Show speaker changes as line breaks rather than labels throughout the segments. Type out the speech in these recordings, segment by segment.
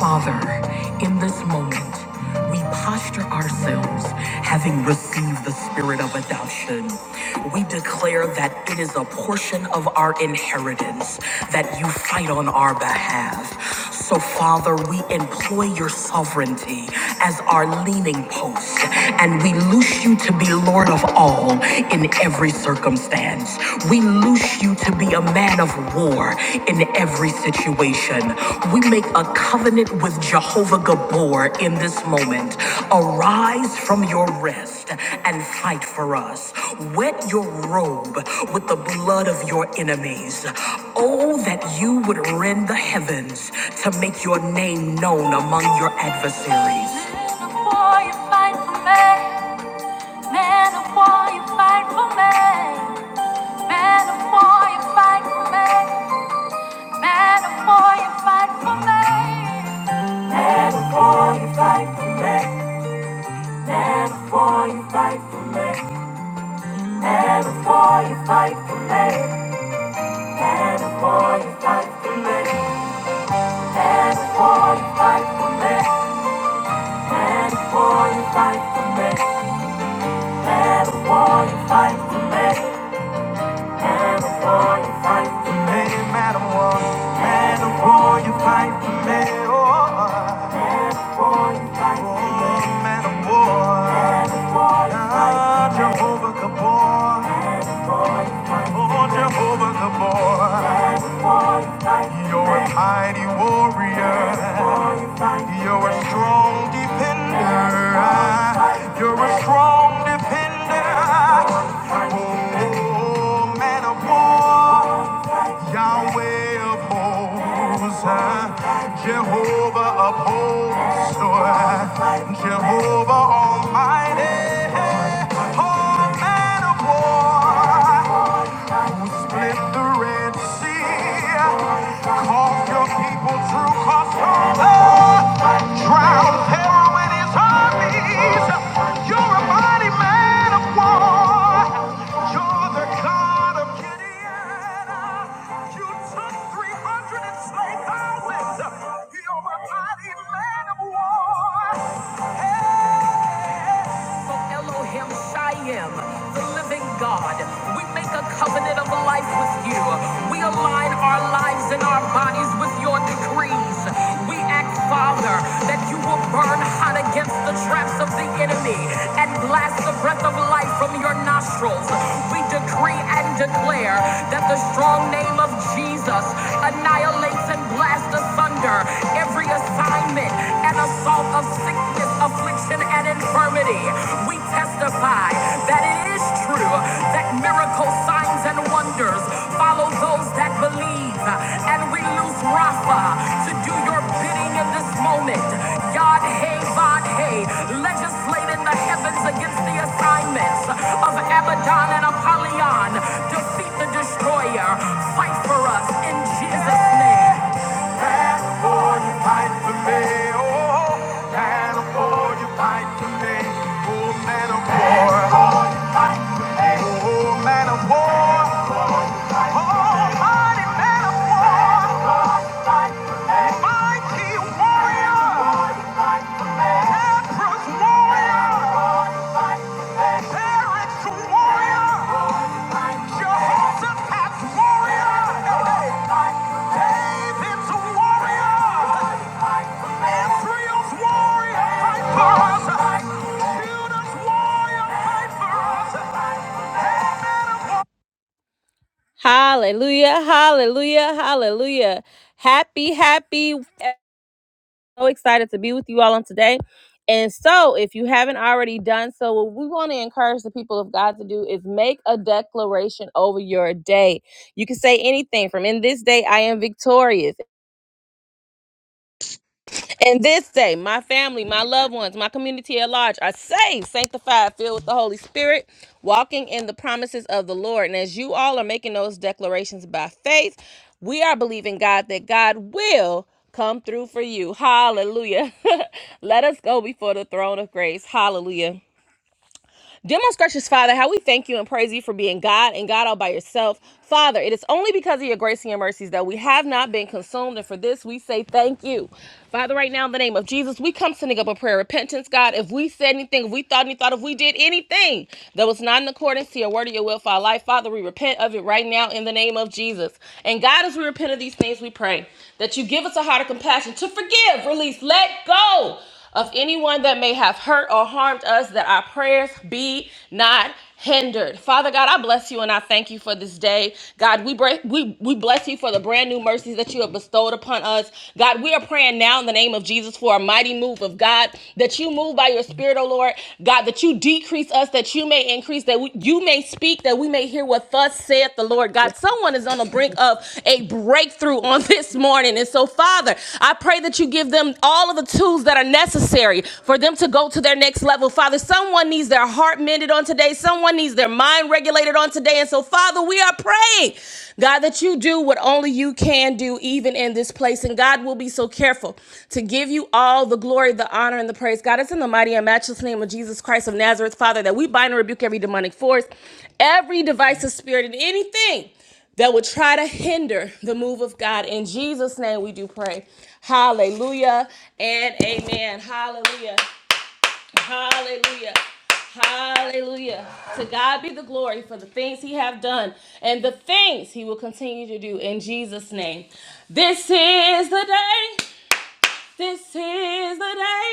Father, in this moment, we posture ourselves having received the spirit of adoption. We declare that it is a portion of our inheritance that you fight on our behalf. So, Father, we employ your sovereignty as our leaning post and we loose you to be Lord of all in every circumstance. We loose you to be a man of war in every situation. We make a covenant with Jehovah Gabor in this moment. Arise from your rest and fight for us. Wet your robe with the blood of your enemies. Oh, that you would rend the heavens to make your name known among your adversaries war, you fight for me. Man of war, you fight for me. Man of war, you fight for me. Man of war, you fight for me. Man, man of man of war, you fight for me. Oh, oh, man of war, Ah, Jehovah Gabor, oh Jehovah Gabor, you're a mighty warrior. You're a strong defender. You're a strong defender. Oh, man of war, Yahweh of hosts, Jehovah of hosts, Jehovah Almighty. Oh, man of war who split the Red Sea, called your people through Passover, drowned Pharaoh and his armies. You're a mighty man of war. You're the God of Gideon. You took 300 and slayed thousands. You're a mighty man of war also Elohim Shyam, the living God. We make a covenant of life with you. We align our lives and our bodies with your decrees. We act, Father, that you will burn hot against the traps of the enemy and blast the breath of life from your nostrils. We decree and declare that the strong name of Jesus annihilates and blasts asunder every assignment and assault of sickness, affliction, and infirmity. We testify that it is true that miracles, signs, and wonders follow those that believe. And we lose Rafa to do your bidding in this moment. Yod Hey Vod Hey, legislate in the heavens against the assignments of Abaddon and Apollyon. Defeat the destroyer. Fight for us in Jesus' name. California pipe for me. Oh, California pipe for me. Oh, man of war. Oh, man of war. Almighty man of war, mighty warrior, Empress warrior, Eric's warrior, warrior, David's warrior, Israel's warrior, fight for us. Judah's warrior, fight Hallelujah, hallelujah, hallelujah. Happy, happy. So excited to be with you all on today. And so, if you haven't already done so, what we want to encourage the people of God to do is make a declaration over your day. You can say anything from in this day, I am victorious. And this day, my family, my loved ones, my community at large are saved, sanctified, filled with the Holy Spirit, walking in the promises of the Lord. And as you all are making those declarations by faith, we are believing God that God will come through for you. Hallelujah. Let us go before the throne of grace. Hallelujah. Dear most gracious Father, how we thank you and praise you for being God and God all by yourself. Father, it is only because of your grace and your mercies that we have not been consumed, and for this we say thank you. Father, right now in the name of Jesus, we come sending up a prayer of repentance, God. If we said anything, if we thought any thought, if we did anything that was not in accordance to your word or your will for our life, Father, we repent of it right now in the name of Jesus. And God, as we repent of these things, we pray that you give us a heart of compassion to forgive, release, let go of anyone that may have hurt or harmed us, that our prayers be not hindered. Father God, I bless you and I thank you for this day. God, we break, we we bless you for the brand new mercies that you have bestowed upon us. God, we are praying now in the name of Jesus for a mighty move of God that you move by your spirit, O Lord. God, that you decrease us that you may increase that we, you you may speak, that we may hear what thus saith the Lord God. Someone is on the brink of a breakthrough on this morning. And so, Father, I pray that you give them all of the tools that are necessary for them to go to their next level. Father, someone needs their heart mended on today, someone needs their mind regulated on today. And so, Father, we are praying God, that you do what only you can do, even in this place. And God will be so careful to give you all the glory, the honor, and the praise. God, it's in the mighty and matchless name of Jesus Christ of Nazareth, Father, that we bind and rebuke every demonic force, every divisive spirit, and anything that would try to hinder the move of God. In Jesus' name we do pray. Hallelujah and amen. Hallelujah. Hallelujah. Hallelujah. To God be the glory for the things he have done and the things he will continue to do in Jesus name. This is the day. This is the day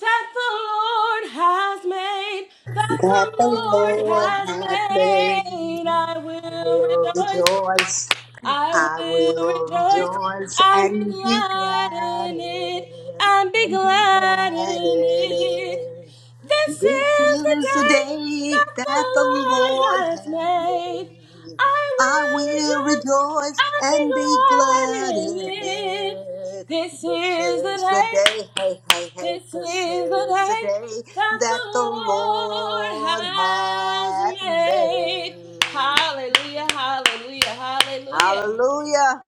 that the Lord has made. That
that
the
the
Lord
Lord
has
hath
made.
made.
I
I
will
will
rejoice.
rejoice, I
I will
will
rejoice.
rejoice
And be
and be
glad
glad
in
in
it.
it,
And be
and be
glad
glad
in
in
it.
it.
This
This
is the
is the
day
day
that the
that the
Lord
Lord
has
hath
made.
made.
I
I
will
will
rejoice
rejoice
and be
and be
glad
glad
in
in
it.
it.
This
This
is the
is the
day,
day, hey, hey, hey,
this
this
is the
is the
day
day
that the
that the
Lord
Lord
has
hath
made.
made.
Hallelujah, hallelujah, hallelujah.
Hallelujah.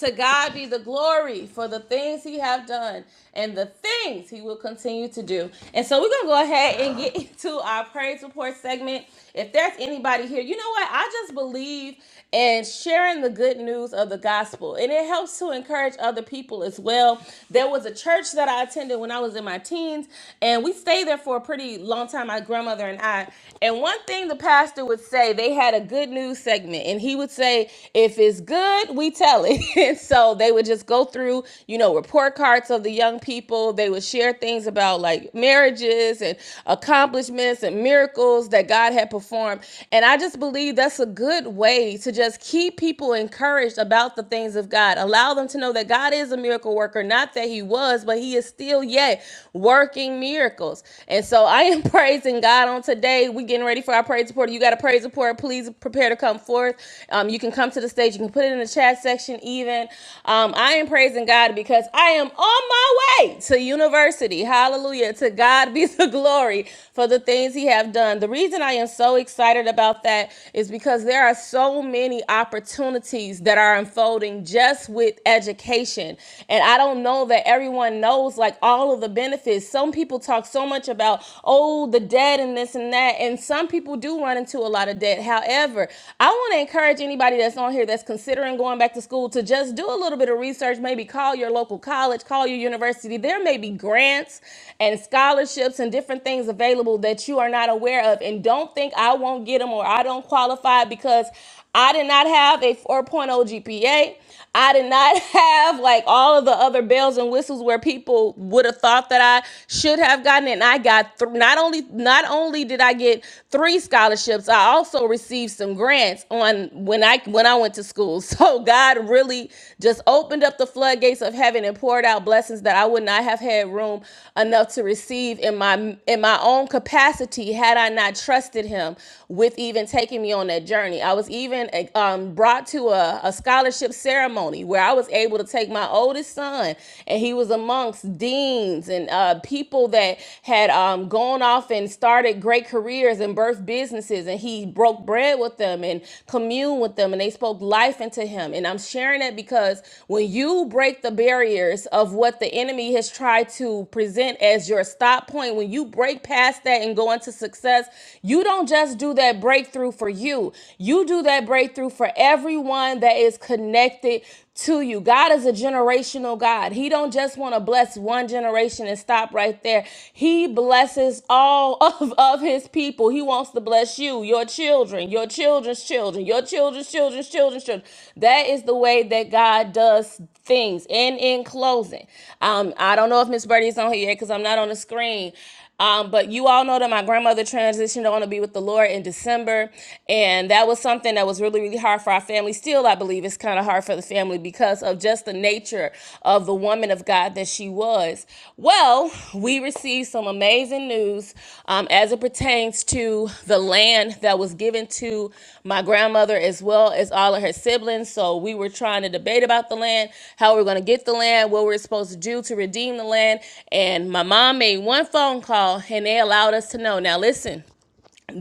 To God be the glory for the things he have done and the things he will continue to do. And so we're going to go ahead and get into our praise report segment. If there's anybody here, you know what? I just believe in sharing the good news of the gospel. And it helps to encourage other people as well. There was a church that I attended when I was in my teens, and we stayed there for a pretty long time, my grandmother and I. And one thing the pastor would say, they had a good news segment, and he would he would say, if it's good, we tell it. and so they would just go through, you know, report cards of the young people. They would share things about like marriages and accomplishments and miracles that God had performed. And I just believe that's a good way to just keep people encouraged about the things of God. Allow them to know that God is a miracle worker, not that he was, but he is still yet working miracles. And so I am praising God on today. We getting ready for our praise report reporter. You got a praise report. Please prepare to come forth. Um, you can come to the stage. You can put it in the chat section. Even um, I am praising God because I am on my way to university. Hallelujah! To God be the glory for the things He have done. The reason I am so excited about that is because there are so many opportunities that are unfolding just with education, and I don't know that everyone knows like all of the benefits. Some people talk so much about, oh oh, the debt and this and that. And some people do run into a lot of debt. However, I want to encourage anybody that's on here that's considering going back to school to just do a little bit of research. Maybe call your local college, call your university. There may be grants and scholarships and different things available that you are not aware of. And don't think I won't get them or I don't qualify because I did not have a 4.0 GPA. I did not have like all of the other bells and whistles where people would have thought that I should have gotten it. And I got th- not only not only did I get three scholarships, I also received some grants on when I when I went to school. So God really just opened up the floodgates of heaven and poured out blessings that I would not have had room enough to receive in my in my own capacity had I not trusted him with even taking me on that that journey. I was even eh, um, brought to a, a scholarship ceremony where I was able to take my oldest son, and he was amongst deans and uh, people that had um, gone off and started great careers and birthed businesses, and he broke bread with them and communed with them, and they spoke life into him. And I'm sharing that because when you break the barriers of what the enemy has tried to present as your stop point, when you break past that and go into success, you don't just do that breakthrough breakthrough for you. You do that breakthrough for everyone that is connected to you. God is a generational God. He don't just want to bless one generation and stop right there. He blesses all of, of his people. He wants to bless you, your children, your children's children, your children's children's children's children. That is the way that God does things. And in closing, um, I don't know if Miss Birdie is on here yet because I'm not on the screen. Um, but you all know that my grandmother transitioned on to be with the Lord in December, and that was something that was really, really hard for our family. Still, I believe it's kind of hard for the family because of just the nature of the woman of God that she was. Well, we received some amazing news um, as it pertains to the land that was given to my grandmother as well as all of her siblings, so we were trying to debate about the land, how we're going to get the land, what we're supposed to do to redeem the land. And my mom made one phone call and they allowed us to know. Now, listen,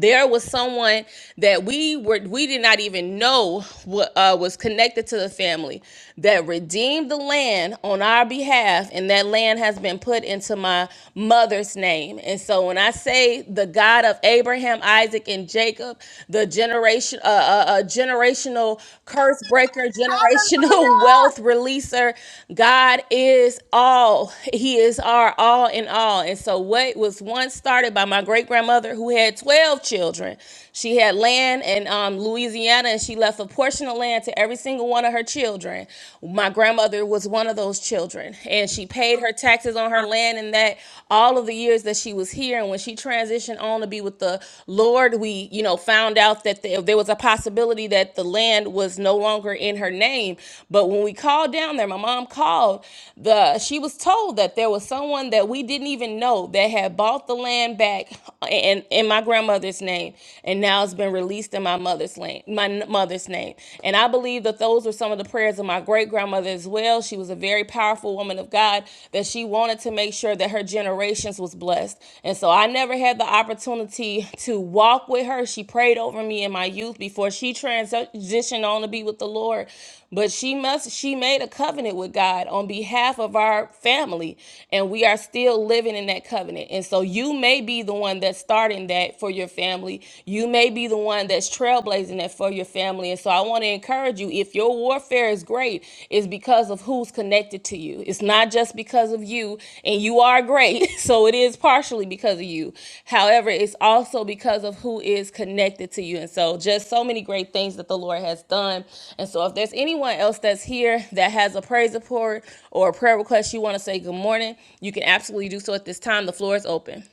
there was someone that we were we did not even know what uh, was connected to the family that redeemed the land on our behalf and that land has been put into my mother's name and so when i say the god of abraham isaac and jacob the generation uh, uh, uh, generational curse breaker generational wealth releaser god is all he is our all in all and so what was once started by my great grandmother who had had 12 children. She had land in um, Louisiana and she left a portion of land to every single one of her children. My grandmother was one of those children and she paid her taxes on her land in that all of the years that she was here. And when she transitioned on to be with the Lord, we, you know, found out that there there was a possibility that the land was no longer in her name. But when we called down there, my mom called, the she was told that there was someone that we didn't even know that had bought the land back and in, in my grandmother's name, and now it's been released in my mother's name, my mother's name. And I believe that those were some of the prayers of my great grandmother as well. She was a very powerful woman of God that she wanted to make sure that her generations was blessed. And so I never had the opportunity to walk with her. She prayed over me in my youth before she transitioned on to be with the Lord. But she must she made a covenant with God on behalf of our family, and we are still living in that covenant. And so you may be the one that's starting that for your family. You may be the one that's trailblazing that for your family. And so I want to encourage you if your warfare is great, it's because of who's connected to you. It's not just just because of you and you are great so it is partially because of you however it's also because of who is connected to you and so just so many great things that the lord has done and so if there's anyone else that's here that has a praise report or a prayer request you want to say good morning you can absolutely do so at this time the floor is open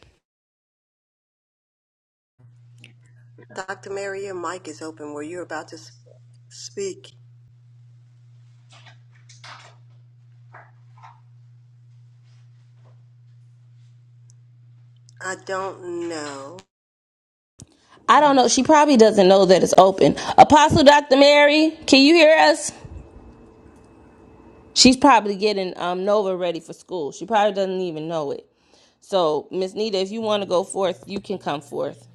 Dr. Mary, your mic is open where you're about to s- speak. I don't know.
i don't know she probably doesn't know that it's open apostle dr mary can you hear us She's probably getting um, Nova ready for school. She probably doesn't even know it. So, Miss Nita, if you want to go forth, you can come forth.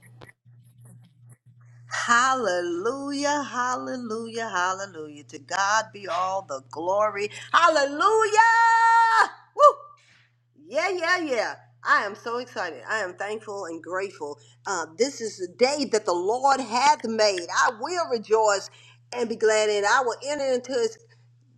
Hallelujah, hallelujah, hallelujah. To God be all the glory. Hallelujah! Woo! Yeah, yeah, yeah. I am so excited. I am thankful and grateful. Uh, this is the day that the Lord hath made. I will rejoice and be glad in it. I will enter into His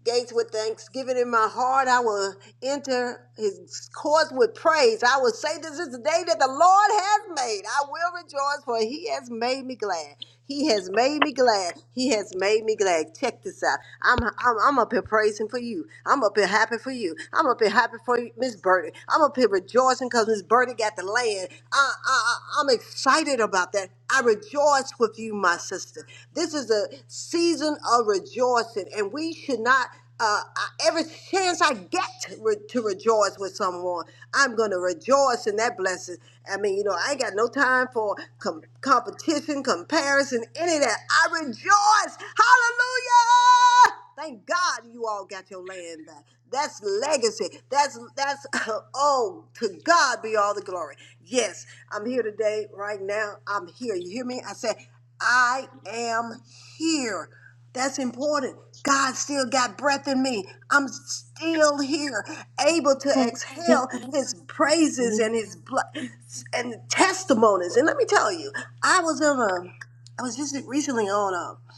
gates with thanksgiving in my heart. I will enter his courts with praise. I will say, This is the day that the Lord has made. I will rejoice, for he has made me glad. He has made me glad. He has made me glad. Check this out. I'm I'm, I'm up here praising for you. I'm up here happy for you. I'm up here happy for you, Miss Birdie. I'm up here rejoicing because Miss Birdie got the land. I, I, I- I'm excited about that. I rejoice with you, my sister. This is a season season of rejoicing, and we should not. Uh, I- every chance I get to, re- to rejoice with someone, I'm going to rejoice in that blessing. I mean, you know, I ain't got no time for com- competition, comparison, any of that. I rejoice. Hallelujah. Thank God you all got your land back. That's legacy. That's that's oh to God be all the glory. Yes, I'm here today, right now. I'm here. You hear me? I said, I am here. That's important. God still got breath in me. I'm still here, able to
Well, me,
exhale his praises
Amen.
and his bl- and testimonies. And let me tell you, I was in a I was just recently on a,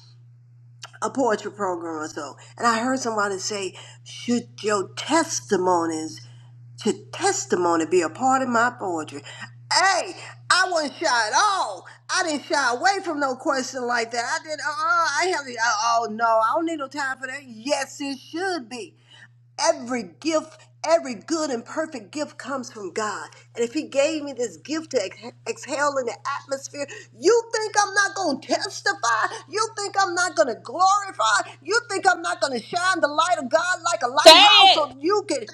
a poetry program or so, and I heard somebody say, "Should your testimonies to testimony be a part of my poetry. Hey, I wasn't shy at all. I didn't shy away from no question like that. I didn't, uh, uh, I have, uh, oh no, I don't need no time for that. Yes, it should be. Every gift, every good and perfect gift comes from God. And if He gave me this gift to ex- exhale in the atmosphere, you think I'm not going to testify? You think I'm not going to glorify? You think I'm not going to shine the light of God like a
Say
lighthouse
it.
so you can?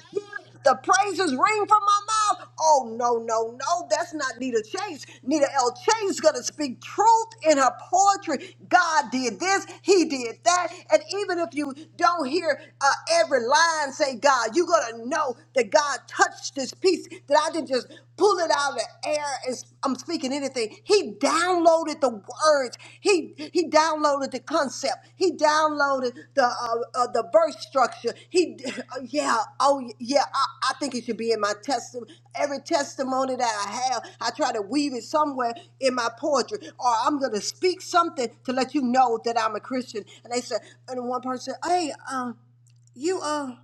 The praises ring from my mouth. Oh, no, no, no. That's not Nita Chase. Nita L. Chase is going to speak truth in her poetry. God did this, He did that. And even if you don't hear uh, every line say God, you're going to know that God touched this piece, that I didn't just pull it out of the air I'm speaking anything. He downloaded the words. He he downloaded the concept. He downloaded the uh, uh, the verse structure. He uh, yeah oh yeah. I, I think it should be in my testimony. Every testimony that I have, I try to weave it somewhere in my poetry, or I'm gonna speak something to let you know that I'm a Christian. And they said, and one person, hey. um, you uh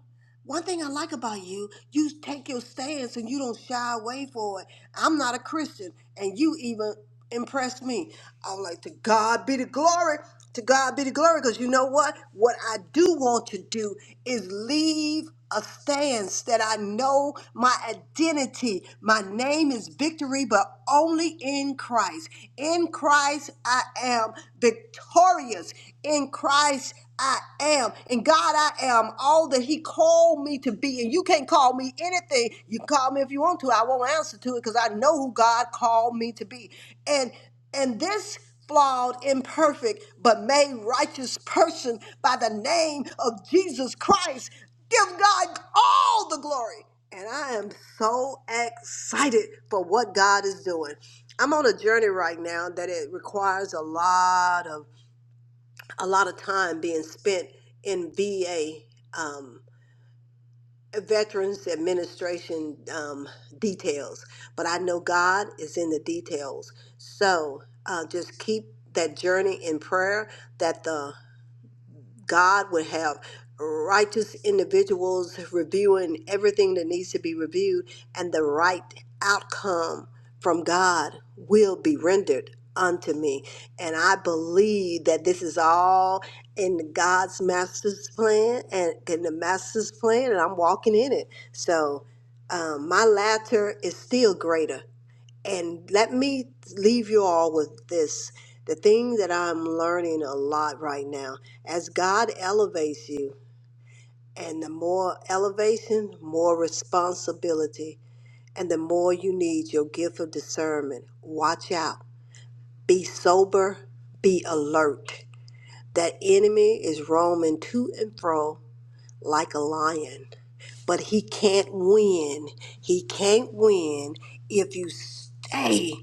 one thing I like about you, you take your stance and you don't shy away for it. I'm not a Christian and you even impressed me. I was like, to God be the glory. To God be the glory, because you know what? What I do want to do is leave a stance that I know my identity, my name is victory, but only in Christ. In Christ, I am victorious. In Christ, I am. And God, I am all that He called me to be. And you can't call me anything. You can call me if you want to. I won't answer to it because I know who God called me to be. And and this flawed, imperfect, but made righteous person by the name of Jesus Christ, give God all the glory. And I am so excited for what God is doing. I'm on a journey right now that it requires a lot of a lot of time being spent in VA um, Veterans Administration um, details. But I know God is in the details. So uh, just keep that journey in prayer that the God would have righteous individuals reviewing everything that needs to be reviewed, and the right outcome from God will be rendered unto me. And I believe that this is all in God's master's plan and in the master's plan, and I'm walking in it. So um, my latter is still greater and let me leave you all with this. The thing that I'm learning a lot right now, as God elevates you, and the more elevation, more responsibility, and the more you need your gift of discernment. Watch out. Be sober, be alert. That enemy is roaming to and fro like a lion, but he can't win. He can't win if you stay.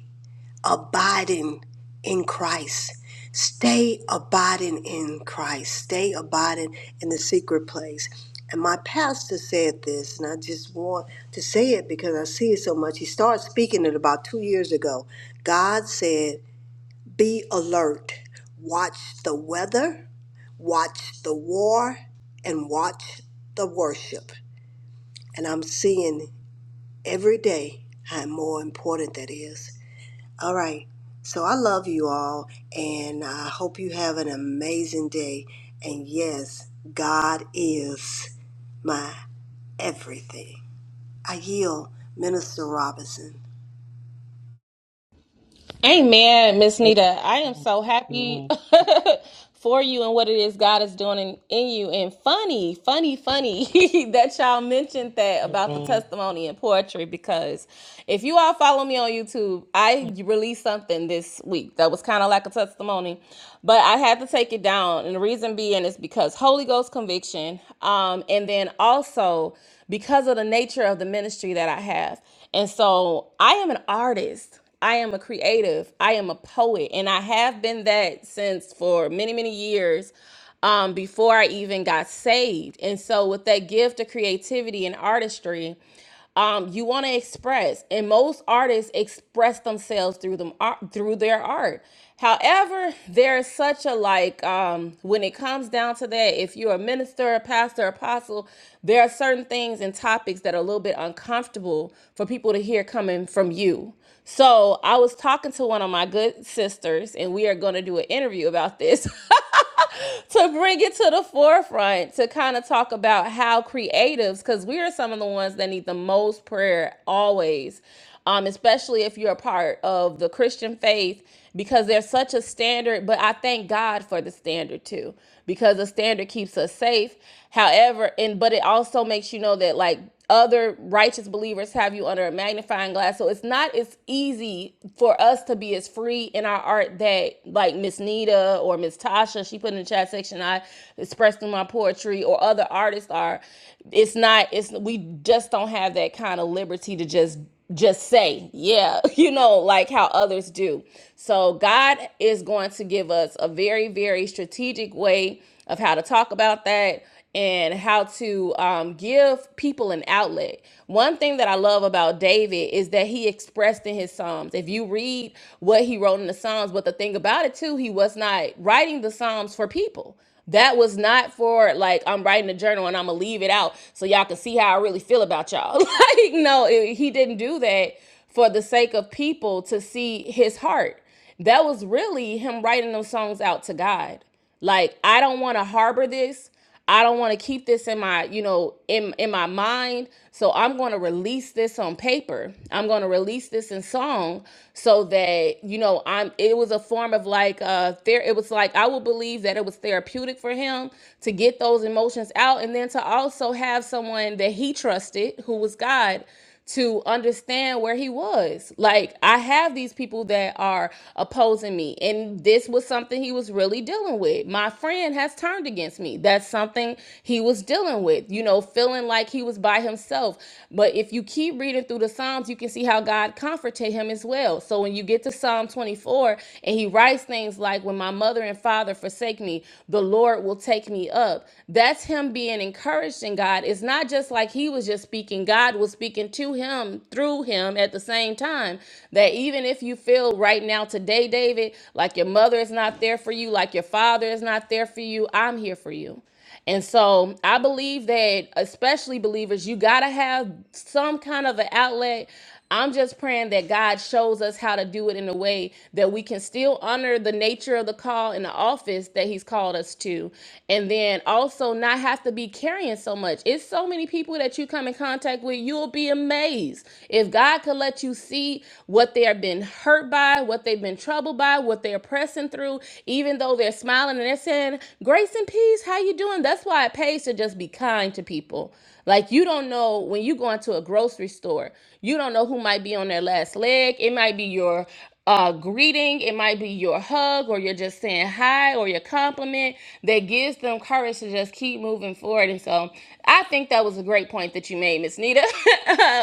abiding in Christ. Stay abiding in Christ. Stay abiding in the secret place. And my pastor said this, and I just want to say it because I see it so much. He started speaking it about two years ago. God said, Be alert, watch the weather, watch the war, and watch the worship. And I'm seeing every day how more important that is. All right. So I love you all, and I hope you have an amazing day. And yes, God is my everything. I yield, Minister Robinson.
Amen, Miss Nita. I am so happy
Amen.
for you and what it is God is doing in, in you. And funny, funny, funny that y'all mentioned that about the
Amen.
testimony and poetry because if you all follow me on YouTube, I released something this week that was kind of like a testimony, but I had to take it down. And the reason being is because Holy Ghost conviction, um, and then also because of the nature of the ministry that I have. And so I am an artist. I am a creative. I am a poet, and I have been that since for many, many years um, before I even got saved. And so, with that gift of creativity and artistry, um, you want to express, and most artists express themselves through them ar- through their art. However, there's such a like um, when it comes down to that, if you're a minister, a pastor, apostle, there are certain things and topics that are a little bit uncomfortable for people to hear coming from you. So I was talking to one of my good sisters, and we are going to do an interview about this. to bring it to the forefront to kind of talk about how creatives, because we are some of the ones that need the most prayer always, um, especially if you're a part of the Christian faith, because there's such a standard. But I thank God for the standard too, because the standard keeps us safe. However, and but it also makes you know that like other righteous believers have you under a magnifying glass. So it's not as easy for us to be as free in our art that like Miss Nita Tasha or Miss Tasha, she put in the chat section, I express through my poetry or other artists are, it's not, it's we just don't have that kind of liberty to just just say, yeah, you know, like how others do. So God is going to give us a very, very strategic way of how to talk about that and how to um, give people an outlet. One thing that I love about David is that he expressed in his Psalms. If you read what he wrote in the Psalms, but the thing about it too, he was not writing the Psalms for people. That was not for like I'm writing a journal and I'm gonna leave it out so y'all can see how I really feel about y'all. like no, it- he didn't do that for the sake of people to see his heart. That was really him writing those songs out to God. Like I don't want to harbor this. I don't want to keep this in my, you know, in in my mind. So I'm going to release this on paper. I'm going to release this in song so that, you know, I'm it was a form of like uh there it was like I would believe that it was therapeutic for him to get those emotions out and then to also have someone that he trusted who was God to understand where he was. Like, I have these people that are opposing me, and this was something he was really dealing with. My friend has turned against me. That's something he was dealing with, you know, feeling like he was by himself. But if you keep reading through the Psalms, you can see how God comforted him as well. So when you get to Psalm 24, and he writes things like, When my mother and father forsake me, the Lord will take me up. That's that's him being encouraged in God. It's not just like he was just speaking, God was speaking to him through him at the same time. That even if you feel right now today, David, like your mother is not there for you, like your father is not there for you, I'm here for you. And so I believe that, especially believers, you got to have some kind of an outlet I'm just praying that God shows us how to do it in a way that we can still honor the nature of the call and the office that He's called us to. And then also not have to be carrying so much. It's so many people that you come in contact with, you'll be amazed. If God could let you see what they have been hurt by, what they've been troubled by, what they're pressing through, even though they're smiling and they're saying, Grace and peace, how you doing? That's why it pays to just be kind to people. Like you don't know when you go into a grocery store, you don't know who might be on their last leg. It might be your uh, greeting, it might be your hug, or you're just saying hi, or your compliment that gives them courage to just keep moving forward. And so, I think that was a great point that you made, Miss Nita,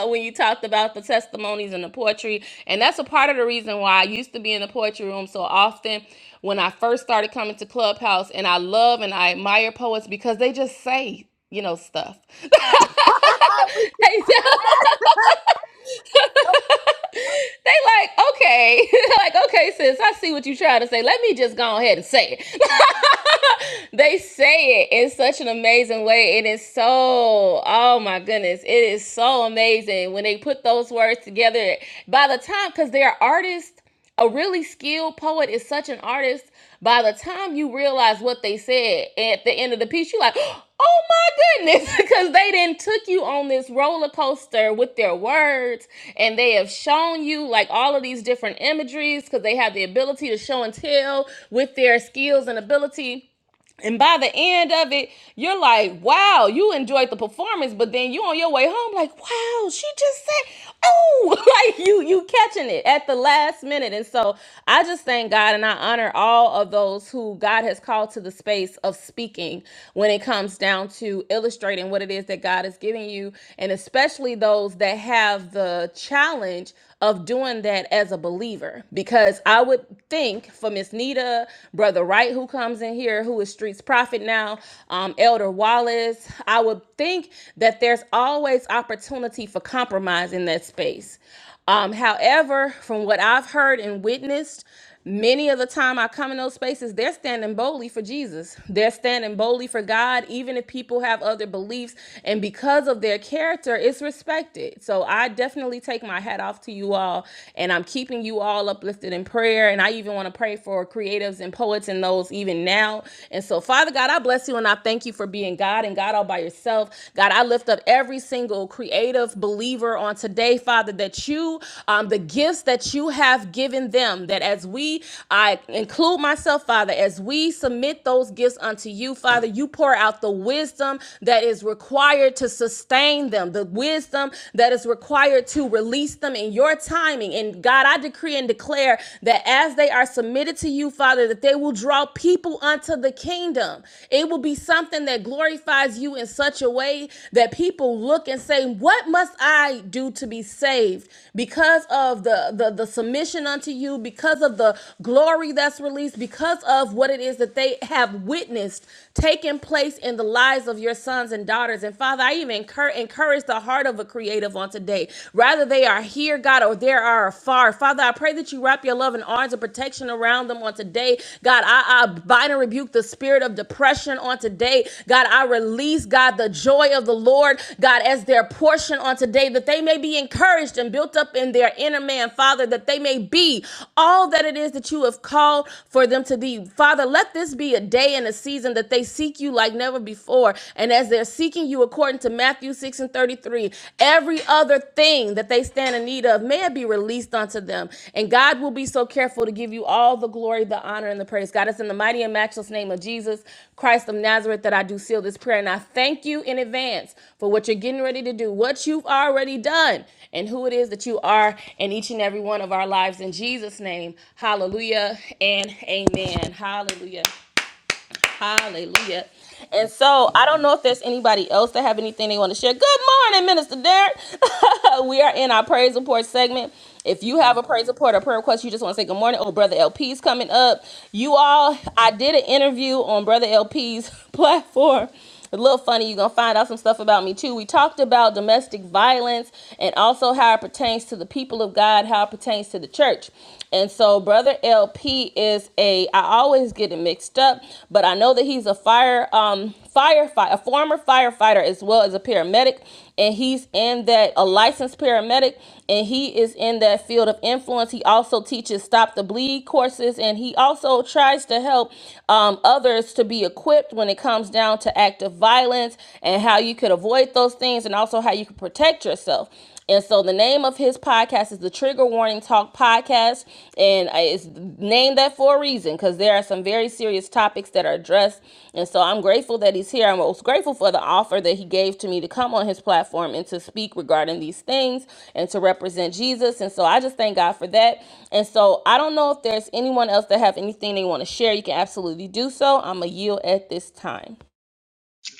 when you talked about the testimonies and the poetry. And that's a part of the reason why I used to be in the poetry room so often when I first started coming to Clubhouse. And I love and I admire poets because they just say, you know, stuff. they like, okay, like, okay, sis, I see what you're trying to say. Let me just go ahead and say it they say it in such an amazing way. It is so, oh my goodness, it is so amazing when they put those words together. By the time, because they're artists, a really skilled poet is such an artist. By the time you realize what they said at the end of the piece, you're like, oh my goodness, because they then took you on this roller coaster with their words and they have shown you like all of these different imageries because they have the ability to show and tell with their skills and ability and by the end of it, you're like, wow, you enjoyed the performance, but then you on your way home, like, wow, she just said, oh, like you you catching it at the last minute. And so I just thank God and I honor all of those who God has called to the space of speaking when it comes down to illustrating what it is that God is giving you, and especially those that have the challenge of doing that as a believer because I would think for Miss Nita, Brother Wright, who comes in here, who is Streets Prophet now, um, Elder Wallace, I would think that there's always opportunity for compromise in that space. Um, however, from what I've heard and witnessed, Many of the time I come in those spaces, they're standing boldly for Jesus. They're standing boldly for God, even if people have other beliefs. And because of their character, it's respected. So I definitely take my hat off to you all. And I'm keeping you all uplifted in prayer. And I even want to pray for creatives and poets and those even now. And so, Father God, I bless you and I thank you for being God and God all by yourself. God, I lift up every single creative believer on today, Father, that you, um, the gifts that you have given them, that as we, I include myself, Father, as we submit those gifts unto you, Father, you pour out the wisdom that is required to sustain them, the wisdom that is required to release them in your timing. And God, I decree and declare that as they are submitted to you, Father, that they will draw people unto the kingdom kingdom. It will be something that glorifies you in such a way that people look and say, "What must I do to be saved?" Because of the the, the submission unto you, because of the glory that's released, because of what it is that they have witnessed taking place in the lives of your sons and daughters. And Father, I even encour- encourage the heart of a creative on today. Rather they are here, God, or they are afar. Father, I pray that you wrap your love and arms of protection around them on today. God, I, I bind and rebuke the spirit of depression on today. God, I release, God, the joy of the Lord, God, as their portion on today, that they may be encouraged and built up in their inner man, Father, that they may be all that it is that you have called for them to be. Father, let this be a day and day and a season that they seek you like never before. And as they're seeking you according to Matthew 6 and 33, every other thing that they stand in need of may it be released unto them. And God will be so careful to give you all the glory, the honor, and the praise. God, it's in the mighty and matchless name of Jesus Christ of Nazareth that I do seal this prayer. And I thank you in advance for what you're getting ready to do, what you've already done, and who it is that you are in each and every one of our lives. In Jesus' name, hallelujah and amen. Hallelujah. Hallelujah. And so I don't know if there's anybody else that have anything they want to share. Good morning, Minister Derek. we are in our praise report segment. If you have a praise report or prayer request, you just want to say good morning. Oh, Brother LP's coming up. You all, I did an interview on Brother LP's platform. A little funny, you're gonna find out some stuff about me too. We talked about domestic violence and also how it pertains to the people of God, how it pertains to the church. And so, Brother LP is a, I always get it mixed up, but I know that he's a fire. Um, firefighter, a former firefighter as well as a paramedic, and he's in that a licensed paramedic, and he is in that field of influence. He also teaches stop the bleed courses, and he also tries to help um, others to be equipped when it comes down to active violence and how you could avoid those things, and also how you can protect yourself. And so the name of his podcast is the Trigger Warning Talk Podcast, and it's named that for a reason because there are some very serious topics that are addressed. And so I'm grateful that he's here. I'm most grateful for the offer that he gave to me to come on his platform and to speak regarding these things and to represent Jesus. And so I just thank God for that. And so I don't know if there's anyone else that have anything they want to share. You can absolutely do so. I'm a yield at this time.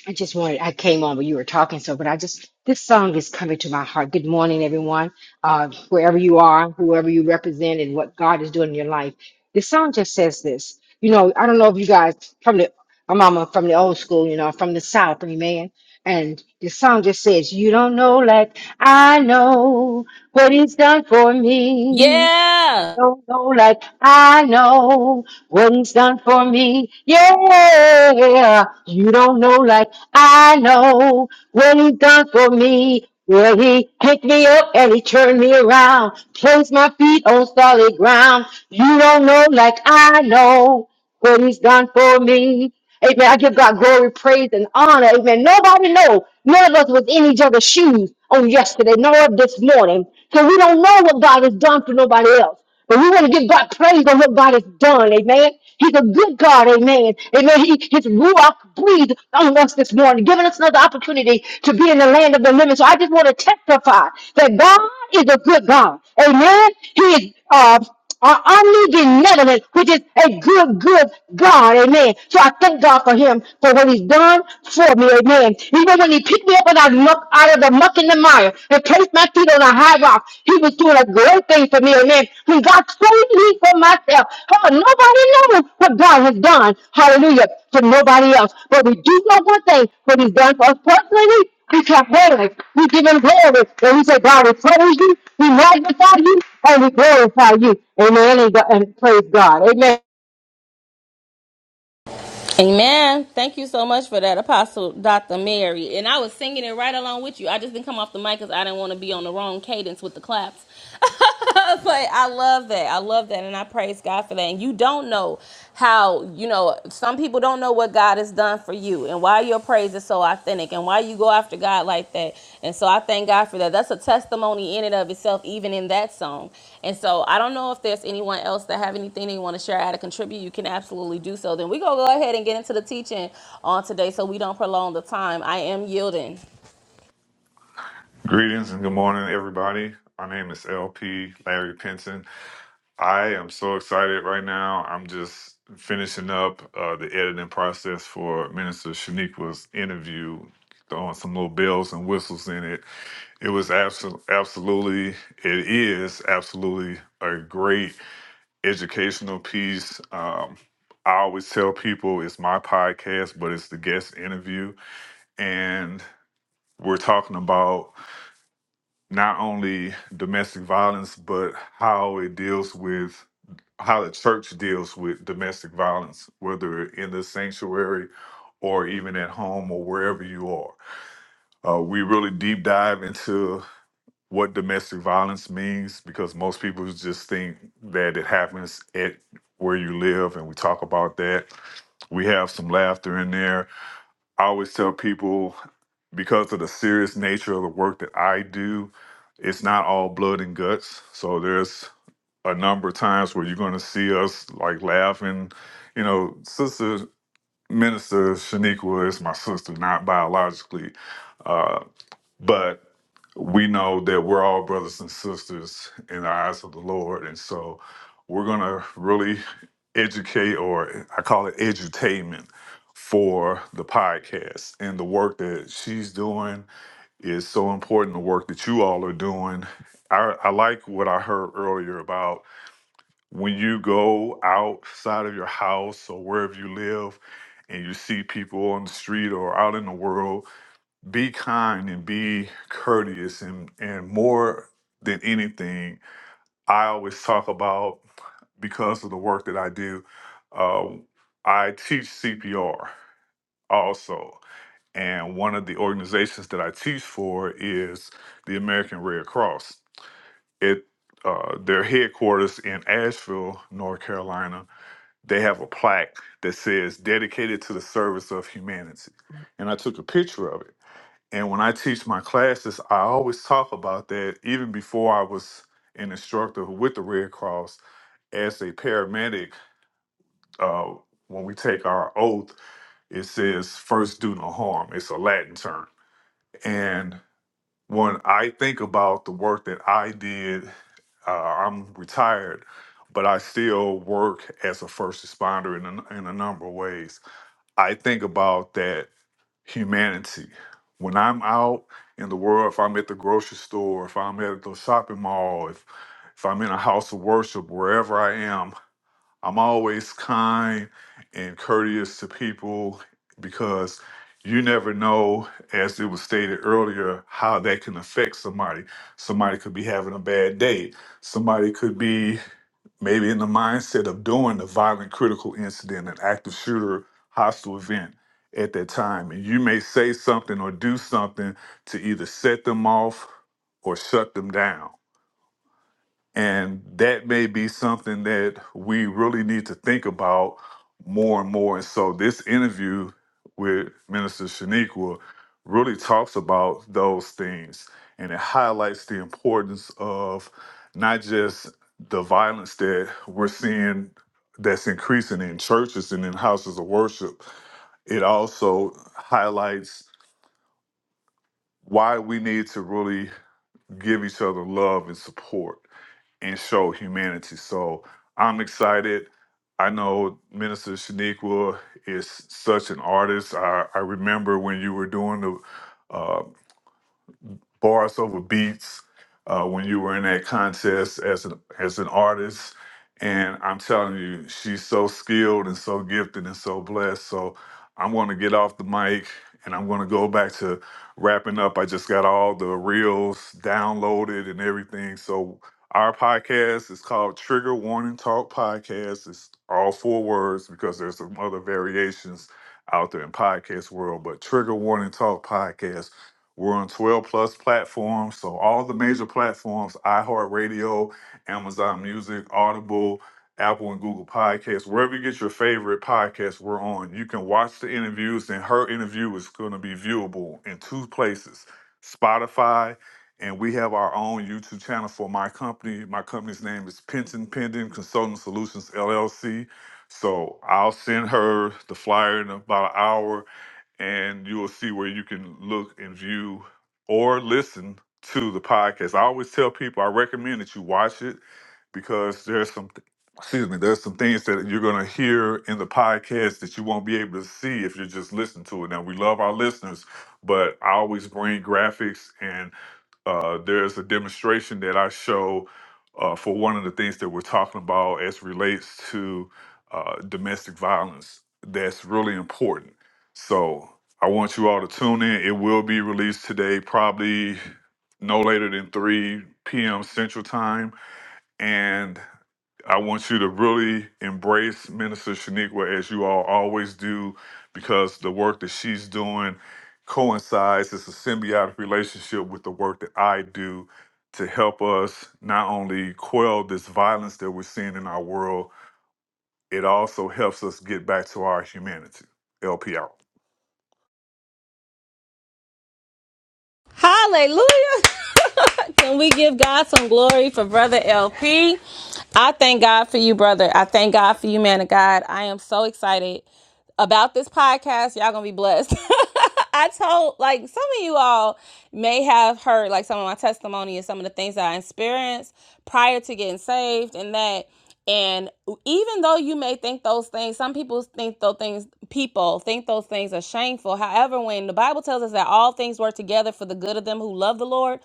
I just wanted, I came on when you were talking, so, but I just, this song is coming to my heart. Good morning, everyone. Uh, wherever you are, whoever you represent, and what God is doing in your life. This song just says this. You know, I don't know if you guys from the, my mama from the old school, you know, from the South, amen. And the song just says, You don't know like I know what he's done for me.
Yeah.
don't know like I know what he's done for me. Yeah, you don't know like I know what he's done for me. Well, he picked me up and he turned me around, placed my feet on solid ground. You don't know like I know what he's done for me. Amen. I give God glory, praise, and honor. Amen. Nobody know. None of us was in each other's shoes on yesterday, nor this morning. So we don't know what God has done for nobody else. But we want to give God praise on what God has done. Amen. He's a good God. Amen. Amen. He, his ruach breathed on us this morning, giving us another opportunity to be in the land of the living. So I just want to testify that God is a good God. Amen. He is. Uh, are omnigenetic, which is a good, good God, amen. So I thank God for him, for what he's done for me, amen. Even when he picked me up and I muck out of the muck and the mire and placed my feet on a high rock, he was doing a great thing for me, amen. When God saved me from my yeah, Come on, nobody knows what God has done. Hallelujah. For nobody else. But we do know one thing, what he's done for us personally. We clap hands. We give him glory. And we say, God, we praise you. We magnify you. And we glorify you. Amen. And, God- and praise God. Amen.
Amen. Thank you so much for that, Apostle Dr. Mary. And I was singing it right along with you. I just didn't come off the mic because I didn't want to be on the wrong cadence with the claps. but I love that. I love that. And I praise God for that. And you don't know how, you know, some people don't know what God has done for you and why you're your praise is so authentic and why you go after God like that. And so I thank God for that. That's a testimony in and of itself, even in that song. And so I don't know if there's anyone else that have anything they want to share, how to contribute. You can absolutely do so. Then we gonna go ahead and get into the teaching on today, so we don't prolong the time. I am yielding.
Greetings and good morning, everybody. My name is LP Larry Pinson. I am so excited right now. I'm just finishing up uh, the editing process for Minister Shaniqua's interview, throwing some little bells and whistles in it. It was abso- absolutely, it is absolutely a great educational piece. Um, I always tell people it's my podcast, but it's the guest interview. And we're talking about not only domestic violence, but how it deals with how the church deals with domestic violence, whether in the sanctuary or even at home or wherever you are. Uh, we really deep dive into what domestic violence means because most people just think that it happens at where you live, and we talk about that. We have some laughter in there I always tell people because of the serious nature of the work that I do, it's not all blood and guts. So there's a number of times where you're going to see us like laughing. You know, Sister Minister Shaniqua is my sister, not biologically. uh, but we know that we're all brothers and sisters in the eyes of the Lord. And so we're going to really educate, or I call it edutainment, for the podcast. And the work that she's doing is so important, the work that you all are doing. I, I like what I heard earlier about when you go outside of your house or wherever you live and you see people on the street or out in the world be kind and be courteous and and more than anything i always talk about because of the work that i do uh, i teach cpr also and one of the organizations that i teach for is the american red cross it uh, their headquarters in asheville north carolina they have a plaque that says dedicated to the service of humanity and i took a picture of it and when I teach my classes, I always talk about that even before I was an instructor with the Red Cross as a paramedic. Uh, when we take our oath, it says first do no harm. It's a Latin term. And when I think about the work that I did, uh, I'm retired, but I still work as a first responder in a, in a number of ways. I think about that humanity. When I'm out in the world, if I'm at the grocery store, if I'm at the shopping mall, if if I'm in a house of worship, wherever I am, I'm always kind and courteous to people because you never know, as it was stated earlier, how that can affect somebody. Somebody could be having a bad day. Somebody could be maybe in the mindset of doing a violent critical incident, an active shooter, hostile event at that time. And you may say something or do something to either set them off or shut them down. And that may be something that we really need to think about more and more. And so this interview with Minister Shaniqua really talks about those things and it highlights the importance of not just the violence that we're seeing that's increasing in churches and in houses of worship. It also highlights why we need to really give each other love and support and show humanity. So I'm excited. I know Minister Shaniqua is such an artist. I, I remember when you were doing the uh, bars over beats uh, when you were in that contest as an as an artist. And I'm telling you, she's so skilled and so gifted and so blessed. So I'm going to get off the mic and I'm going to go back to wrapping up. I just got all the reels downloaded and everything. So our podcast is called Trigger Warning Talk Podcast. It's all four words because there's some other variations out there in podcast world, but Trigger Warning Talk Podcast we're on 12 plus platforms. So all the major platforms, iHeartRadio, Amazon Music, Audible, Apple and Google Podcasts, wherever you get your favorite podcasts, we're on. You can watch the interviews, and her interview is going to be viewable in two places Spotify, and we have our own YouTube channel for my company. My company's name is Penton Pending Consulting Solutions LLC. So I'll send her the flyer in about an hour and you will see where you can look and view or listen to the podcast. I always tell people I recommend that you watch it because there's some th- excuse me, there's some things that you're gonna hear in the podcast that you won't be able to see if you're just listening to it. Now we love our listeners, but I always bring graphics and uh, there's a demonstration that I show uh, for one of the things that we're talking about as relates to uh, domestic violence. That's really important so I want you all to tune in. It will be released today, probably no later than 3 p.m. Central Time. And I want you to really embrace Minister Shaniqua as you all always do, because the work that she's doing coincides, it's a symbiotic relationship with the work that I do to help us not only quell this violence that we're seeing in our world, it also helps us get back to our humanity. LPR.
Hallelujah. Can we give God some glory for Brother LP? I thank God for you, brother. I thank God for you, man of God. I am so excited about this podcast. Y'all gonna be blessed. I told like some of you all may have heard like some of my testimony and some of the things that I experienced prior to getting saved, and that. And even though you may think those things, some people think those things, people think those things are shameful. However, when the Bible tells us that all things work together for the good of them who love the Lord,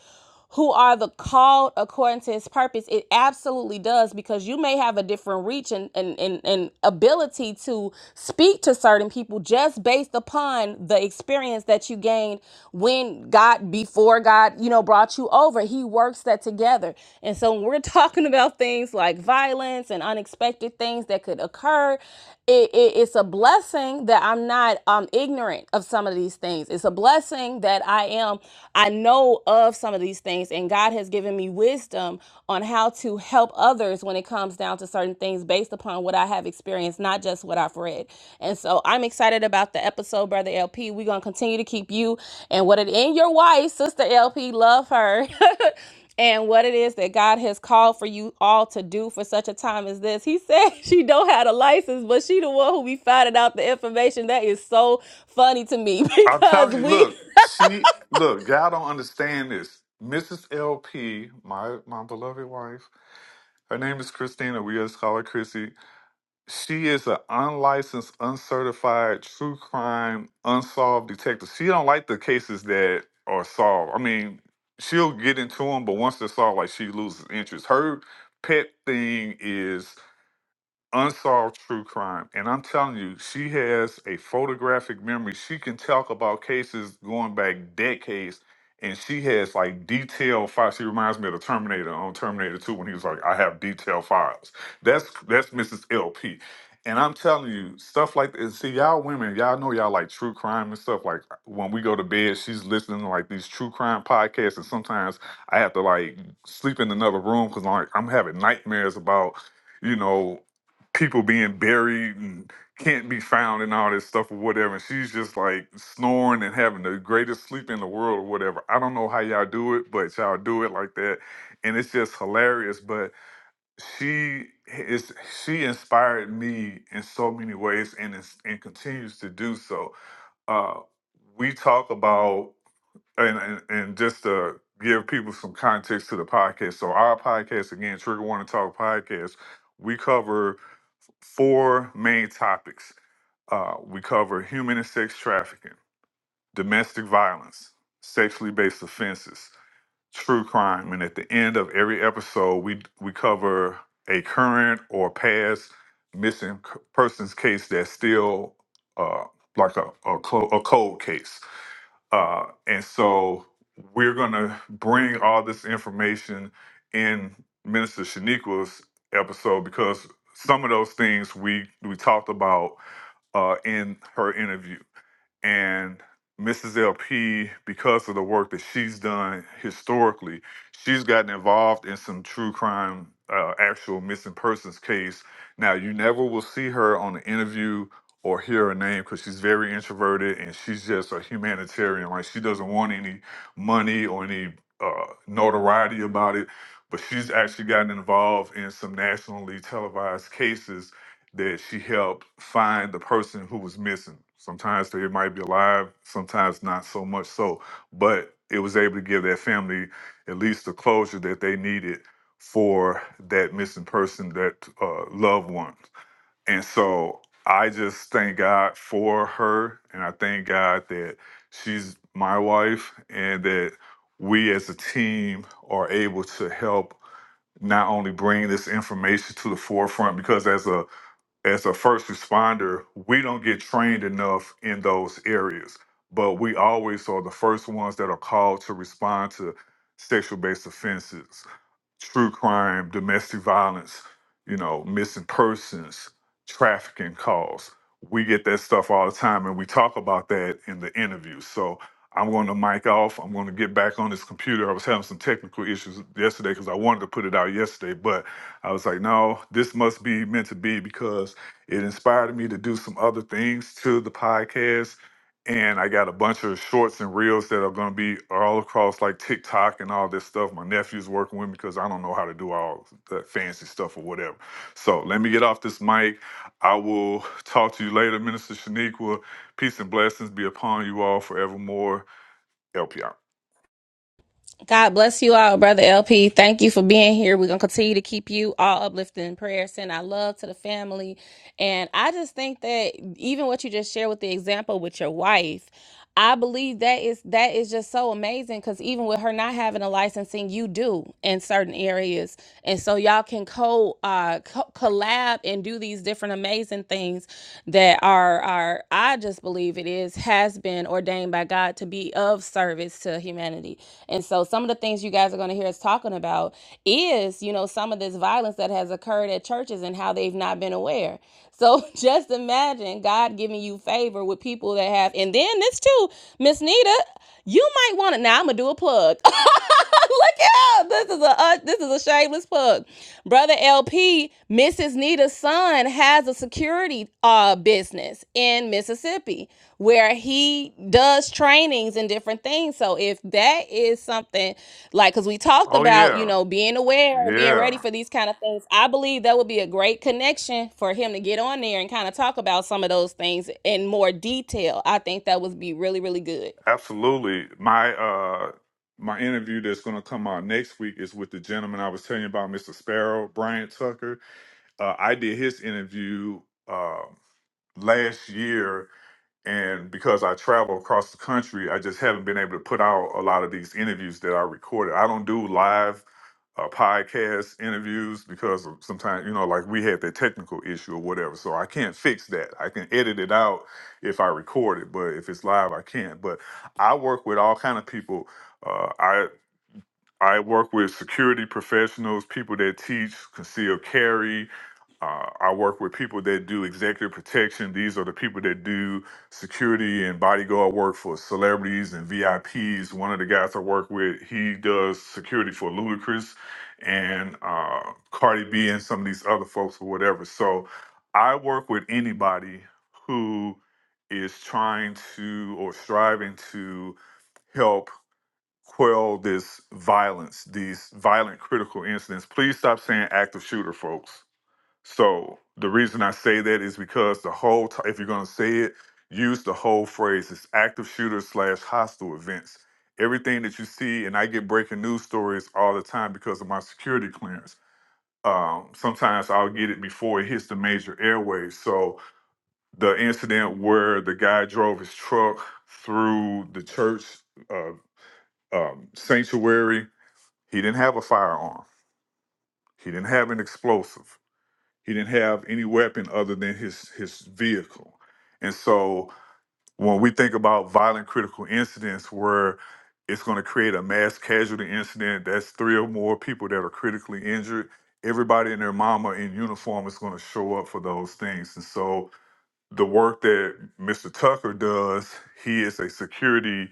who are the called according to his purpose, it absolutely does because you may have a different reach and, and, and, and ability to speak to certain people just based upon the experience that you gained ordained when God, before God, you know, brought you over. He works that together. And so when we're talking about things like violence and unexpected things that could occur, it, it- it's a blessing that I'm not um, ignorant of some of these things. It's a blessing that I am, I know of some of these things, and God has given me wisdom on how to help others when it comes down down to certain things based upon what I have experienced, not just what I've read. And so I'm excited about the episode, Brother LP. We're going to continue to keep you and what it in your wife, Sister LP, love her. and what it is that God has called for you all to do for such a time as this. He said she don't have a license, but she the one who be finding out the information. That is so funny to me
I'm
because
telling you,
we
look, she look, y'all don't understand this. Mrs. LP, my my beloved wife, her name is Christina. We just call her Chrissy. She is an unlicensed, uncertified, true crime, unsolved detective. She don't like the cases that are solved. I mean, she'll get into them, but once they're solved, like she loses interest. Her pet thing is unsolved true crime. And I'm telling you, she has a photographic memory. She can talk about cases going back decades. And she has like detailed files. She reminds me of the Terminator on Terminator 2 when he was like, I have detailed files. That's that's Mrs. LP. And I'm telling you, stuff like this. See, y'all women, y'all know y'all like true crime and stuff. Like when we go to bed, she's listening to like these true crime podcasts. And sometimes I have to like sleep in another room because like I'm having nightmares about you know, people being buried and can't be found and all this stuff or whatever. And she's just like snoring and having the greatest sleep in the world or whatever. I don't know how y'all do it, but y'all do it like that. And it's just hilarious. But she is she inspired me in so many ways and is, and continues to do so. Uh, we talk about and, and and just to give people some context to the podcast. So our podcast again, Trigger One to Talk podcast, we cover four main topics. Uh, we cover human and sex trafficking, domestic violence, sexually based offenses, true crime, and at the end of every episode, we we cover a current or past missing c- persons case that's still uh, like a a, clo- a cold case. Uh, and so we're going to bring all this information in Minister Shaniqua's episode because some of those things we we talked about uh, in her interview and Mrs. LP, because of the work that she's done historically, she's gotten involved in some true crime, uh, actual missing persons case. Now, you never will see her on an interview or hear her name because she's very introverted and she's just a humanitarian. Like, she doesn't want any money or any uh, notoriety about it. But she's actually gotten involved in some nationally televised cases that she helped find the person who was missing. Sometimes they might be alive, sometimes not so much so, but it was able to give that family at least the closure that they needed for that missing person, that uh, loved one. And so I just thank God for her, and I thank God that she's my wife, and that we as a team are able to help not only bring this information to the forefront because as a as a first responder, we don't get trained enough in those areas, but we always are the first ones that are called to respond to sexual based offenses true crime, domestic violence, you know, missing persons, trafficking calls. We get that stuff all the time, and we talk about that in the interview. So I'm going to mic off. I'm going to get back on this computer. I was having some technical issues yesterday because I wanted to put it out yesterday, but I was like, no, this must be meant to be because it inspired me to do some other things to the podcast and I got a bunch of shorts and reels that are going to be all across like TikTok and all this stuff. My nephew's working with me because I don't know how to do all that fancy stuff or whatever. So let me get off this mic. I will talk to you later, Minister Shaniqua. Peace and blessings be upon you all forevermore. Help you out.
God bless you all, Brother LP. Thank you for being here. We're going to continue to keep you all uplifted in prayer. Send our love to the family. And I just think that even what you just shared with the example with your wife, I believe that is that is just so amazing because even with her not having a licensing, you do in certain areas, and so y'all can co, uh, co- collab and do these different amazing things that are are, I just believe it is, has been ordained by God to be of service to humanity. And so some of the things you guys are going to hear us talking about is, you know, some of this violence that has occurred at churches and how they've not been aware. So just imagine God giving you favor with people that have, and then this too, Miss Nita. You might want to. Now I'm gonna do a plug. Look out! This is a uh, this is a shameless plug. Brother LP, Mrs. Nita's son, has a security uh business in Mississippi where he does trainings and different things. So if that is something like, because we talked
Oh
about you
yeah,
know being aware and being ready
yeah,
for these kind of things, I believe that would be a great connection for him to get on there and kind of talk about some of those things in more detail. I think that would be really really good.
absolutely. My uh, my interview that's going to come out next week is with the gentleman I was telling you about, Mr. Sparrow Bryant Tucker. Uh, I did his interview. Um, last year and because I travel across the country, I just haven't been able to put out a lot of these interviews that I recorded. I don't do live uh, podcast interviews because sometimes, you know, like we had that technical issue or whatever. So I can't fix that. I can edit it out if I record it, but if it's live, I can't. But I work with all kind of people. Uh, I I work with security professionals, people that teach concealed carry, uh, I work with people that do executive protection. These are the people that do security and bodyguard work for celebrities and VIPs. One of the guys I work with, he does security for Ludacris and uh, Cardi B and some of these other folks or whatever. So I work with anybody who is trying to or striving to help quell this violence, these violent critical incidents. Please stop saying active shooter, folks so the reason I say that is because the whole t- if you're going to say it, use the whole phrase. It's active shooter slash hostile events. Everything that you see, and I get breaking news stories all the time because of my security clearance. Um, sometimes I'll get it before it hits the major airways. So the incident where the guy drove his truck through the church uh, um, sanctuary, he didn't have a firearm. He didn't have an explosive He didn't have any weapon other than his his vehicle. And so when we think about violent critical incidents where it's going to create a mass casualty incident, that's three or more people that are critically injured. Everybody and their mama in uniform is going to show up for those things. And so the work that Mr. Tucker does, he is a security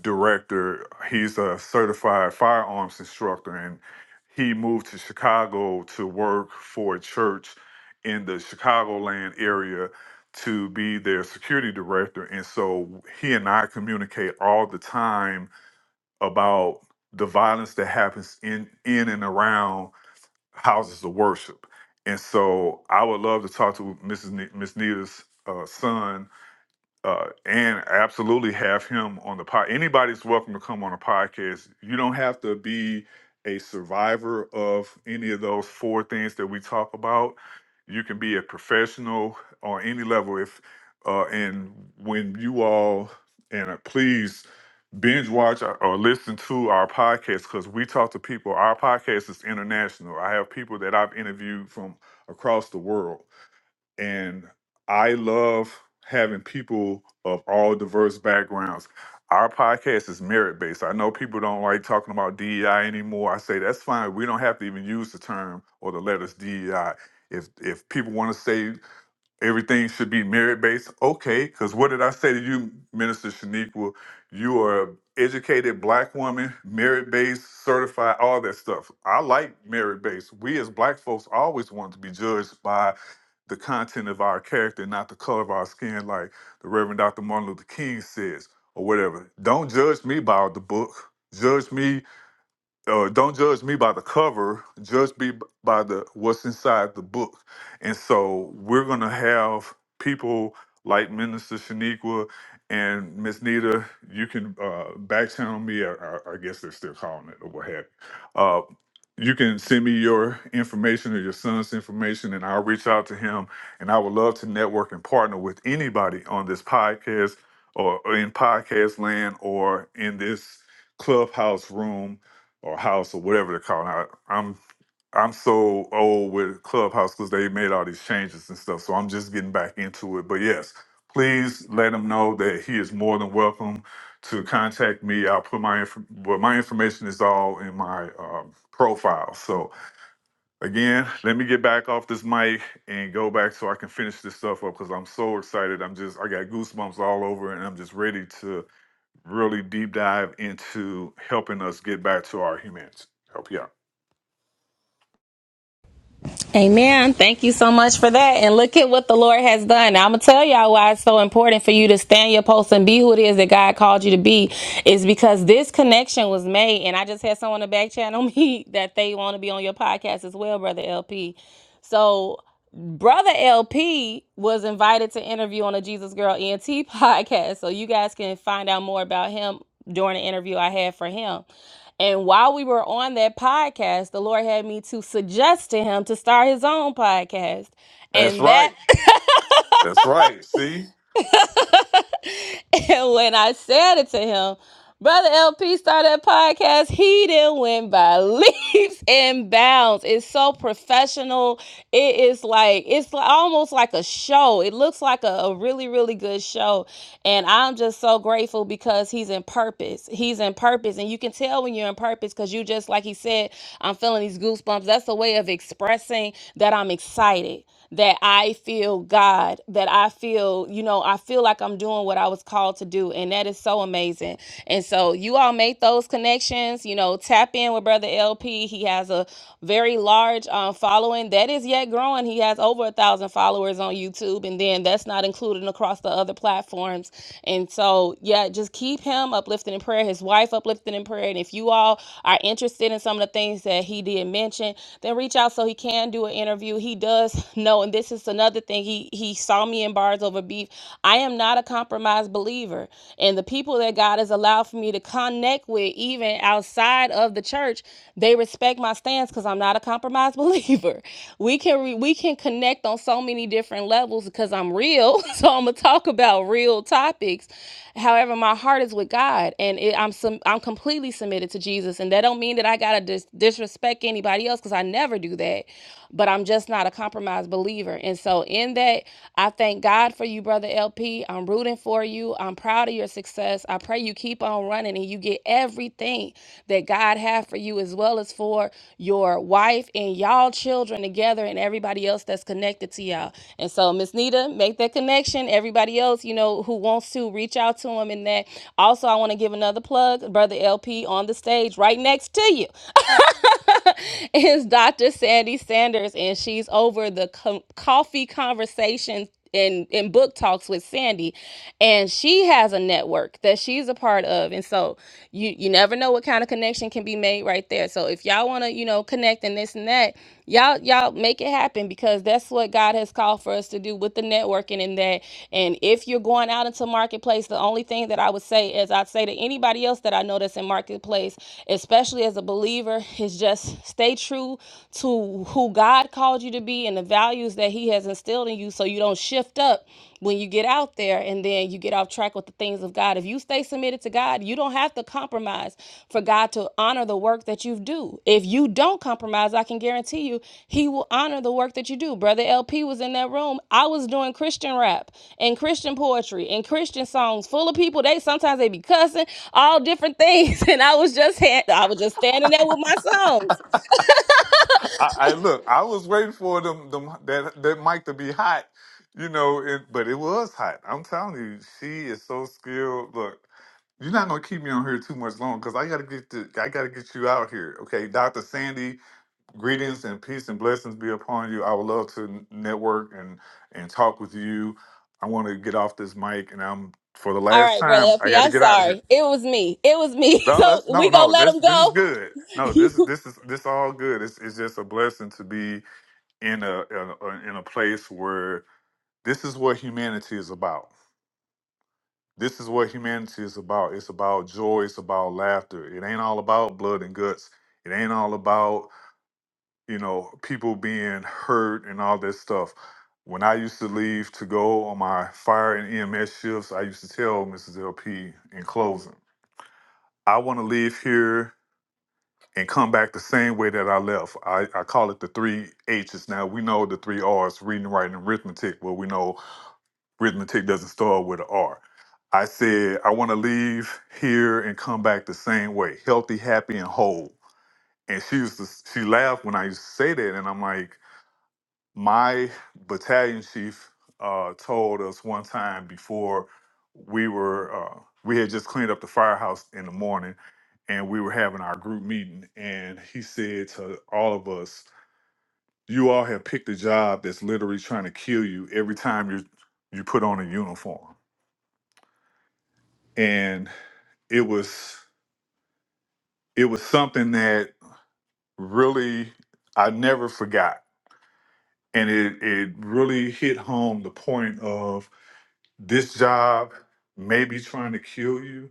director. He's a certified firearms instructor, and he moved to Chicago to work for a church in the Chicagoland area to be their security director. And so he and I communicate all the time about the violence that happens in in and around houses of worship. And so I would love to talk to Mrs. Ne- Miss Nita's uh, son uh, and absolutely have him on the pod. Anybody's welcome to come on a podcast. You don't have to be a survivor of any of those four things that we talk about. You can be a professional on any level. If uh, and when you all and uh, please binge watch or or listen to our podcast because we talk to people. Our podcast is international. I have people that I've interviewed from across the world, and I love having people of all diverse backgrounds. Our podcast is merit based. I know people don't like talking about DEI anymore. I say that's fine. We don't have to even use the term or the letters DEI. If if people want to say everything should be merit based. Okay, because what did I say to you, Minister Shaniqua? You are an educated black woman, merit based, certified, all that stuff. I like merit based. We as black folks always want to be judged by the content of our character, not the color of our skin, like the Reverend Dr. Martin Luther King says, or whatever. Don't judge me by the book. Judge me uh, don't judge me by the cover judge me b- by the what's inside the book and so we're going to have people like minister shaniqua and miss nita you can uh, back channel me or, or i guess they're still calling it or what have you uh, you can send me your information or your son's information and i'll reach out to him and i would love to network and partner with anybody on this podcast or or in podcast land or in this clubhouse room or house or whatever they're calling it. I- I'm I'm so old with Clubhouse because they made all these changes and stuff. So I'm just getting back into it. But yes, please let him know that he is more than welcome to contact me. I'll put my inf- well, my information is all in my um, profile. So again, let me get back off this mic and go back so I can finish this stuff up because I'm so excited. I'm just I got goosebumps all over and I'm just ready to really deep dive into helping us get back to our humanity. Help you out.
Amen. Thank you so much for that. And look at what the Lord has done. Now, I'm going to tell y'all why it's so important for you to stand your post and be who it is that God called you to be is because this connection was made. And I just had someone to back channel me that they want to be on your podcast as well, Brother LP. So Brother LP was invited to interview on the Jesus Girl ENT podcast. So you guys can find out more about him during the interview I had for him. And while we were on that podcast, the Lord had me to suggest to him to start his own podcast.
That's
And that
right. That's right. See,
And when I said it to him, Brother LP started a podcast. He didn't win by leaps and bounds. It's so professional. It is like it's li- almost like a show. It looks like a, a really, really good show. And I'm just so grateful because he's in purpose. He's in purpose. And you can tell when you're in purpose because you just like he said, I'm feeling these goosebumps. That's a way of expressing that I'm excited that I feel God, that I feel, you know, I feel like I'm doing what I was called to do. And that is so amazing. And so you all make those connections, you know, tap in with Brother LP. He has a very large um, following that is yet growing. He has over a thousand followers on YouTube. And then that's not included across the other platforms. And so, yeah, just keep him uplifted in prayer, his wife uplifted in prayer. And if you all are interested in some of the things that he did mention, then reach out so he can do an interview. He he does know, and this is another thing. He he saw me in bars over beef. I am not a compromised believer, and the people that God has allowed for me to connect with, even outside of the church, they respect my stance because I'm not a compromised believer. We can re, we can connect on so many different levels because I'm real, so I'm gonna talk about real topics. However, my heart is with God, and it, I'm some I'm completely submitted to Jesus, and that don't mean that I gotta dis- disrespect anybody else because I never do that but I'm just not a compromised believer. And so, in that, I thank God for you, Brother LP. I'm rooting for you. I'm proud of your success. I pray you keep on running and you get everything that God has for you, as well as for your wife and y'all children together and everybody else that's connected to y'all. And so, Miss Nita, make that connection. Everybody else, you know, who wants to reach out to him in that. Also, I want to give another plug, Brother LP on the stage right next to you. is Dr. Sandy Sanders, and she's over the co- coffee conversation and in book talks with Sandy, and she has a network that she's a part of, and so you you never know what kind of connection can be made right there. So if y'all want to you know connect and this and that y'all y'all make it happen because that's what god has called for us to do with the networking and that and if you're going out into marketplace the only thing that i would say is i'd say to anybody else that i know that's in marketplace especially as a believer is just stay true to who god called you to be and the values that he has instilled in you so you don't shift up when you get out there and then you get off track with the things of God. If you stay submitted to God, you don't have to compromise for God to honor the work that you do. If you don't compromise, I can guarantee you, He will honor the work that you do. Brother LP was in that room. I was doing Christian rap and Christian poetry and Christian songs full of people. They sometimes they be cussing, all different things. And I was just had I was just standing there with my songs.
I, I look. I was waiting for them, them that that mic to be hot, you know. It, but it was hot. I'm telling you, she is so skilled. Look, you're not gonna keep me on here too much long because I gotta get to, I gotta get you out here. Okay, Dr. Sandy, greetings and peace and blessings be upon you. I would love to n- network and and talk with you. I want to get off this mic, and I'm for the
All
last
right, brother
time. I
LP,
got to
I'm
get out of here.
sorry. It was me. It was me.
No, that's
So
no,
we gonna
no.
let
This
him
this is
go.
good. No, this this is this all good. It's it's just a blessing to be in a, a, a in a place where this is what humanity is about. This is what humanity is about. It's about joy. It's about laughter. It ain't all about blood and guts. It ain't all about you know people being hurt and all this stuff. When I used to leave to go on my fire and EMS shifts, I used to tell Mrs. LP in closing, I want to leave here and come back the same way that I left. I, I call it the three H's. Now we know the three R's reading, writing, and arithmetic. Well, we know arithmetic doesn't start with an R. I said, I want to leave here and come back the same way healthy, happy, and whole. And she used to, she laughed when I used to say that. And I'm like, my battalion chief uh, told us one time before we were uh, we had just cleaned up the firehouse in the morning and we were having our group meeting and he said to all of us you all have picked a job that's literally trying to kill you every time you you put on a uniform and it was it was something that really i never forgot and it it really hit home the point of This job may be trying to kill you,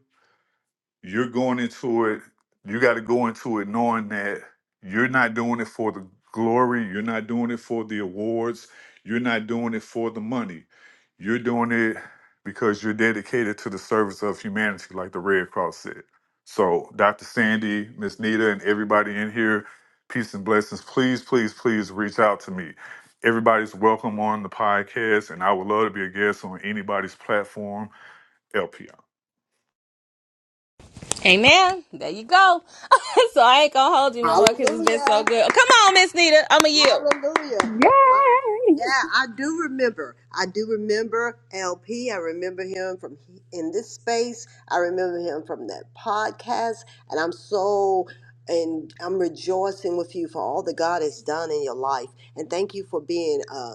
you're going into it you got to go into it knowing that you're not doing it for the glory you're not doing it for the awards you're not doing it for the money you're doing it because you're dedicated to the service of humanity like the red cross said so dr sandy miss nita and everybody in here peace and blessings please please please reach out to me everybody's welcome on the podcast and i would love to be a guest on anybody's platform lpr
Amen. There you go. so I ain't gonna hold you no more because it's been so
Hallelujah.
good. Come on, Miss Nita. I'm a you.
Hallelujah. Um,
Yay!
yeah, I do remember. I do remember LP. I remember him from he- in this space. I remember him from that podcast. And I'm so, and I'm rejoicing with you for all that God has done in your life. And thank you for being a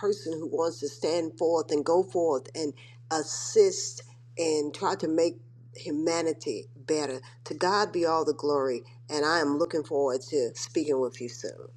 person who wants to stand forth and go forth and assist and try to make humanity better. To God be all the glory. And I am looking forward to speaking with you soon.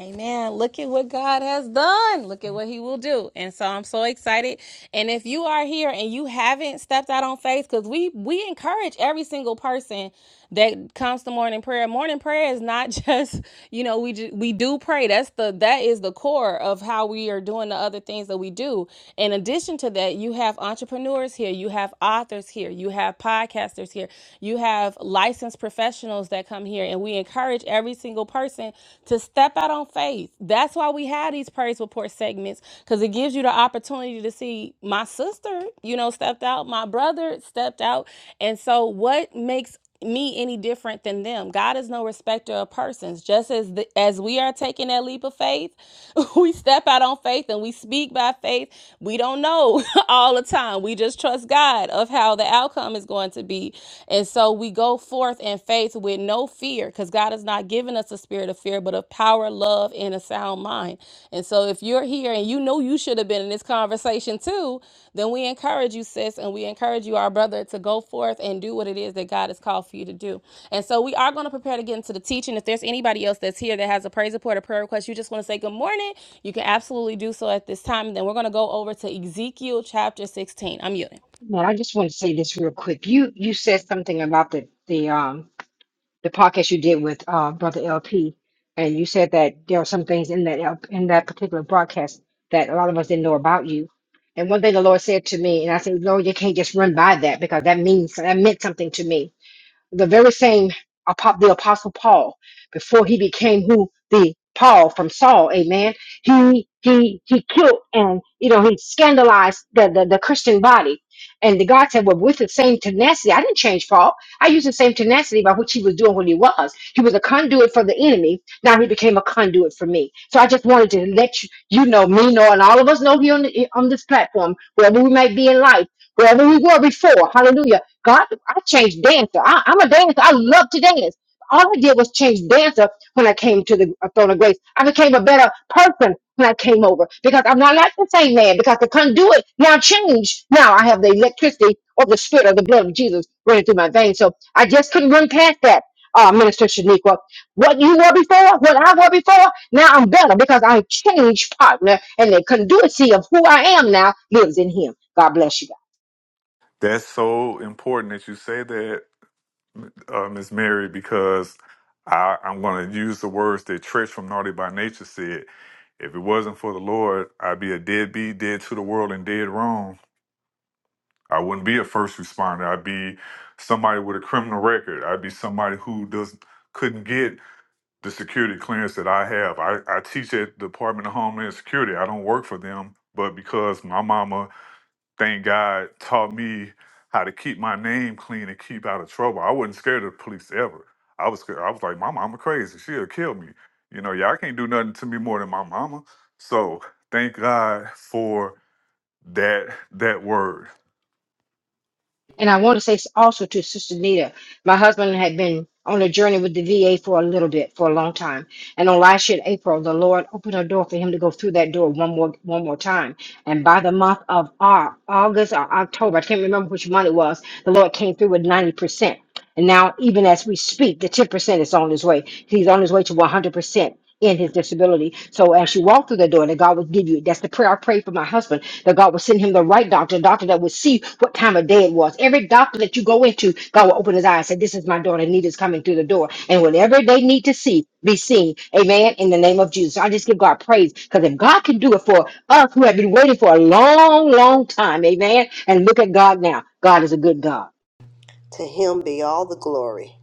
Amen. Look at what God has done. Look at what He will do. And so I'm so excited. And if you are here and you haven't stepped out on faith, because we we encourage every single person that comes to morning prayer. Morning prayer is not just you know we ju- we do pray. That's the that is the core of how we are doing the other things that we do. In addition to that, you have entrepreneurs here. You have authors here. You have podcasters here. You have licensed professionals that come here. and and we encourage every single person to step out on faith. That's why we have these praise report segments because it gives you the opportunity to see my sister, you know, stepped out, my brother stepped out. And so, what makes me any different than them. God is no respecter of persons. Just as the, as we are taking that leap of faith, we step out on faith and we speak by faith. We don't know all the time. We just trust God of how the outcome is going to be. And so we go forth in faith with no fear because God has not given us a spirit of fear, but of power, love, and a sound mind. And so if you're here and you know you should have been in this conversation too, then we encourage you, sis, and we encourage you, our brother, to go forth and do what it is that God has called for you to do. And so we are going to prepare to get into the teaching. If there's anybody else that's here that has a praise report or prayer request, you just want to say good morning, you can absolutely do so at this time. And then we're going to go over to Ezekiel chapter 16. I'm yielding.
Man, I just want to say this real quick. You you said something about the the um the podcast you did with uh, Brother LP, and you said that there are some things in that L- in that particular broadcast that a lot of us didn't know about you. And one thing the Lord said to me, and I said, Lord, you can't just run by that because that means that meant something to me the very same apo- the apostle paul before he became who the paul from saul amen he he he killed and you know he scandalized the the, the christian body and the god said well with the same tenacity i didn't change paul i used the same tenacity by which he was doing what he was he was a conduit for the enemy now he became a conduit for me so i just wanted to let you, you know me know and all of us know here on, the, on this platform wherever we might be in life wherever we were before hallelujah God, I changed dancer. I, I'm a dancer. I love to dance. All I did was change dancer when I came to the uh, throne of grace. I became a better person when I came over because I'm not like the same man because the conduit now changed. Now I have the electricity of the spirit of the blood of Jesus running through my veins. So I just couldn't run past that, uh, Minister Shaniqua. What you were before, what I were before, now I'm better because I changed partner and the conduity of who I am now lives in him. God bless you.
That's so important that you say that, uh, Miss Mary, because I, I'm going to use the words that Trish from Naughty by Nature said. If it wasn't for the Lord, I'd be a deadbeat, dead to the world, and dead wrong. I wouldn't be a first responder. I'd be somebody with a criminal record. I'd be somebody who does couldn't get the security clearance that I have. I, I teach at the Department of Homeland Security. I don't work for them, but because my mama thank God, taught me how to keep my name clean and keep out of trouble. I wasn't scared of the police ever. I was scared. I was like, my mama crazy. She'll kill me. You know, y'all can't do nothing to me more than my mama. So thank God for that that word.
And I want to say s- also to Sister Nita, my husband had been on a journey with the VA for a little bit, for a long time. And on last year in April, the Lord opened a door for him to go through that door one more one more time. And by the month of Au- August or October, I can't remember which month it was, the Lord came through with 90%. And now, even as we speak, the 10% is on his way. He's on his way to 100% in his disability. So as you walk through the door, that God would give you. That's the prayer I prayed for my husband. That God would send him the right doctor, a doctor that would see what time of day it was. Every doctor that you go into, God will open his eyes and say, "This is my daughter. Nita's coming through the door." And whatever they need to see, be seen. Amen. In the name of Jesus, So I just give God praise because if God can do it for us who have been waiting for a long, long time, Amen. And look at God now. God is a good God.
To him be all the glory.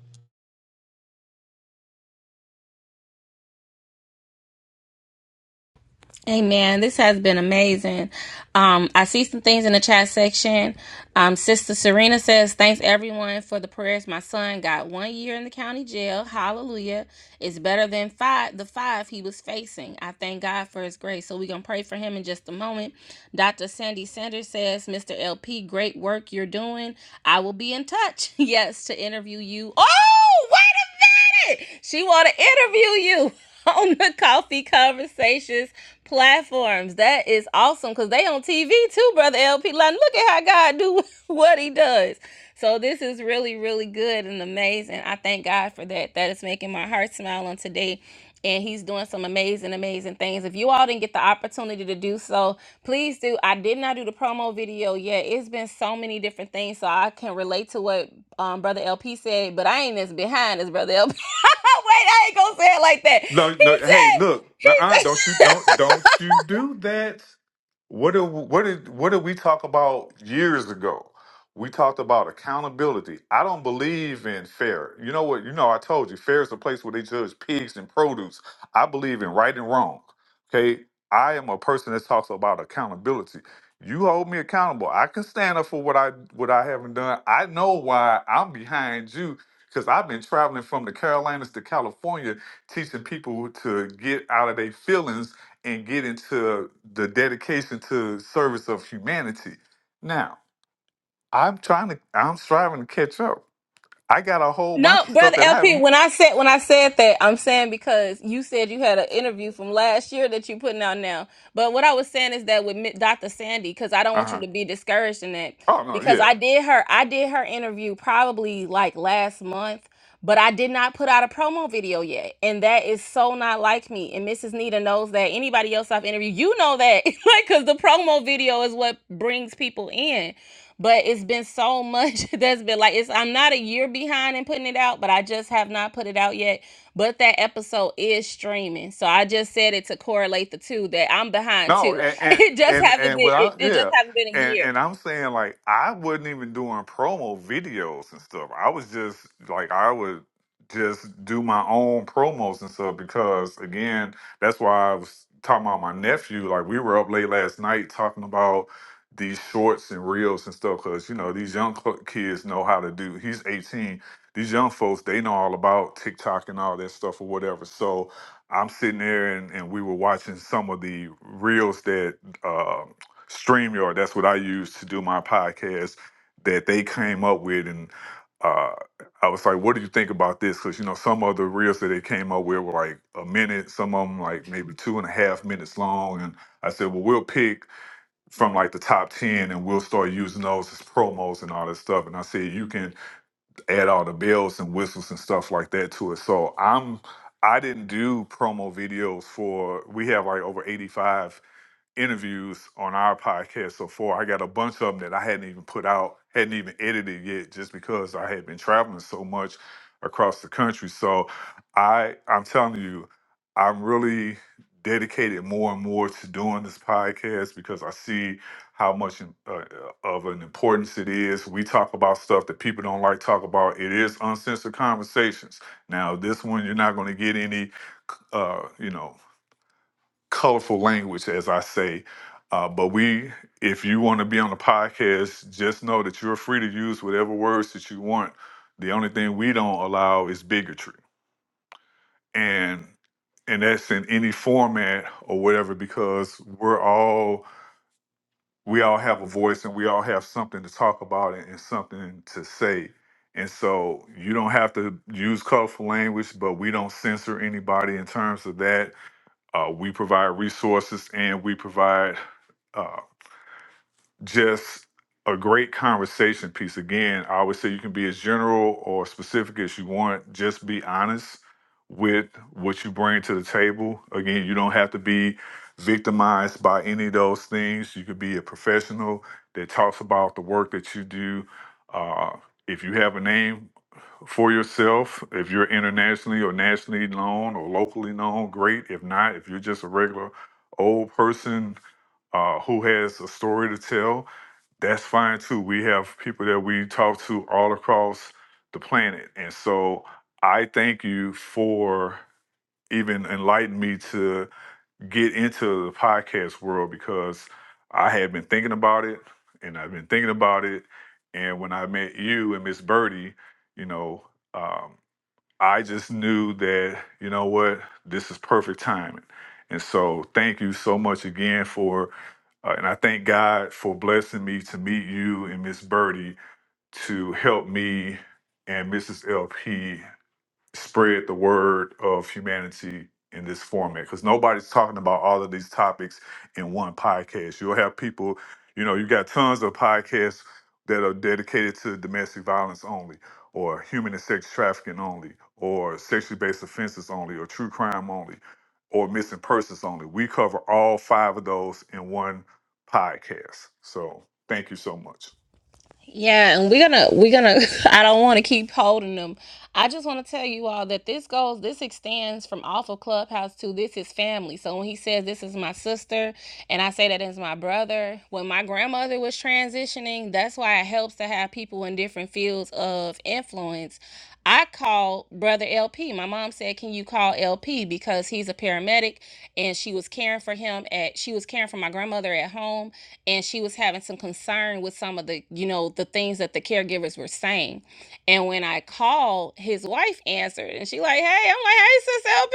Amen. This has been amazing. Um, I see some things in the chat section. Um, Sister Serena says, Thanks everyone for the prayers. My son got one year in the county jail. Hallelujah. It's better than five the five he was facing. I thank God for his grace. So we're gonna pray for him in just a moment. Dr. Sandy Sanders says, Mr. LP, great work you're doing. I will be in touch. Yes, to interview you. Oh, wait a minute got it. She want to interview you on the Coffee Conversations platforms. That is awesome because they on TV too, brother LP. Like, look at how God do what He does. So this is really, really good and amazing. I thank God for that. That is making my heart smile on today and he's doing some amazing, amazing things. If you all didn't get the opportunity to do so, please do. I did not do the promo video yet. It's been so many different things, so I can relate to what um, Brother LP said, but I ain't as behind as Brother LP. Wait, I ain't gonna say it like that.
No,
He
no. Hey,
said,
look,
he
uh don't you
said.
don't don't you do that? What did what did what did we talk about years ago? We talked about accountability. I don't believe in fair. You know what? You know I told you fair is the place where they judge pigs and produce. I believe in right and wrong. Okay, I am a person that talks about accountability. You hold me accountable. I can stand up for what I what I haven't done. I know why I'm behind you because I've been traveling from the Carolinas to California teaching people to get out of their feelings and get into the dedication to service of humanity. Now, I'm trying to, I'm striving to catch up. I got a whole
No,
bunch of stuff
brother
that I
LP.
haven't.
When I said when I said that, I'm saying because you said you had an interview from last year that you putting out now. But what I was saying is that with Mi- Dr. Sandy, because I don't
Uh
want you
huh.
to be discouraged in that,
Oh no,
because
yeah.
I did her I did her interview probably like last month but I did not put out a promo video yet. And that is so not like me. And Mrs. Nita knows that. Anybody else I've interviewed, you know that. like, cause the promo video is what brings people in. But it's been so much that's been like it's I'm not a year behind in putting it out, but I just have not put it out yet. But that episode is streaming. So I just said it to correlate the two that I'm behind
No,
too.
and and
It just
and,
haven't
and
been
what I
it, it just
yeah,
hasn't been a
and
year.
and I'm saying like I wasn't even doing promo videos and stuff. I was just like I would just do my own promos and stuff because again, that's why I was talking about my nephew. Like we were up late last night talking about these shorts and reels and stuff because you know these young cl- kids know how to do. He's 18. These young folks they know all about TikTok and all that stuff or whatever. So I'm sitting there and, and we were watching some of the reels that uh, StreamYard, that's what I use to do my podcast, that they came up with. And uh, I was like, what do you think about this? Because, you know, some of the reels that they came up with were like a minute, some of them like maybe two and a half minutes long. And I said, well, we'll pick from like the top 10 and we'll start using those as promos and all that stuff. And I said, you can add all the bells and whistles and stuff like that to it. So I'm I didn't do promo videos for we have like over 85 interviews on our podcast so far. I got a bunch of them that I hadn't even put out, hadn't even edited yet, just because I had been traveling so much across the country. So I, I'm telling you, I'm really dedicated more and more to doing this podcast because I see how much uh, uh, of an importance it is. We talk about stuff that people don't like to talk about. It is uncensored conversations. Now, this one you're not going to get any, uh, you know, colorful language, as I say. Uh, but we, if you want to be on the podcast, just know that you're free to use whatever words that you want. The only thing we don't allow is bigotry, and and that's in any format or whatever, because we're all we all have a voice and we all have something to talk about and, and something to say. And so you don't have to use colorful language, but we don't censor anybody in terms of that uh, we provide resources and we provide uh, just a great conversation piece. Again, I always say you can be as general or specific as you want. Just be honest with what you bring to the table. Again, you don't have to be victimized by any of those things. You could be a professional that talks about the work that you do. Uh, if you have a name, for yourself. If you're internationally or nationally known or locally known, great. If not, if you're just a regular old person uh, who has a story to tell, that's fine too. We have people that we talk to all across the planet. And so I thank you for even enlightening me to get into the podcast world because I had been thinking about it and I've been thinking about it. And when I met you and Miss Birdie, you know, um, I just knew that, you know what, this is perfect timing. And so thank you so much again for, uh, and I thank God for blessing me to meet you and Miss Birdie to help me and Mrs. LP spread the word of humanity in this format because nobody's talking about all of these topics in one podcast. You'll have people, you know, you got tons of podcasts that are dedicated to domestic violence only, or human and sex trafficking only, or sexually based offenses only, or true crime only, or missing persons only. We cover all five of those in one podcast. So thank you so much.
Yeah, and we're gonna we're gonna I don't wanna keep holding them. I just wanna tell you all that this goes this extends from off of Clubhouse to this is family. So when he says this is my sister and I say that is my brother, when my grandmother was transitioning, that's why it helps to have people in different fields of influence I called brother LP. My mom said, "Can you call LP because he's a paramedic and she was caring for him at she was caring for my grandmother at home and she was having some concern with some of the, you know, the things that the caregivers were saying." And when I called, his wife answered, and she like, "Hey," I'm like, "Hey, sis, L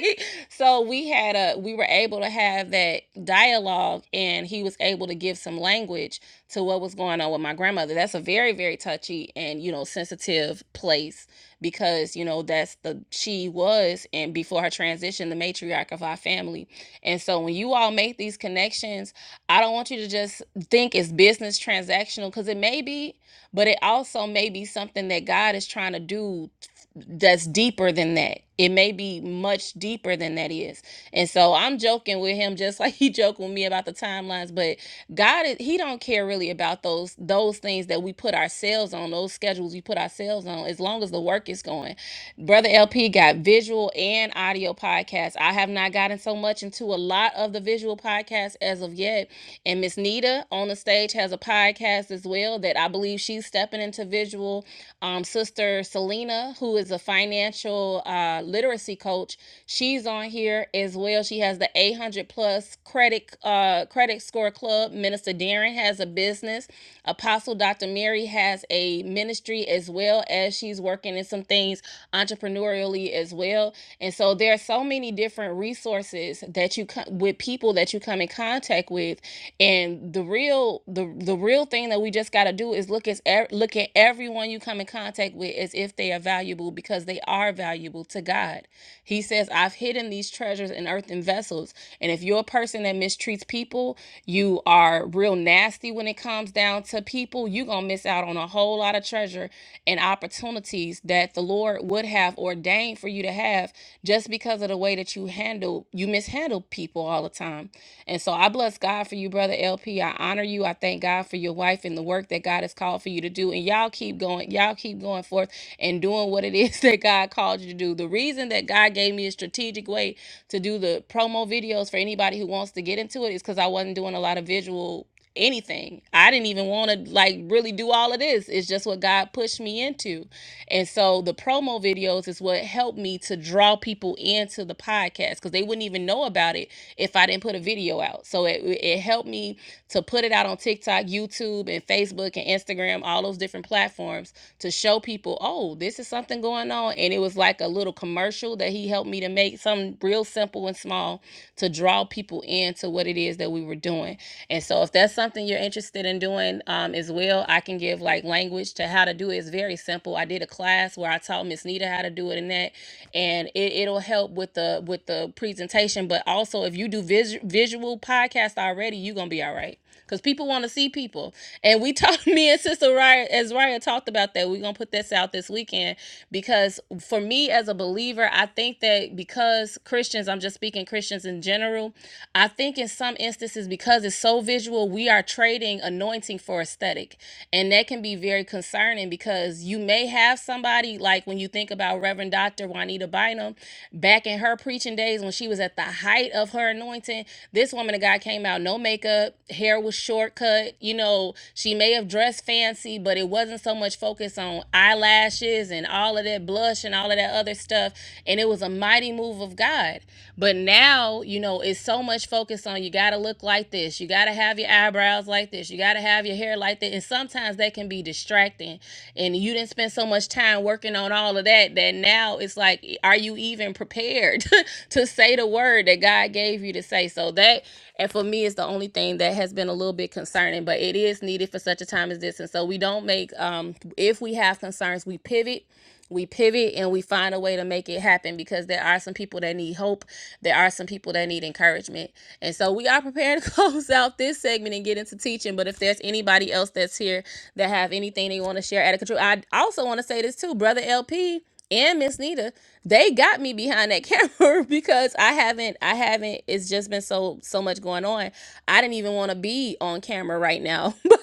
B." so we had a, we were able to have that dialogue, and he was able to give some language to what was going on with my grandmother. That's a very, very touchy and you know sensitive place because you know that's the she was, and before her transition, the matriarch of our family. And so when you all make these connections, I don't want you to just think it's business transactional because it may be may be, but it also may be something that God is trying to do that's deeper than that. It may be much deeper than that is. And so I'm joking with him just like he joked with me about the timelines, but God is he don't care really about those those things that we put ourselves on, those schedules we put ourselves on as long as the work is going. Brother LP got visual and audio podcasts. I have not gotten so much into a lot of the visual podcasts as of yet. And Miss Nita on the stage has a podcast as well that I believe she's stepping into visual. Um, Sister Selena, who is a financial uh, literacy coach, she's on here as well. She has the 800 plus credit uh, credit score club. Minister Darren has a business. Apostle Dr. Mary has a ministry as well as she's working in some things entrepreneurially as well. And so there are so many different resources that you come with people that you come in in contact with and the real the the real thing that we just got to do is look at look at everyone you come in contact with as if they are valuable because they are valuable to God. He says, "I've hidden these treasures in earthen vessels." And if you're a person that mistreats people, you are real nasty when it comes down to people, you're going to miss out on a whole lot of treasure and opportunities that the Lord would have ordained for you to have just because of the way that you handle you you mishandle people all the time. And so I bless God for you, brother LP. I honor you. I thank God for your wife and the work that God has called for you to do. And y'all keep going, y'all keep going forth and doing what it is that God called you to do. The reason that God gave me a strategic way to do the promo videos for anybody who wants to get into it is because I wasn't doing a lot of visual anything. I didn't even want to like really do all of this. It's just what God pushed me into. And so the promo videos is what helped me to draw people into the podcast because they wouldn't even know about it if I didn't put a video out. So it, it helped me to put it out on TikTok, YouTube, and Facebook and Instagram, all those different platforms to show people, oh, this is something going on. And it was like a little commercial that he helped me to make something real simple and small to draw people into what it is that we were doing. and. And so, if that's something you're interested in doing um, as well, I can give like language to how to do it. It's very simple. I did a class where I taught Miss Nita how to do it and that, and it, it'll help with the with the presentation. But also, if you do vis- visual podcast already, you're gonna be all right because people want to see people. And we talked, me and Sister Raya, as Raya talked about that, we're going to put this out this weekend because for me as a believer, I think that because Christians, I'm just speaking Christians in general, I think in some instances, because it's so visual, we are trading anointing for aesthetic. And that can be very concerning because you may have somebody, like when you think about Reverend Dr. Juanita Bynum, back in her preaching days when she was she was at the height of her anointing. This woman, the guy came out, no makeup, hair was shortcut. You know, she may have dressed fancy, but it wasn't so much focus on eyelashes and all of that blush and all of that other stuff. And it was a mighty move of God. But now, you know, it's so much focus on you got to look like this, you got to have your eyebrows like this, you got to have your hair like that. And sometimes that can be distracting. And you didn't spend so much time working on on all of that that now it's like are you even prepared to say the word that God gave you to say so that and for me it's the only thing that has been a little bit concerning but it is needed for such a time as this and so we don't make um if we have concerns we pivot we pivot and we find a way to make it happen because there are some people that need hope there are some people that need encouragement and so we are prepared to close out this segment and get into teaching but if there's anybody else else that's here that have anything they want to share out of control. I also want to say this too, brother LP and Miss Nita, they got me behind that camera because I haven't, I haven't. It's just been so so much going on. I didn't even want to be on camera right now, but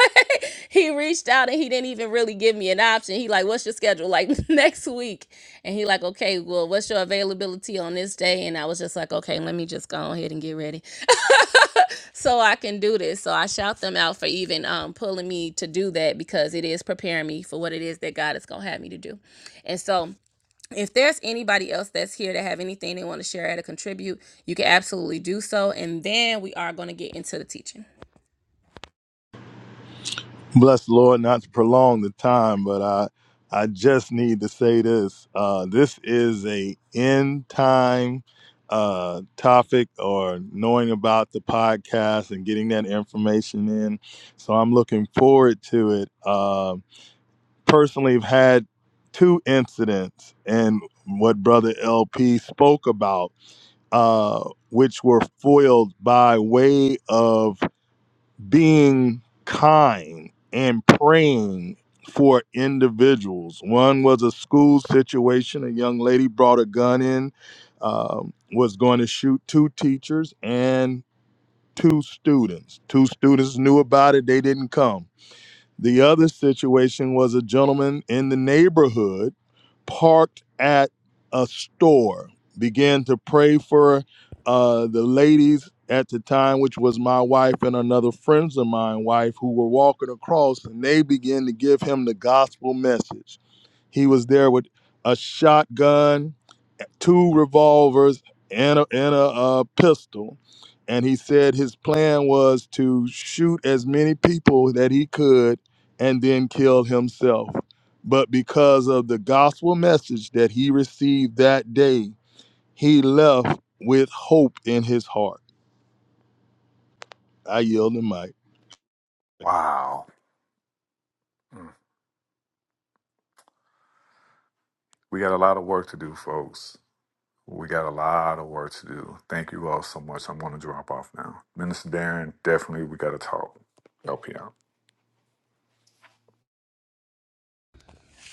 he reached out and he didn't even really give me an option. He like, what's your schedule like next week? And he like, okay, well, what's your availability on this day? And I was just like, okay, let me just go ahead and get ready. so I can do this. So I shout them out for even um, pulling me to do that because it is preparing me for what it is that God is going to have me to do. And so if there's anybody else that's here that have anything they want to share or to contribute, you can absolutely do so. And then we are going to get into the teaching.
Bless the Lord, not to prolong the time, but I I just need to say this. Uh, this is a end time uh, topic or knowing about the podcast and getting that information in. So I'm looking forward to it. Uh, personally, I've had two incidents and what Brother LP spoke about, uh, which were foiled by way of being kind and praying for individuals. One was a school situation. A young lady brought a gun in, um, was going to shoot two teachers and two students. Two students knew about it, they didn't come. The other situation was a gentleman in the neighborhood parked at a store, began to pray for uh, the ladies at the time, which was my wife and another friends of mine, wife, who were walking across, and they began to give him the gospel message. He was there with a shotgun two revolvers and a, and a uh, pistol. And he said his plan was to shoot as many people that he could and then kill himself. But because of the gospel message that he received that day, he left with hope in his heart. I yield the mic.
Wow. Mm. We got a lot of work to do, folks. We got a lot of work to do. Thank you all so much. I'm going to drop off now. Minister Darren, definitely we got to talk. Help you out.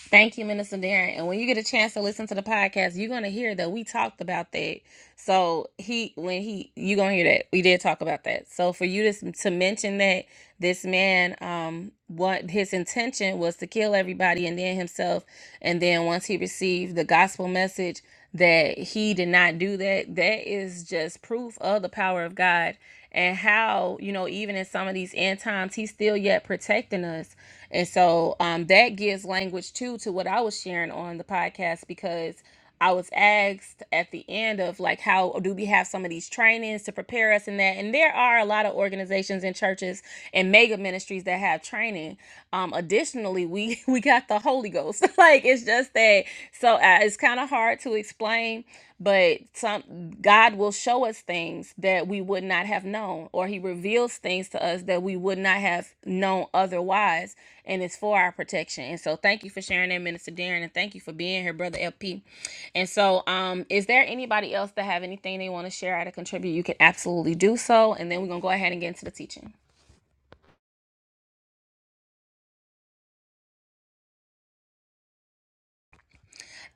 Thank you, Minister Darren. And when you get a chance to listen to the podcast, you're gonna hear that we talked about that. So he, when he, you're gonna hear that we did talk about that. So for you to to mention that this man, um, what his intention was to kill everybody and then himself, and then once he received the gospel message that he did not do that, that is just proof of the power of God and how you know even in some of these end times, he's still yet protecting us and so um, that gives language too to what I was sharing on the podcast because I was asked at the end of like, how do we have some of these trainings to prepare us in that? And there are a lot of organizations and churches and mega ministries that have training. Um, additionally, we we got the Holy Ghost. like it's just that so uh, it's kind of hard to explain but some God will show us things that we would not have known, or He reveals things to us that we would not have known otherwise, and it's for our protection. And so, thank you for sharing that, Minister Darren, and thank you for being here, Brother LP. And so, um, is there anybody else that have anything they want to share or to contribute? You can absolutely do so, and then we're gonna go ahead and get into the teaching.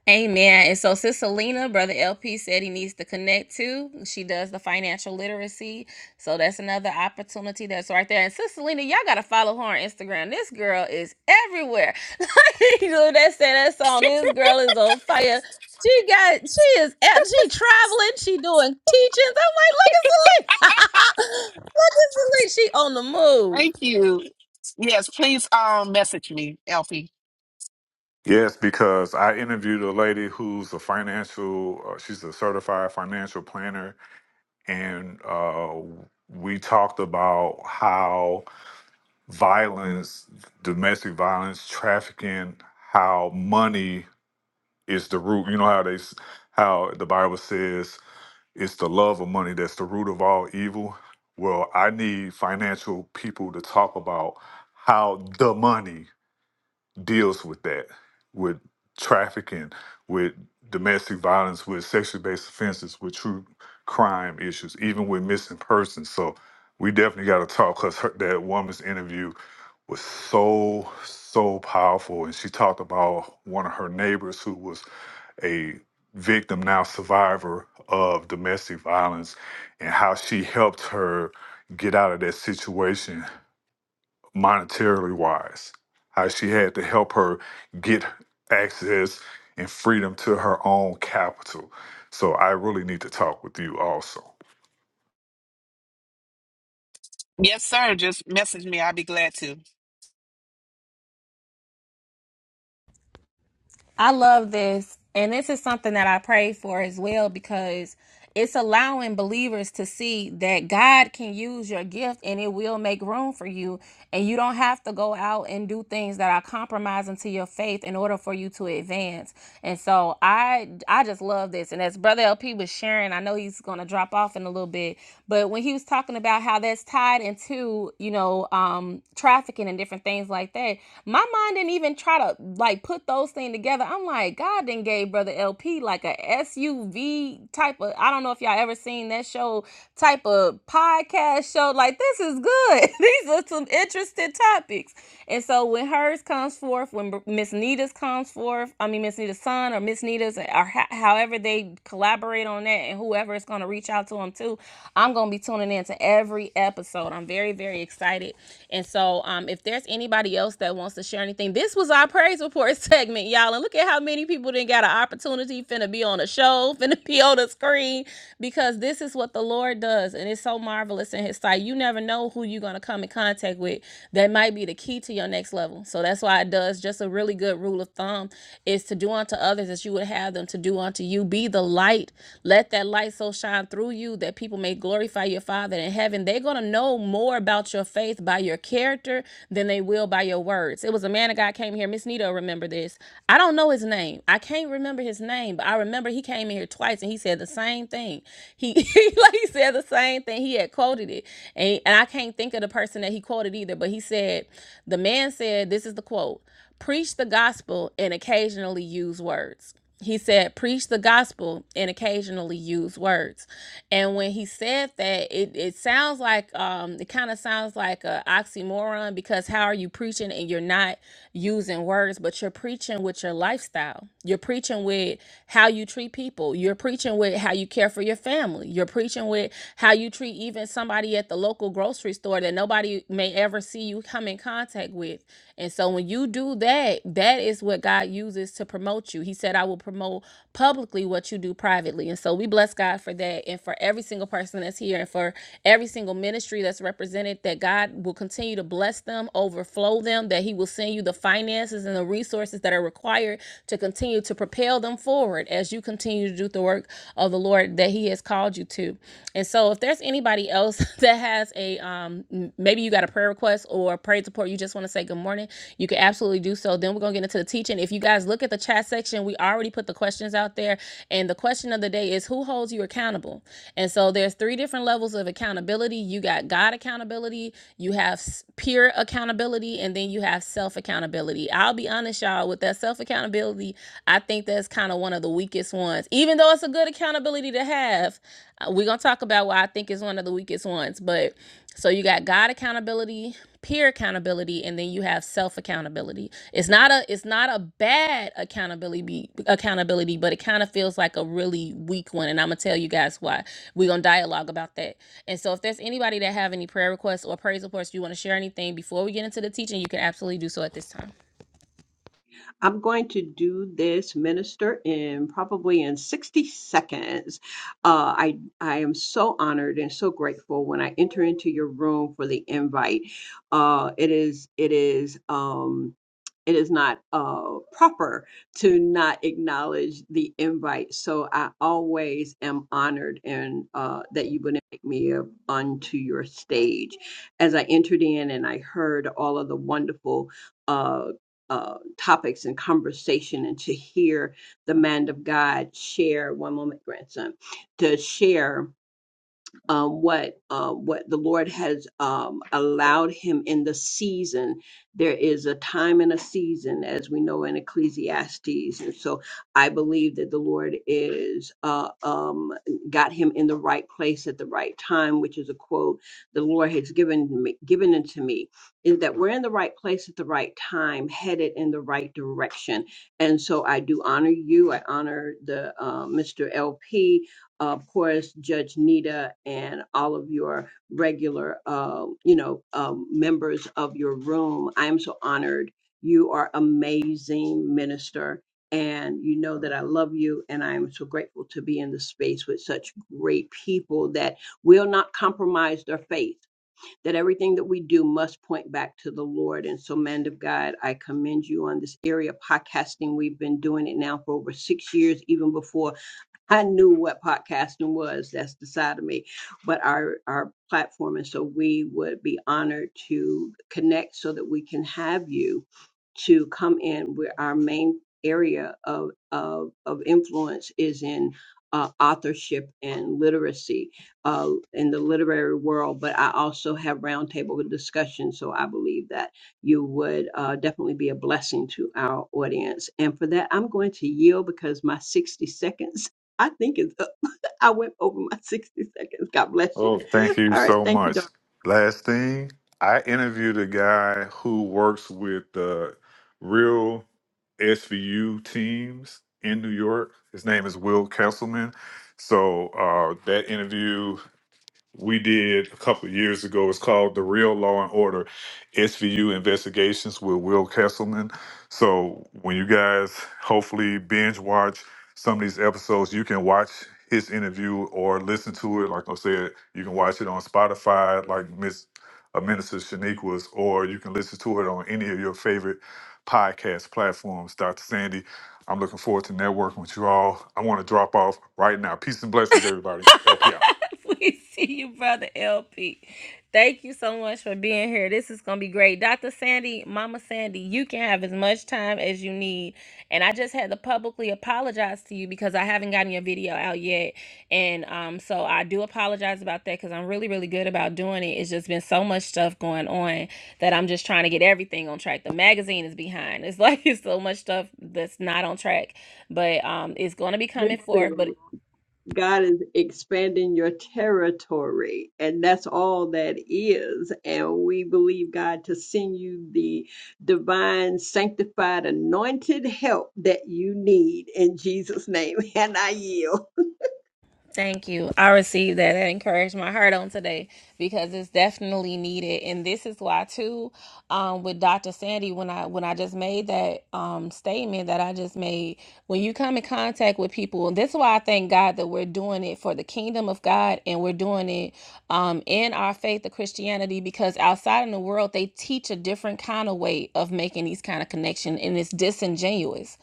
Amen. And so, Sis Selena, Brother LP said he needs to connect to. She does the financial literacy. So, that's another opportunity that's right there. And Sis Selena, y'all got to follow her on Instagram. This girl is everywhere. Like, you know, that said that song, This Girl is on Fire. She got, she is, at, she traveling, she doing teachings. I'm like, look at Selena. look at Selena. She on the move.
Thank you. Yes, please um message me, Elfie.
Yes, because I interviewed a lady who's a financial, uh, she's a certified financial planner, and uh, we talked about how violence, domestic violence, trafficking, how money is the root. You know how they, s- how the Bible says It's the love of money that's the root of all evil. Well, I need financial people to talk about how the money deals with that, with trafficking, with domestic violence, with sexually based offenses, with true crime issues, even with missing persons. So we definitely got to talk because that woman's interview was so, so powerful. And she talked about one of her neighbors who was a victim now survivor of domestic violence and how she helped her get out of that situation monetarily wise how she had to help her get access and freedom to her own capital so i really need to talk with you also
Yes, sir. Just message me. I'll be glad to.
I love this. And this is something that I pray for as well because it's allowing believers to see that God can use your gift and it will make room for you. And you don't have to go out and do things that are compromising to your faith in order for you to advance. And so I I just love this. And as Brother LP was sharing, I know he's gonna drop off in a little bit, but when he was talking about how that's tied into, you know, um trafficking and different things like that, my mind didn't even try to like put those things together, I'm like, God then gave Brother LP like a SUV type of, I don't know if y'all ever seen that show, type of podcast show. Like, this is good. These are some interesting topics. And so when hers comes forth, when Miss Nita's comes forth, I mean, Miss Nita's son or Miss Nita's, or ho- however they collaborate on that, and whoever is going to reach out to them too, I'm going to be tuning in to every episode. I'm very, very excited. And so um, if there's anybody else that wants to share anything, this was our praise report segment segment, y'all. And look at how many people didn't got an opportunity finna be on a show, finna be on the screen, because this is what the Lord does. And it's so marvelous in his sight. You never know who you're gonna come in contact with that might be the key to your next level. So that's why it does just a really good rule of thumb is to do unto others as you would have them to do unto you. Be the light. Let that light so shine through you that people may glorify your Father in heaven. They're going to know more about your faith by your character than they will by your words. It was a man of God came here, Miss Nito this this. I don't know his name. I can't remember his name, but I remember he came in here twice and he said the same thing. He he like he said the same thing. He had quoted it. And, and I can't think of the person that he quoted either, but he said, the man said, this is the quote, preach the gospel and occasionally use words he said preach the gospel and occasionally use words and when he said that it, it sounds like um it kind of sounds like a oxymoron because how are you preaching and you're not using words but you're preaching with your lifestyle you're preaching with how you treat people you're preaching with how you care for your family you're preaching with how you treat even somebody at the local grocery store that nobody may ever see you come in contact with with. And so when you do that, that is what God uses to promote you. He said, I will promote publicly what you do privately. And so we bless God for that and for every single person that's here and for every single ministry that's represented, that God will continue to bless them, overflow them, that He will send you the finances and the resources that are required to continue to propel them forward as you continue to do the work of the Lord that He has called you to. And so if there's anybody else, anybody else that has a um maybe you got a prayer request or praise support you just want to say good morning you can absolutely do so then we're going to get into the teaching if you guys look at the chat section we already put the questions out there and the question of the day is who holds you accountable and so there's three different levels of accountability you got god accountability you have peer accountability and then you have self accountability i'll be honest y'all with that self accountability i think that's kind of one of the weakest ones ones, even though it's a good accountability to have. Uh, We're going to talk about why I think is one of the weakest ones. But so you got God accountability, peer accountability, and then you have self accountability. It's not a it's not a bad accountability be- accountability, but it kind of feels like a really weak one. And I'm gonna tell you guys why. We're gonna dialogue about that. And so if there's anybody that have any prayer requests or praise reports, you want to share anything before we get into the teaching, you can absolutely do so at this time.
I'm going to do this minister in probably in 60 seconds. Uh, I I am so honored and so grateful when I enter into your room for the invite. Uh, it is it is um, it is not uh, proper to not acknowledge the invite. So I always am honored and uh, that you would invite me up onto your stage. As I entered in and I heard all of the wonderful. uh uh, topics and conversation and to hear the man of God share one moment, grandson, to share um, what uh, what the Lord has um, allowed him in the season. There is a time and a season, as we know in Ecclesiastes, and so I believe that the Lord is uh, um, got him in the right place at the right time, which is a quote the Lord has given me, given unto me, is that we're in the right place at the right time, headed in the right direction, and so I do honor you. I honor the uh, Mr. LP uh, of course, Judge Nita and all of your regular, uh, you know, um, members of your room. I am so honored. You are amazing minister, and you know that I love you, and I am so grateful to be in the space with such great people that will not compromise their faith. That everything that we do must point back to the Lord. And so, man of God, I commend you on this area of podcasting. We've been doing it now for over six years, even before I knew what podcasting was. That's the side of me. But our our platform, and so we would be honored to connect so that we can have you to come in. Where our main area of of, of influence is in uh, authorship and literacy uh, in the literary world. But I also have roundtable discussions, so I believe that you would uh, definitely be a blessing to our audience. And for that, I'm going to yield because my 60 seconds I think it's up. I went over my 60 seconds. God bless you.
Oh, thank you
All right.
so
Thank you,
much.
Doc.
Last thing, I interviewed a guy who works with the real SVU teams in New York. His name is Will Kesselman. So uh, that interview we did a couple of years ago. It's called The Real Law and Order SVU Investigations with Will Kesselman. So when you guys hopefully binge watch some of these episodes, you can watch his interview or listen to it. Like I said, you can watch it on Spotify, like Miss uh, Minister Shaniqua's, or you can listen to it on any of your favorite podcast platforms. Dr. Sandy, I'm looking forward to networking with you all. I want to drop off right now. Peace and blessings, everybody. LP out.
we see you, brother LP. Thank you so much for being here. This is gonna be great. Dr. Sandy, Mama Sandy, you can have as much time as you need. And I just had to publicly apologize to you because I haven't gotten your video out yet. And um, so I do apologize about that because I'm really, really good about doing it. It's just been so much stuff going on that I'm just trying to get everything on track. The magazine is behind. It's like it's so much stuff that's not on track. But um it's gonna be coming forth. But
Listen, God is expanding your territory, and that's all that is. And we believe God to send you the divine, sanctified, anointed help that you need in Jesus' name. And I yield.
Thank you. I received that. That encouraged my heart on today because it's definitely needed. And this is why too, um, with Dr. Sandy, when I when I just made that um statement that I just made, when you come in contact with people, and this is why I thank God that we're doing it for the kingdom of God and we're doing it um in our faith of Christianity because outside in the world they teach a different kind of way of making these kind of connection and it's disingenuous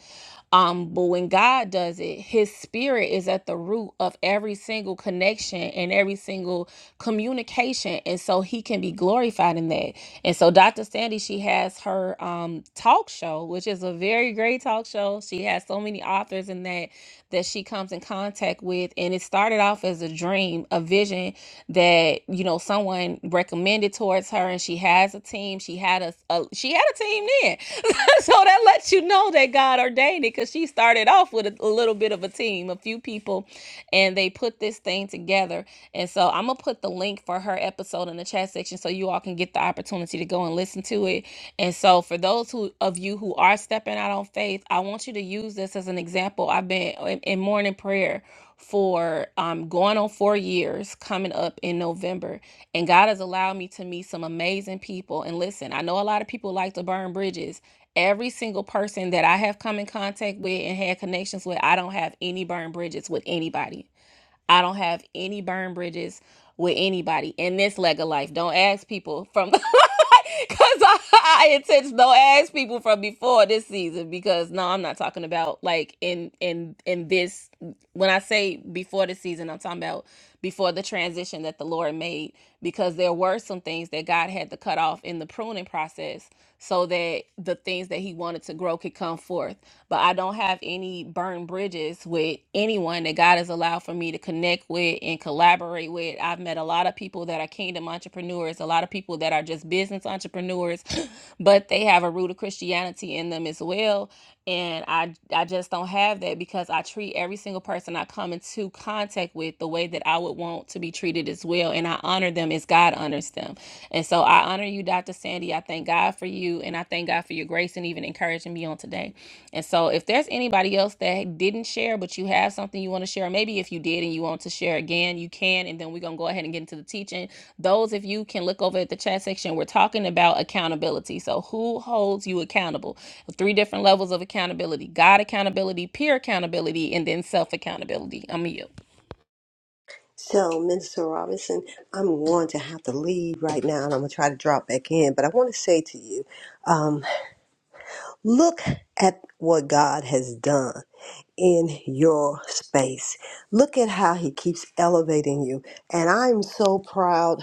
um, but when God does it, his spirit is at the root of every single connection and every single communication. And so he can be glorified in that. And so Dr. Sandy, she has her um talk show, which is a very great talk show. She has so many authors in that that she comes in contact with. And it started off as a dream, a vision that, you know, someone recommended towards her and she has a team. She had a, a she had a team then. so that lets you know that God ordained it because she started off with a, a little bit of a team, a few people, and they put this thing together. And so I'm gonna put the link for her episode in the chat section so you all can get the opportunity to go and listen and listen to it. And so for those who of you who are stepping out on faith, I want you to use this as an example. I've been in, in morning prayer for um going on 4 years coming up in November and God has allowed me to meet some amazing people and listen, I know a lot of people like to burn bridges. Every single person that I have come in contact with and had connections with, I don't have any burned bridges with anybody I don't have any burn bridges with anybody in this leg of life. Don't ask people from because I, I intention don't ask people from before this season because no, I'm not talking about like in in in this when I say before this season, I'm talking about before the transition that the Lord made because there were some things that God had to cut off in the pruning process so that the things that he wanted to grow could come forth. But I don't have any burned bridges with anyone that God has allowed for me to connect with and collaborate with. I've met a lot of people that are kingdom entrepreneurs, a lot of people that are just business entrepreneurs, but they have a root of Christianity in them as well. And I I just don't have that because I treat every single person I come into contact with treated the way that I would want to be treated as well. And I honor them as God honors them. And so I honor you, Dr. Sandy. I thank God for you. And I thank God for your grace and even encouraging me on today. And so if there's anybody else that didn't share, but you have something you want to share, maybe if you did and you want to share again, you can. And then we're going to go ahead and get into the teaching. Those of you can look over at the chat section. We're talking about accountability. So who holds you accountable? Three different levels of accountability God accountability, peer accountability, and then self accountability. I'm you.
So, Minister Robinson, I'm going to have to leave right now and I'm going to try to drop back in. But I want to say to you um, look at what God has done in your space. Look at how He keeps elevating you. And I'm so proud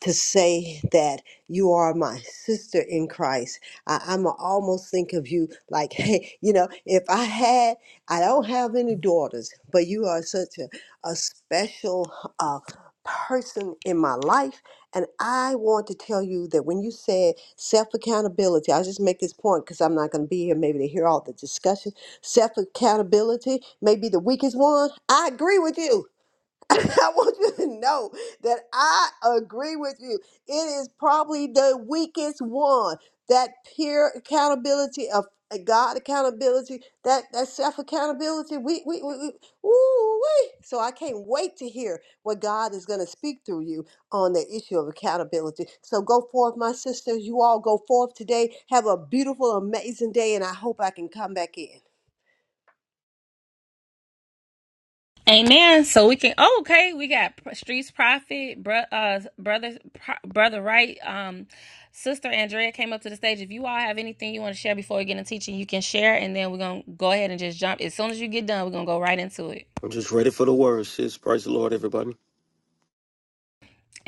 to say that you are my sister in Christ. I, I'm almost think of you like, hey, you know, if I had, I don't have any daughters, but you are such a, a special uh, person in my life. And I want to tell you that when you said self accountability, I'll just make this point because I'm not going to be here maybe to hear all the discussion. Self accountability may be the weakest one. I agree with you. I want you to know that I agree with you. It is probably the weakest one. That peer accountability of uh, God accountability, that that self accountability. We we we, we ooh, wee. So I can't wait to hear what God is going to speak through you on the issue of accountability. So go forth, my sisters. You all go forth today. Have a beautiful, amazing day, and I hope I can come back in.
Amen. So we can. Oh, okay, we got Streets Prophet, bro, uh, brother, Pro- brother, right? Um, Sister Andrea came up to the stage. If you all have anything you want to share before we get into teaching, you can share, and then we're gonna go ahead and just jump. As soon as you get done, we're gonna go right into it.
I'm just ready for the word, sis. Praise the Lord, everybody.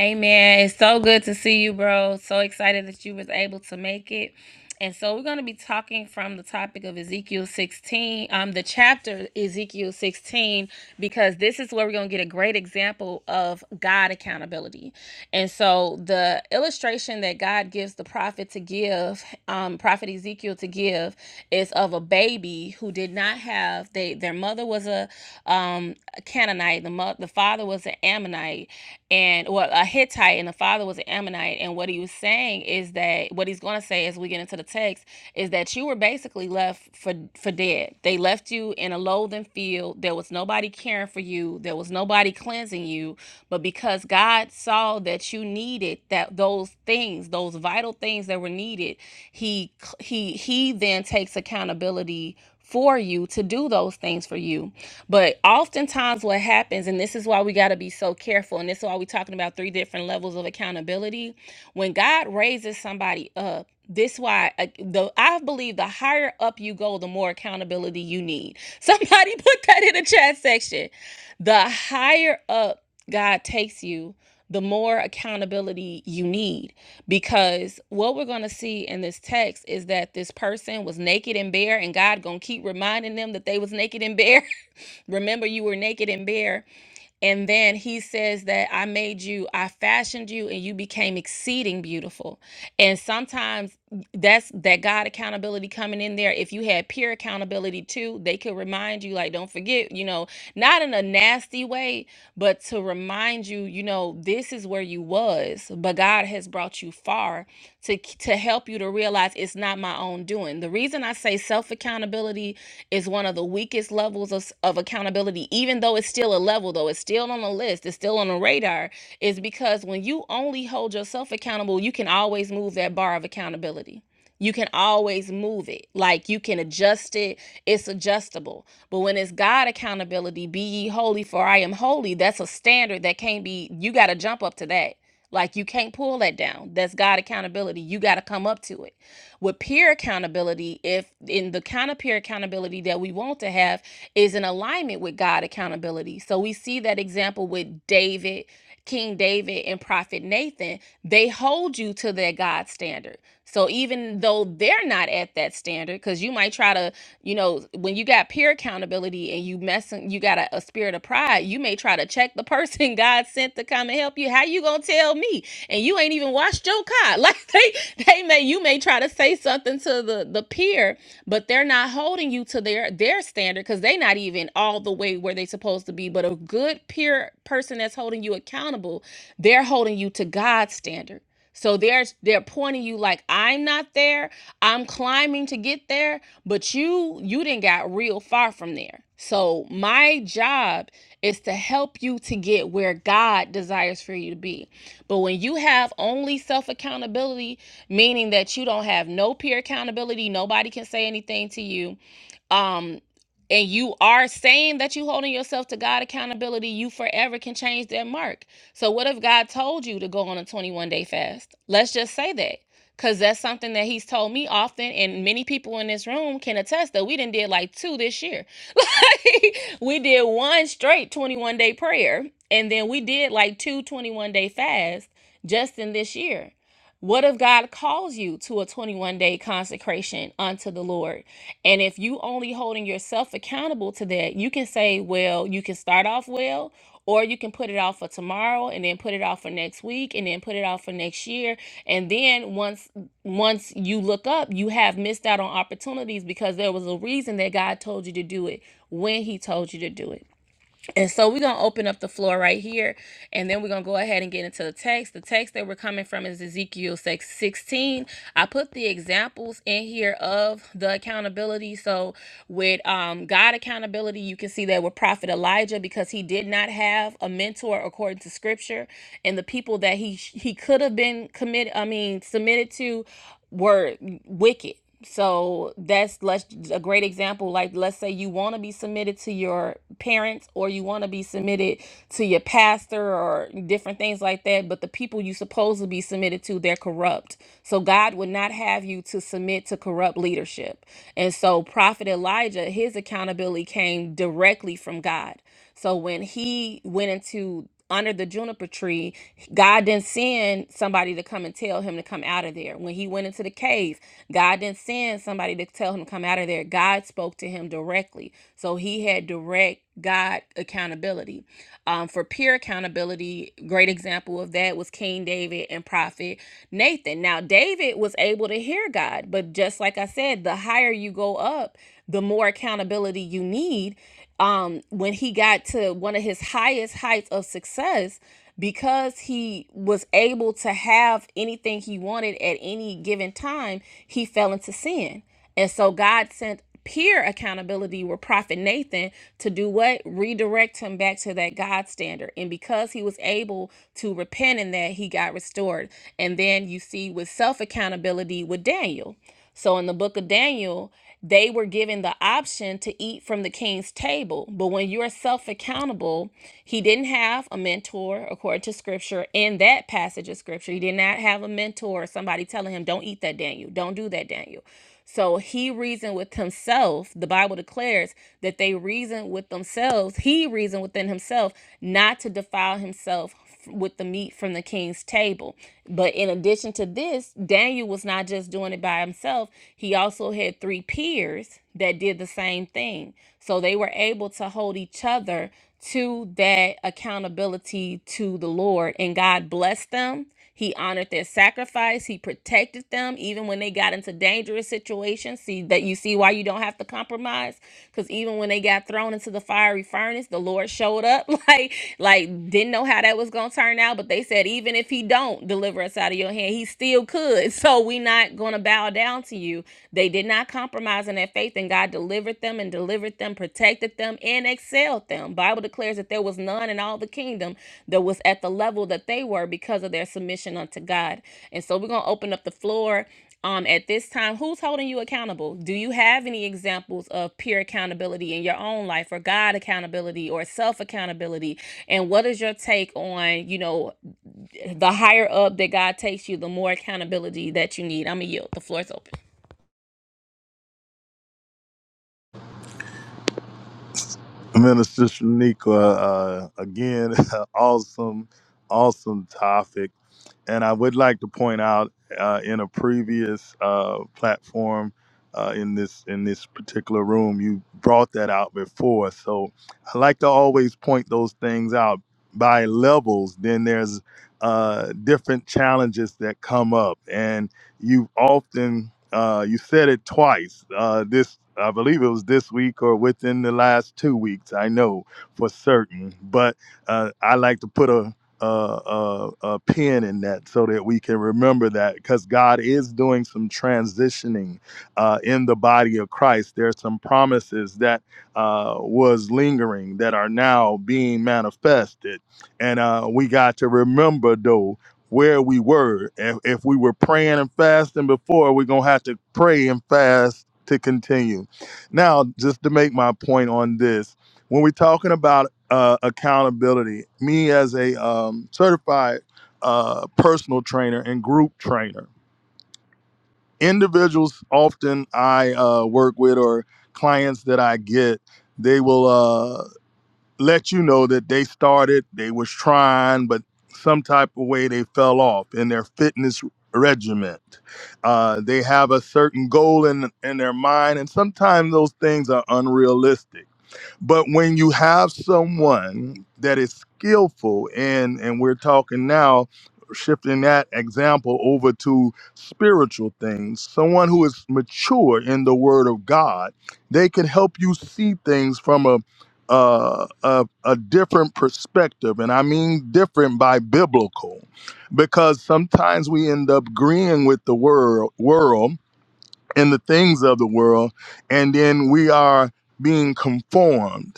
Amen. It's so good to see you, bro. So excited that you was able to make it. And so we're going to be talking from the topic of Ezekiel 16, um, the chapter Ezekiel 16, because this is where we're going to get a great example of God accountability. And so the illustration that God gives the prophet to give, um, prophet Ezekiel to give, is of a baby who did not have they their mother was a um, Canaanite, the mo- the father was an Ammonite. Ammonite, and well, a Hittite, and the father was an Ammonite. And what he was saying is that what he's going to say as we get into the text is that you were basically left for for dead. They left you in a loathing field. There was nobody caring for you. There was nobody cleansing you. But because God saw that you needed that those things, those vital things that were needed, he he he then takes accountability for you to do those things for you. But oftentimes, what happens, and this is why we got to be so careful, and this is why we're talking about three different levels of accountability. When God raises somebody up, this why uh, the I believe the higher up you go, the more accountability you need. Somebody put that in the chat section. The higher up. God takes you, the more accountability you need. Because what we're going to see in this text is that this person was naked and bare, and God going to keep reminding them that they was naked and bare. Remember, you were naked and bare and then he says that I made you, I fashioned you, and you became exceeding beautiful. And sometimes that's that God accountability coming in there. If you had peer accountability too, they could remind you, like, don't forget, you know, not in a nasty way, but to remind you, you know, this is where you was, but God has brought you far to to help you to realize it's not my own doing. The reason I say self accountability is one of the weakest levels of, of accountability, even though though it's still a level, though it's still on the list, it's still on the radar, is because when you only hold yourself accountable, you can always move that bar of accountability. You can always move it. Like you can adjust it. It's adjustable. But when it's God accountability, be ye holy, for I am holy, that's a standard that can't be, you got to jump up to that. Like you can't pull that down. That's God accountability. You got to come up to it. With peer accountability, if in the kind of peer accountability that we want to have is in alignment with God accountability. So we see that example with David, King David, and Prophet Nathan. They hold you to their God standard. So even though they're not at that standard, because you might try to, you know, when you got peer accountability and you messing, you got a, a spirit of pride, you may try to check the person God sent to come and help you. How you gonna tell me? And you ain't even washed your car. Like they, they may, you may try to say something to the the peer, but they're not holding you to their their standard because they're not even all the way where they supposed to be. But a good peer person that's holding you accountable, they're holding you to God's standard. So they're they're pointing you like I'm not there. I'm climbing to get there, but you you didn't got real far from there. So my job is to help you to get where God desires for you to be. But when you have only self accountability, meaning that you don't have no peer accountability, nobody can say anything to you. um and you are saying that you holding yourself to God accountability, you forever can change that mark. So what if God told you to go on a 21 day fast? Let's just say that. Cause that's something that he's told me often, and many people in this room can attest that we didn't did like two this year. Like we did one straight 21 day prayer, and then we did like two twenty one day fasts just in this year. What if God calls you to a 21 day consecration unto the Lord? And if you only holding yourself accountable to that, you can say, well, you can start off well, or you can put it off for tomorrow and then put it off for next week and then put it off for next year. And then once once you look up, you have missed out on opportunities because there was a reason that God told you to do it when he told you to do it. And so we're going to open up the floor right here, and then we're going to go ahead and get into the text. The text that we're coming from is Ezekiel 6 16. I put the examples in here of the accountability. So with um, God accountability, you can see that with Prophet Elijah because he did not have a mentor according to Scripture, and the people that he he could have been committed, I mean, submitted to were wicked so that's let's a great example like let's say you want to be submitted to your parents or you want to be submitted to your pastor or different things like that but the people you supposed to be submitted to they're corrupt so god would not have you to submit to corrupt leadership and so prophet elijah his accountability came directly from god so when he went into under the juniper tree, God didn't send somebody to come and tell him to come out of there. When he went into the cave, God didn't send somebody to tell him to come out of there. God spoke to him directly. So he had direct God accountability. Um, for peer accountability, great example of that was King David and Prophet Nathan. Now, David was able to hear God, but just like I said, the higher you go up, the more accountability you need um when he got to one of his highest heights of success because he was able to have anything he wanted at any given time he fell into sin and so god sent peer accountability with prophet nathan to do what redirect him back to that god standard and because he was able to repent in that he got restored and then you see with self accountability with daniel so in the book of Daniel, they were given the option to eat from the king's table. But when you're self accountable, he didn't have a mentor, according to scripture, in that passage of scripture. He did not have a mentor or somebody telling him, don't eat that, Daniel. Don't do that, Daniel. So he reasoned with himself. The Bible declares that they reasoned with themselves. He reasoned within himself not to defile himself with the meat from the king's table. But in addition to this, Daniel was not just doing it by himself, he also had three peers that did the same thing. So they were able to hold each other to that accountability to the Lord, and God blessed them he honored their sacrifice. He protected them even when they got into dangerous situations. See that you see why you don't have to compromise cuz even when they got thrown into the fiery furnace, the Lord showed up like like didn't know how that was going to turn out, but they said even if he don't deliver us out of your hand, he still could. So we not going to bow down to you. They did not compromise in their faith and God delivered them and delivered them, protected them and etc excelled them. Bible declares that there was none in all the kingdom that was at the level that they were because of their submission unto God. And so we're going to open up the floor um at this time who's holding you accountable do you have any examples of peer accountability in your own life or god accountability or self accountability and what is your take on you know the higher up that god takes you the more accountability that you need i'm gonna yield the floor's open
Minister Shanika, uh, again, awesome, awesome topic And I would like to point out uh, in a previous uh, platform uh, in this in this particular room, you brought that out before. So I like to always point those things out by levels. Then there's uh, different challenges that come up, and you often uh, you said it twice. Uh, this I believe it was this week or within the last two weeks. I know for certain, but uh, I like to put a uh, uh, uh, pin in that so that we can remember that because God is doing some transitioning uh, in the body of Christ. There are some promises that uh, was lingering that are now being manifested. And uh, we got to remember, though, where we were. If, if we were praying and fasting before, we're going to have to pray and fast to continue. Now, just to make my point on this, when we're talking about uh, accountability. Me as a um, certified uh, personal trainer and group trainer. Individuals often I uh, work with or clients that I get, they will uh, let you know that they started, they was trying, but some type of way they fell off in their fitness regiment. Uh, they have a certain goal in in their mind, and sometimes those things are unrealistic but when you have someone that is skillful, and and we're talking now, shifting that example over to spiritual things, someone who is mature in the Word of God, they can help you see things from a uh, a, a different perspective, and I mean different by biblical, because sometimes we end up agreeing with the world, world and the things of the world, and then we are being conformed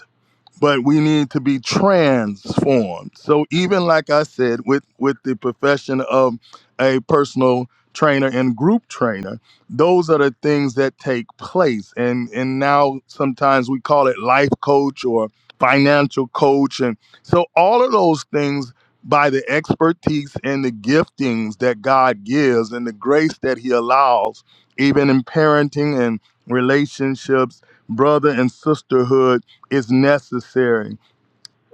but we need to be transformed. So even like I said, with with the profession of a personal trainer and group trainer, those are the things that take place. And and now sometimes we call it life coach or financial coach. And so all of those things by the expertise and the giftings that God gives and the grace that He allows, even in parenting and relationships, brother and sisterhood is necessary.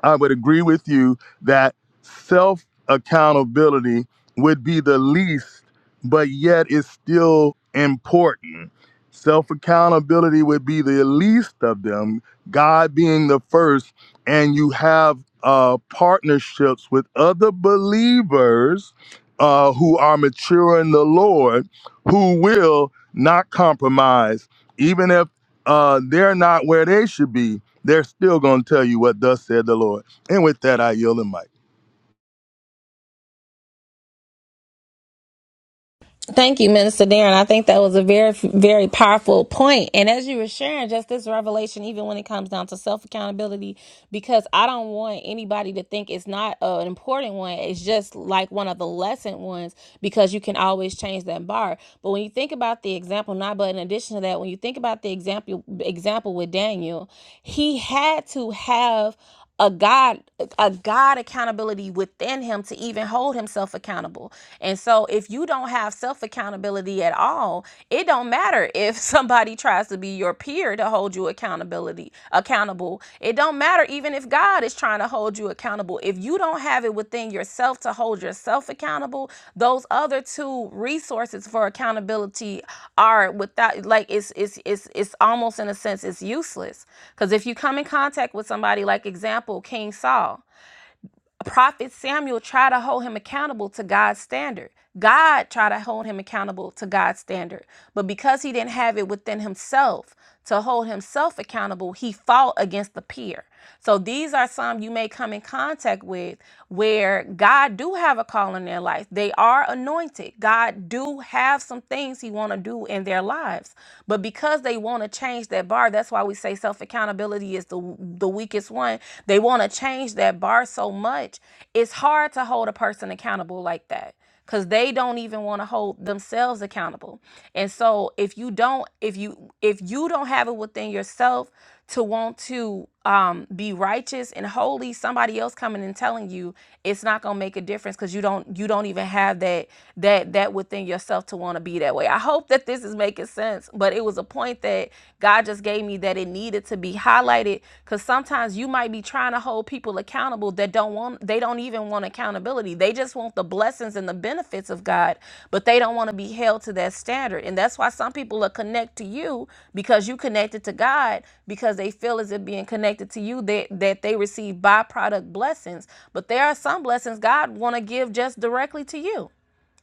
I would agree with you that self accountability would be the least, but yet it's still important. Self accountability would be the least of them, God being the first, and you have uh, partnerships with other believers uh, who are mature in the Lord who will not compromise, even if uh, they're not where they should be they're still going to tell you what thus said the Lord. And with that, I yield the mic.
Thank you, Minister Darren. I think that was a very, very powerful point. And as you were sharing, just this revelation, even when it comes down to self accountability, because I don't want anybody to think it's not uh, an important one. It's just like one of the lesson ones because you can always change that bar. But when you think about the example, not but in addition to that, when you think about the example example with Daniel, he had to have a God a God accountability within him to even hold himself accountable. And so if you don't have self accountability at all, it don't matter if somebody tries to be your peer to hold you accountability accountable. It don't matter even if God is trying trying to hold you accountable. If you don't have it within yourself to hold yourself accountable, those other two resources for accountability are without like it's it's it's it's almost in a sense it's useless. Because if you come in contact with somebody like example King Saul, prophet Samuel tried to hold him accountable to God's standard. God tried to hold him accountable to God's standard. But because he didn't have it within himself to hold himself accountable, he fought against the peer. So these are some you may come in contact with where God do have a call in their life. They are anointed. God do have some things he want to do in their lives. But because they want to change that bar, that's why we say self-accountability accountability is the the weakest one. They want to change that bar so much. It's hard to hold a person accountable like that cuz they don't even want to hold themselves accountable. And so if you don't if you if you don't have it within yourself to want to um, be righteous and holy, somebody else coming and telling you it's not gonna make a difference because you don't you don't even have that that that within yourself to want to be that way. I hope that this is making sense, but it was a point that God just gave me that it needed to be highlighted because sometimes you might be trying to hold people accountable that don't want account they don't even want accountability they just want the blessings and the benefits of god but they don't want to be held to that standard and that's why some people are connect to you because you connected to god because they feel as if being connected to you that, that they receive byproduct blessings but there are some blessings god want to give just directly to you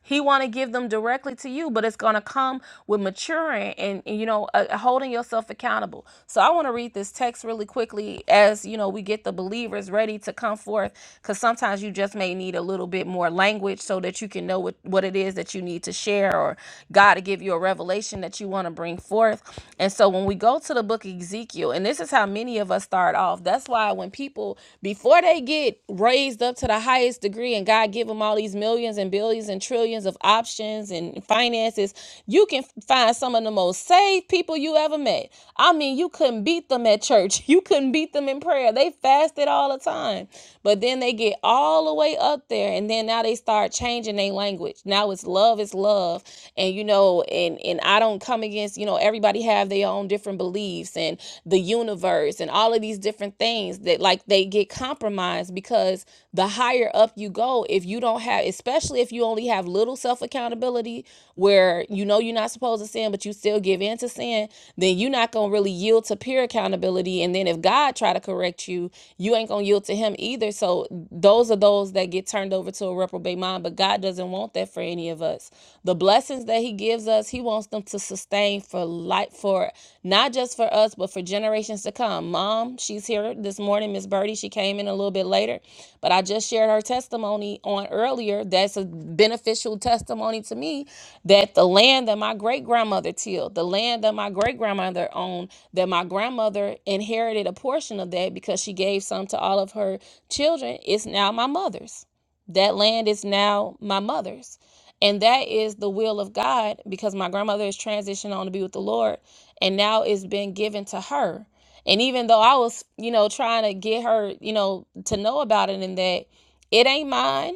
he want to give them directly to you, but it's going to come with maturing and, and, you know uh, holding yourself accountable. So I want to read this text really quickly as you know we get the believers ready to come forth because sometimes you just may need a little bit more language so that you can know what what it is that you need to share or God to give you a revelation that you want to bring forth. And so when we go to the book of Ezekiel, and this is how many of us start off. That's why when people before they get get raised up to the highest degree and God give them all these millions and billions and trillions of options and finances, you can find some of the most saved people you ever met. I mean, you couldn't beat them at church. You couldn't beat them in prayer. They fasted all the time. But then they get all the way up there and then now they start changing their language. Now it's love is love. And you know, and and I don't come against, you know, everybody have their own different beliefs and and the universe and all of these different things that like they get compromised because the higher up you go, if you don't have, especially if you only have little self accountability where you know you're not supposed to sin, but you still give in to sin, then you're not gonna really yield to peer accountability. And then if God try to correct you, you ain't gonna yield to Him either. So those are those that get turned over to a reprobate mind. But God doesn't want that for any of us. The blessings that that he gives us, he wants them to sustain for life, for not just for us, but for generations to come. Mom, she's here this morning, Miss Birdie. She came in a little bit later, but I just shared her testimony on earlier. That's a beneficial testimony to me that the land that my great grandmother tilled, the land that my great grandmother owned, that my grandmother inherited a portion of that because she gave some to all of her children, is now my mother's. That land is now my mother's. And that is the will of God because my grandmother is transitioning on to be with the Lord and now it's been given to her. And even though I was, you know, trying to get her, you know, to know about it and that, it ain't mine.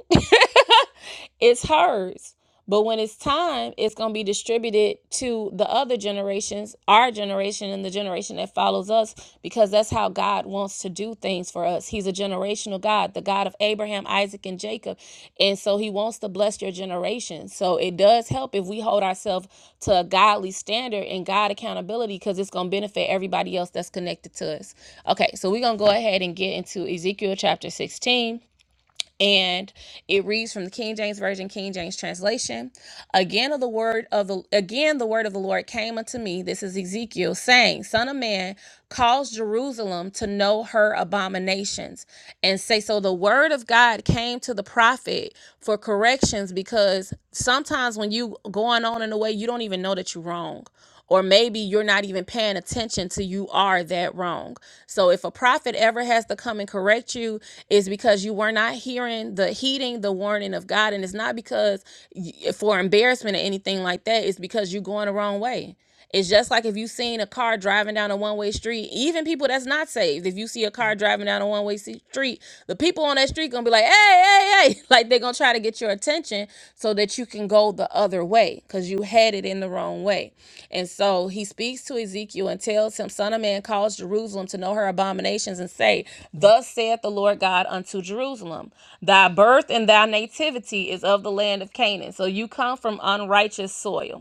it's hers. But when it's time, it's going to be distributed to the other generations, our generation and the generation that follows us, because that's how God wants to do things for us. He's a generational God, the God of Abraham, Isaac, and Jacob. And so he wants to bless your generation. So it does help if we hold ourselves to a godly standard and God accountability, because it's going to benefit everybody else that's connected to us. Okay, so we're going to go ahead and get into Ezekiel chapter 16 and it reads from the King James Version, King James translation. Again of the word of the again the word of the Lord came unto me. This is Ezekiel saying, Son of man, cause Jerusalem to know her abominations. And say, so the word of God came to the prophet for corrections because sometimes when you going on in a way, you don't even know that you're wrong or maybe you're not even paying attention to you are that wrong. So if a prophet ever has to come and correct you, it's because you were not hearing the heeding the warning of God, and it's not because y- for embarrassment or anything like that. It's because you're going the wrong way. It's just like if you seen a car driving down a one way street, even people that's not saved, if you see a car driving down a one way street, the people on that street gonna be like, hey, hey, hey. Like they're gonna try to get your attention so that you can go the other way because you headed in the wrong way. And so he speaks to Ezekiel and tells him, Son of man, calls Jerusalem to know her abominations and say, Thus saith the Lord God unto Jerusalem, Thy birth and thy nativity is of the land of Canaan. So you come from unrighteous soil.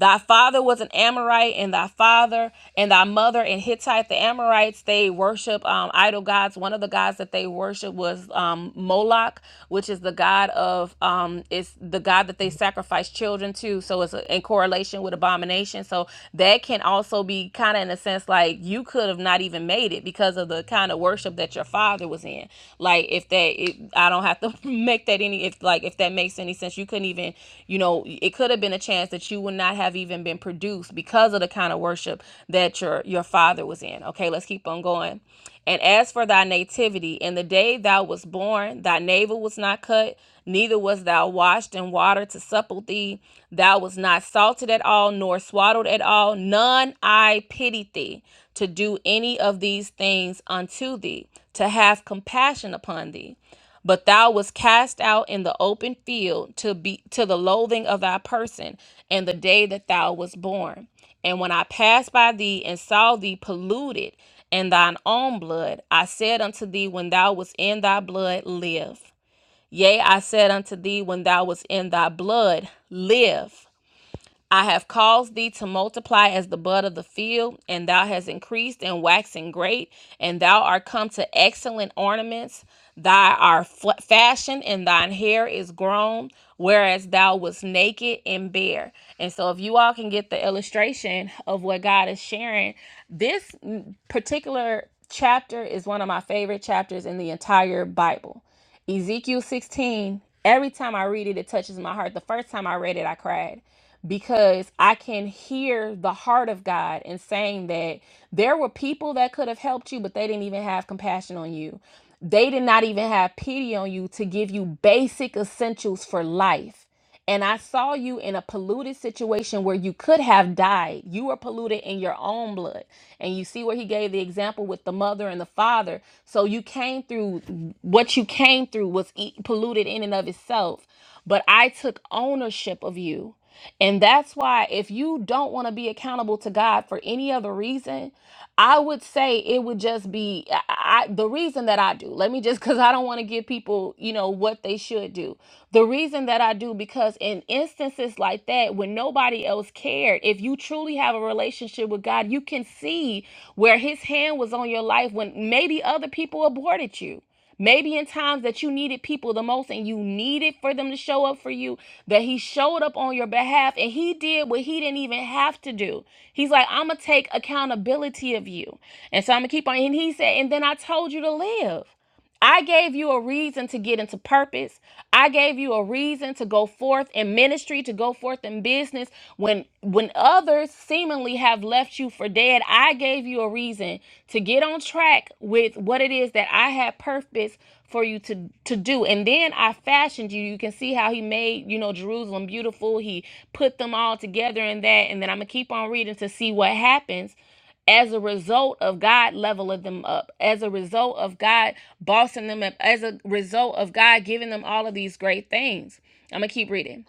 Thy father was an Amorite, and thy father and thy mother and Hittite, the Amorites, they worship um, idol gods. One of the gods that they worship was um, Moloch, which is the god of um, it's the god that they sacrifice children to. So it's in correlation with abomination. So that can also be kind of in a sense like you could have not even made it because of the kind of worship that your father was in. Like if that, it, I don't have to make that any if like if that makes any sense chance you couldn't even, you know, it could have been a chance that you would not have even been produced because of the kind of worship that your your father was in. Okay, let's keep on going. And as for thy nativity, in the day thou was born, thy navel was not cut, neither was thou washed in water to supple thee. Thou was not salted at all, nor swaddled at all. None I pity thee to do any of these things unto thee, to have compassion upon thee but thou wast cast out in the open field to be to the loathing of thy person and the day that thou was born and when i passed by thee and saw thee polluted in thine own blood i said unto thee when thou was in thy blood live yea i said unto thee when thou was in thy blood live I have caused thee to multiply as the bud of the field, and thou hast increased and waxen great, and thou art come to excellent ornaments. Thy are fashioned, and thine hair is grown, whereas thou wast naked and bare. And so, if you all can get the illustration of what God is sharing, this particular chapter is one of my favorite chapters in the entire Bible. Ezekiel 16, every time I read it, it touches my heart. The first time I read it, I cried because I can hear the heart of God in saying that there were people that could have helped you, but they didn't even have compassion on you. They did not even have pity on you to give you basic essentials for life and I saw you in a polluted situation where you could have died. You were polluted in your own blood. And you see where he gave the example with the mother and the father. So you came through, what you came through was e- polluted in and of itself. But I took ownership of you. And that's why, if you don't want to be accountable to God for any other reason, I would say it would just be I, I- the reason that I do. Let me just, because I don't want to give people, you know, what they should do. The reason that I do, because in instances like that, when nobody else cared, if you truly have a relationship with God, you can see where His hand was on your life when maybe other people aborted you. Maybe in times that you needed people the most and you needed for them to show up for you, that he showed up on your behalf and he did what he didn't even have to do. He's like, I'm going to take accountability of you. And so I'm going to keep on. And he said, and then I told you to live. I gave you a reason to get into purpose. I gave you a reason to go forth in ministry, to go forth in business when when others seemingly have left you for for dead. I gave you a reason to get on track with what it is that I had purpose for you to to do. And then I fashioned you. You can see how he made, you know, Jerusalem beautiful. He put them all together in that. And then I'm gonna keep on reading to see what happens as a result of God leveling them up, as a result of God bossing them up, as a result of God giving them all of these great things. I'm gonna keep reading.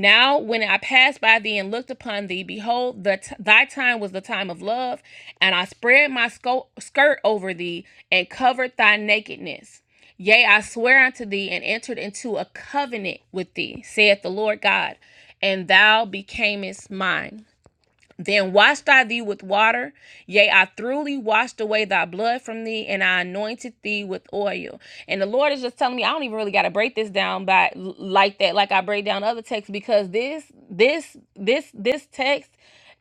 Now, when I passed by thee and looked upon thee, behold, the t- thy time was the time of love, and I spread my sco- skirt over thee and covered thy nakedness. Yea, I swear unto thee and entered into a covenant with thee, saith the Lord God, and thou becamest mine. Then washed I thee with water, yea, I thoroughly washed away thy blood from thee, and I anointed thee with oil. And the Lord is just telling me I don't even really got to break this down by like that, like I break down other texts, because this, this, this, this text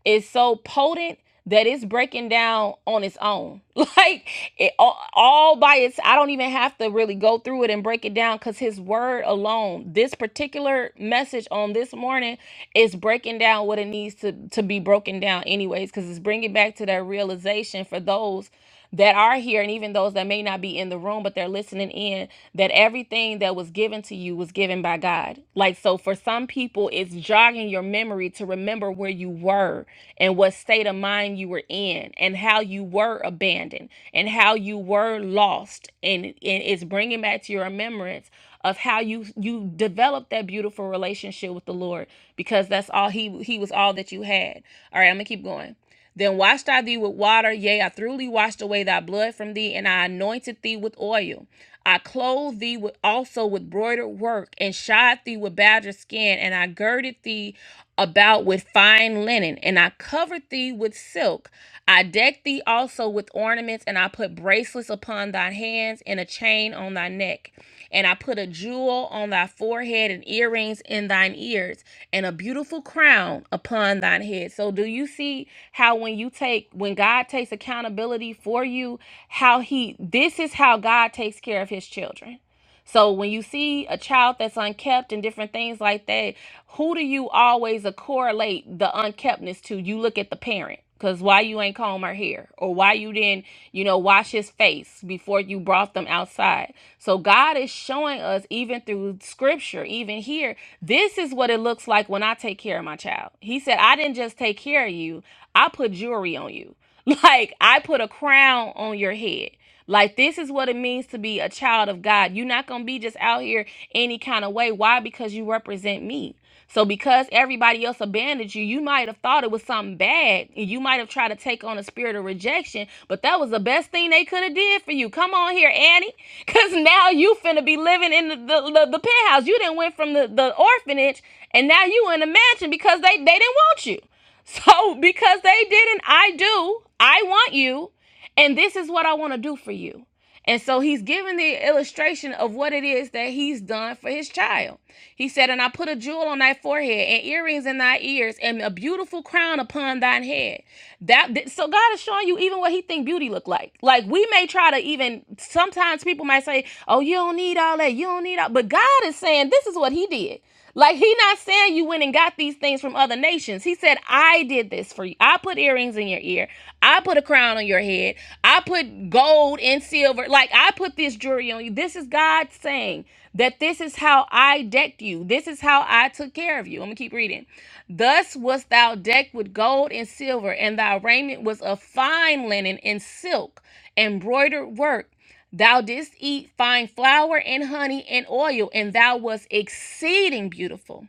is so potent that it's breaking down on its own like it all, all by its i don't even have to really go through it and break it down because his word alone this particular message on this morning is breaking down what it needs to to be broken down anyways because it's bringing back to that realization for those that are here and even those that may not be in the room but they're listening in that everything that was given to you was given by God. Like so for some people it's jogging your memory to remember where you were and what state of mind you were in and how you were abandoned and how you were lost and, and it's bringing back to your remembrance of how you you developed that beautiful relationship with the Lord because that's all he he was all that you had. All right, I'm going to keep going. Then washed I thee with water, yea, I thoroughly washed away thy blood from thee, and I anointed thee with oil. I clothed thee with, also with broidered work, and shod thee with badger skin, and I girded thee about with fine linen, and I covered thee with silk. I decked thee also with ornaments, and I put bracelets upon thy hands, and a chain on thy neck. And I put a jewel on thy forehead and earrings in thine ears and a beautiful crown upon thine head. So do you see how when you take when God takes accountability for you, how he this is how God takes care of his children. So when you see a child that's unkept and different things like that, who do you always uh, correlate the unkeptness to? You look at the parent. Cause why you ain't comb her hair, or why you didn't, you know, wash his face before you brought them outside. So God is showing us, even through Scripture, even here, this is what it looks like when I take care of my child. He said, I didn't just take care of you; I put jewelry on you. Like I put a crown on your head. Like this is what it means to be a child of God. You're not gonna be just out here any kind of way. Why? Because you represent me. So because everybody else abandoned you, you might have thought it was something bad. You might have tried to take on a spirit of rejection, but that was the best thing they could have did for you. Come on here, Annie, because now you finna be living in the, the, the, the penthouse. You didn't went from the, the orphanage, and now you in the mansion because they, they didn't want you. So because they didn't, I do. I want you. And this is what I want to do for you. And so he's giving the illustration of what it is that he's done for his child. He said, And I put a jewel on thy forehead, and earrings in thy ears, and a beautiful crown upon thine head. That so God is showing you even what he think beauty look like. Like we may try to even sometimes people might say, Oh, you don't need all that, you don't need all, but God is saying this is what he did. Like he not saying you went and got these things from other nations. He said, I did this for you. I put earrings in your ear. I put a crown on your head. I put gold and silver. Like I put this jewelry on you. This is God saying that this is how I decked you. This is how I took care of you. I'm gonna keep reading. Thus wast thou decked with gold and silver, and thy raiment was of fine linen and silk, embroidered work. Thou didst eat fine flour and honey and oil, and thou wast exceeding beautiful,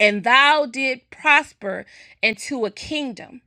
and thou did prosper into a kingdom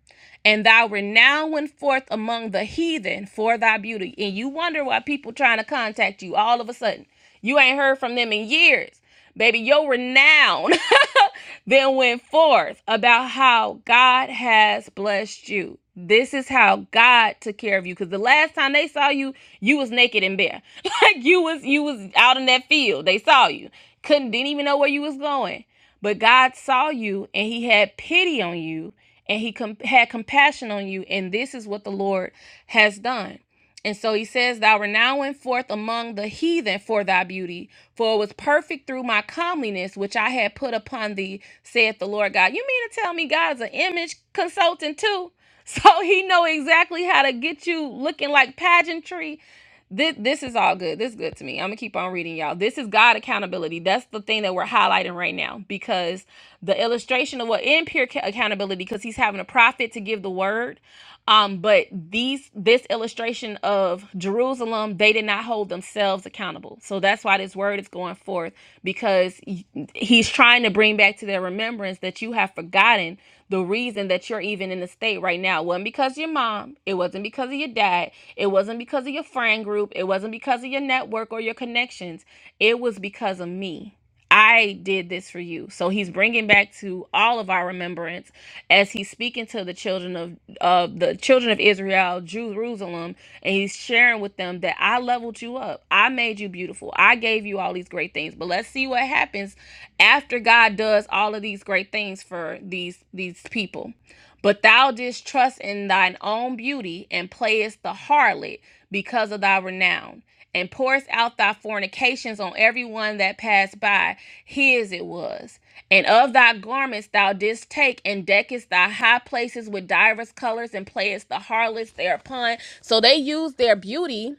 and thou renown went forth among the heathen for thy beauty. And you wonder why people trying to contact you all of a sudden. You ain't heard from them in years. Baby, your renown then went forth about how God has blessed you. This is how God took care of you. Cause the last time they saw you, you was naked and bare. Like you was you was out in that field. They saw you. Couldn't didn't even know where you was going. But God saw you and he had pity on you and he com- had compassion on you and this is what the lord has done and so he says thou were now went forth among the heathen for thy beauty for it was perfect through my comeliness which i had put upon thee saith the lord god you mean to tell me god's an image consultant too so he know exactly how to get you looking like pageantry this this is all good. This is good to me. I'm gonna keep on reading y'all. This is God accountability. That's the thing that we're highlighting right now because the illustration of what in pure ca- accountability, because he's having a prophet to give the word. Um, but these this illustration of Jerusalem, they did not hold themselves accountable. So that's why this word is going forth because he- he's trying to bring back to their remembrance that you have forgotten the reason that you're even in the state right now It wasn't because of your mom, it wasn't because of your dad, it wasn't because of your friend group, it wasn't because of your network or your connections. It was because of me. I did this for you. So he's bringing back to all of our remembrance as he's speaking to the children of of the children of Israel, Jerusalem, and he's sharing with them that I leveled you up. I made you beautiful. I gave you all these great things. But let's see what happens after God does all of these great things for these these people. But thou didst trust in thine own beauty and playest the harlot because of thy renown, and pourest out thy fornications on every one that passed by. His it was. And of thy garments thou didst take, and deckest thy high places with divers colors, and playest the harlots thereupon. So they used their beauty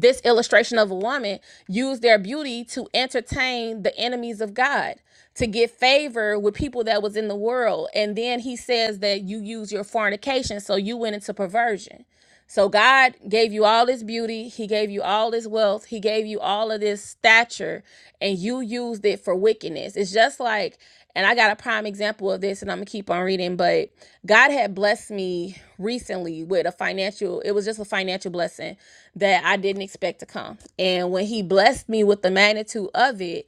this illustration of a woman used their beauty to entertain the enemies of God to get favor with people that was in the world and then he says that you use your fornication so you went into perversion so God gave you all this beauty, He gave you all this wealth, He gave you all of this stature, and you used it for wickedness. It's just like, and I got a prime example of this, and I'm gonna keep on reading, but God had blessed me recently with a financial, it was just a financial blessing that I didn't expect to come. And when He blessed me with the magnitude of it,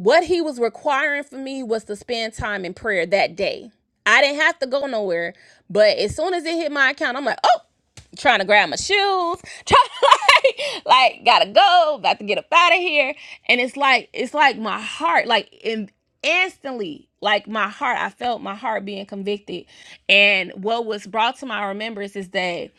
what he was requiring for me was to spend time in prayer that day. I didn't have to go nowhere, but as soon as it hit my account, I'm like, oh, trying to grab my shoes, trying to like, like gotta go, about to get up out of here. And it's like, it's like my heart, like in, instantly, like my heart, I felt my heart being convicted. And what was brought to my remembrance is that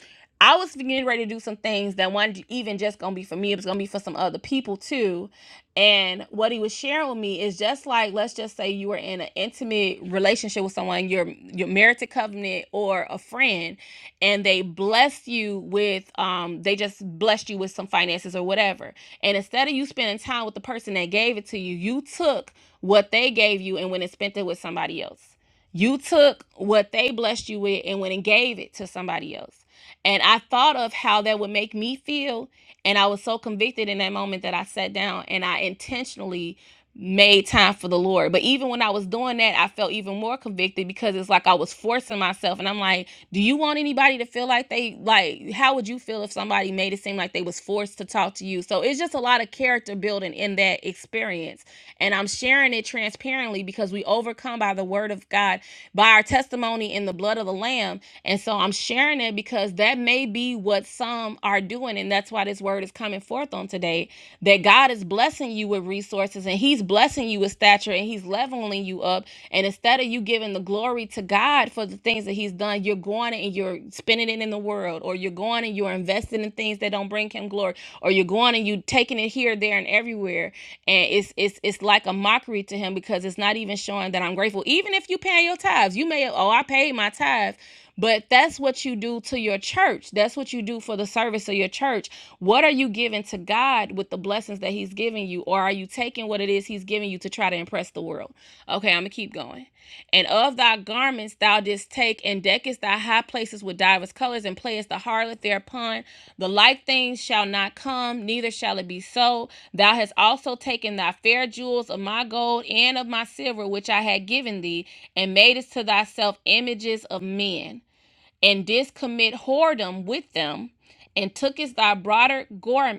I was getting ready to do some things that weren't even just gonna be for me, it was gonna be for some other people too and what he was sharing with me is just like, let's just say you were in an intimate relationship with someone, your your marital covenant or a friend, and they bless you with um, they just blessed you with some finances or whatever. And instead of you spending time with the person that gave it to you, you took what they gave you and went and spent it with somebody else. You took what they blessed you with and went and gave it to somebody else. And I thought of how that would make me feel. And I was so convicted in that moment that I sat down and I intentionally made time for the Lord. But even when I was doing that, I felt even more convicted because it's like I was forcing myself. And I'm like, do you want anybody to feel like they, like, how would you feel if somebody made it seem like they was forced to talk to you? So it's just a lot of character building in that experience. And I'm sharing it transparently because we overcome by the word of God, by our testimony in the blood of the Lamb. And so I'm sharing it because that may be what some are doing. And that's why this word is coming forth on today that God is blessing you with resources and He's blessing you with stature and He's leveling you up. And instead of you giving the glory to God for the things that He's done, you're going and you're spending it in the world world, or you're going and you're investing in things that don't bring him glory, or you're going and you taking it here, there, and everywhere, and it's it's it's like a mockery to him because it's not even showing that I'm grateful. Even if you pay your tithes, you may oh I paid my tithe, but that's what you do to your church. That's what you do for the service of your church. What are you giving to God with the blessings that He's giving you, or are you taking what it is He's giving you to try to impress the world? Okay, I'm gonna keep going. And of thy garments thou didst take, and deckest thy high places with divers colors, and playest the harlot thereupon. The like things shall not come, neither shall it be so. Thou hast also taken thy fair jewels of my gold and of my silver, which I had given thee, and madest to thyself images of men and didst commit whoredom with them, and tookest thy broader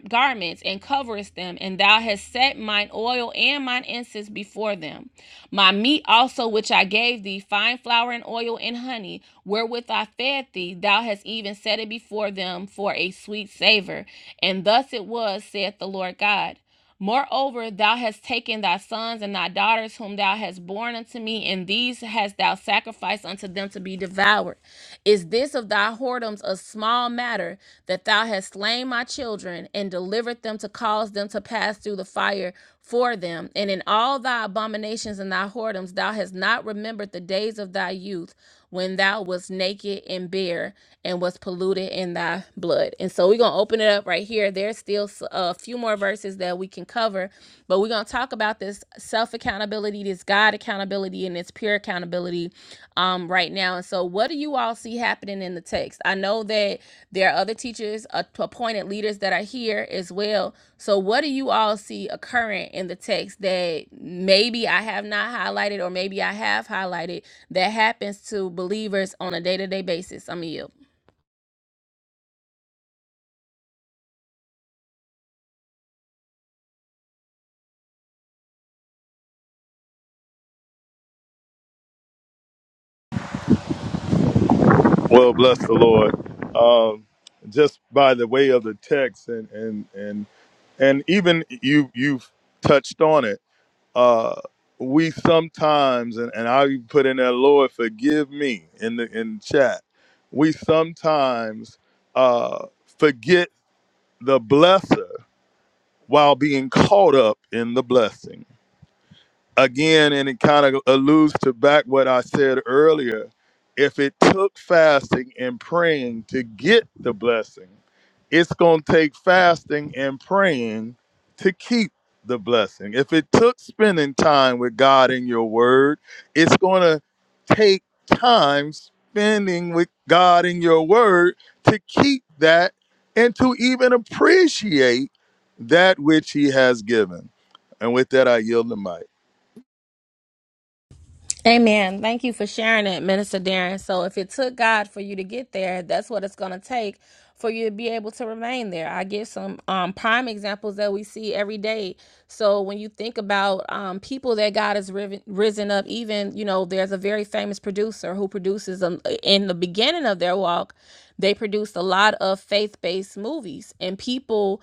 garments and coverest them, and thou hast set mine oil and mine incense before them. My meat also, which I gave thee, fine flour and oil and honey, wherewith I fed thee, thou hast even set it before them for a sweet savor. And thus it was, saith the Lord God. Moreover, thou hast taken thy sons and thy daughters, whom thou hast borne unto me, and these hast thou sacrificed unto them to be devoured. Is this of thy whoredoms a small matter that thou hast slain my children and delivered them to cause them to pass through the fire for them? And in all thy abominations and thy whoredoms, thou hast not remembered the days of thy youth when thou was naked and bare and was polluted in thy blood. And so we're going to open it up right here. There's still a few more verses that we can cover, but we're going to talk about this self accountability, this God accountability, and this pure accountability um, right now. And so, what do you all all see happening in the text. I know that there are other teachers, uh, appointed leaders that are here as well. So, what do you all see occurring in the text that maybe I have not highlighted, or maybe I have highlighted that happens to believers on a day to day basis? I'm you.
Well, bless the Lord. Um, just by the way of the text, and and and and even you you've touched on it. Uh, we sometimes, and, and I put in there, Lord, forgive me in the in chat. We sometimes uh, forget the blesser while being caught up in the blessing again, and it kind of alludes to back what I said earlier. If it took fasting and praying to get the blessing, it's going to take fasting and praying to keep the blessing. If it took spending time with God in your word, it's going to take time spending with God in your word to keep that and to even appreciate that which He has given. And with that, I yield the mic.
Amen. Thank you for sharing it, Minister Darren. So, if it took God for you to get there, that's what it's going to take for you to be able to remain there. I give some um, prime examples that we see every day. So, when you think about um, people that God has riven, risen up, even, you know, there's a very famous producer who produces um, in the beginning of their walk, they produced a lot of faith based movies, and people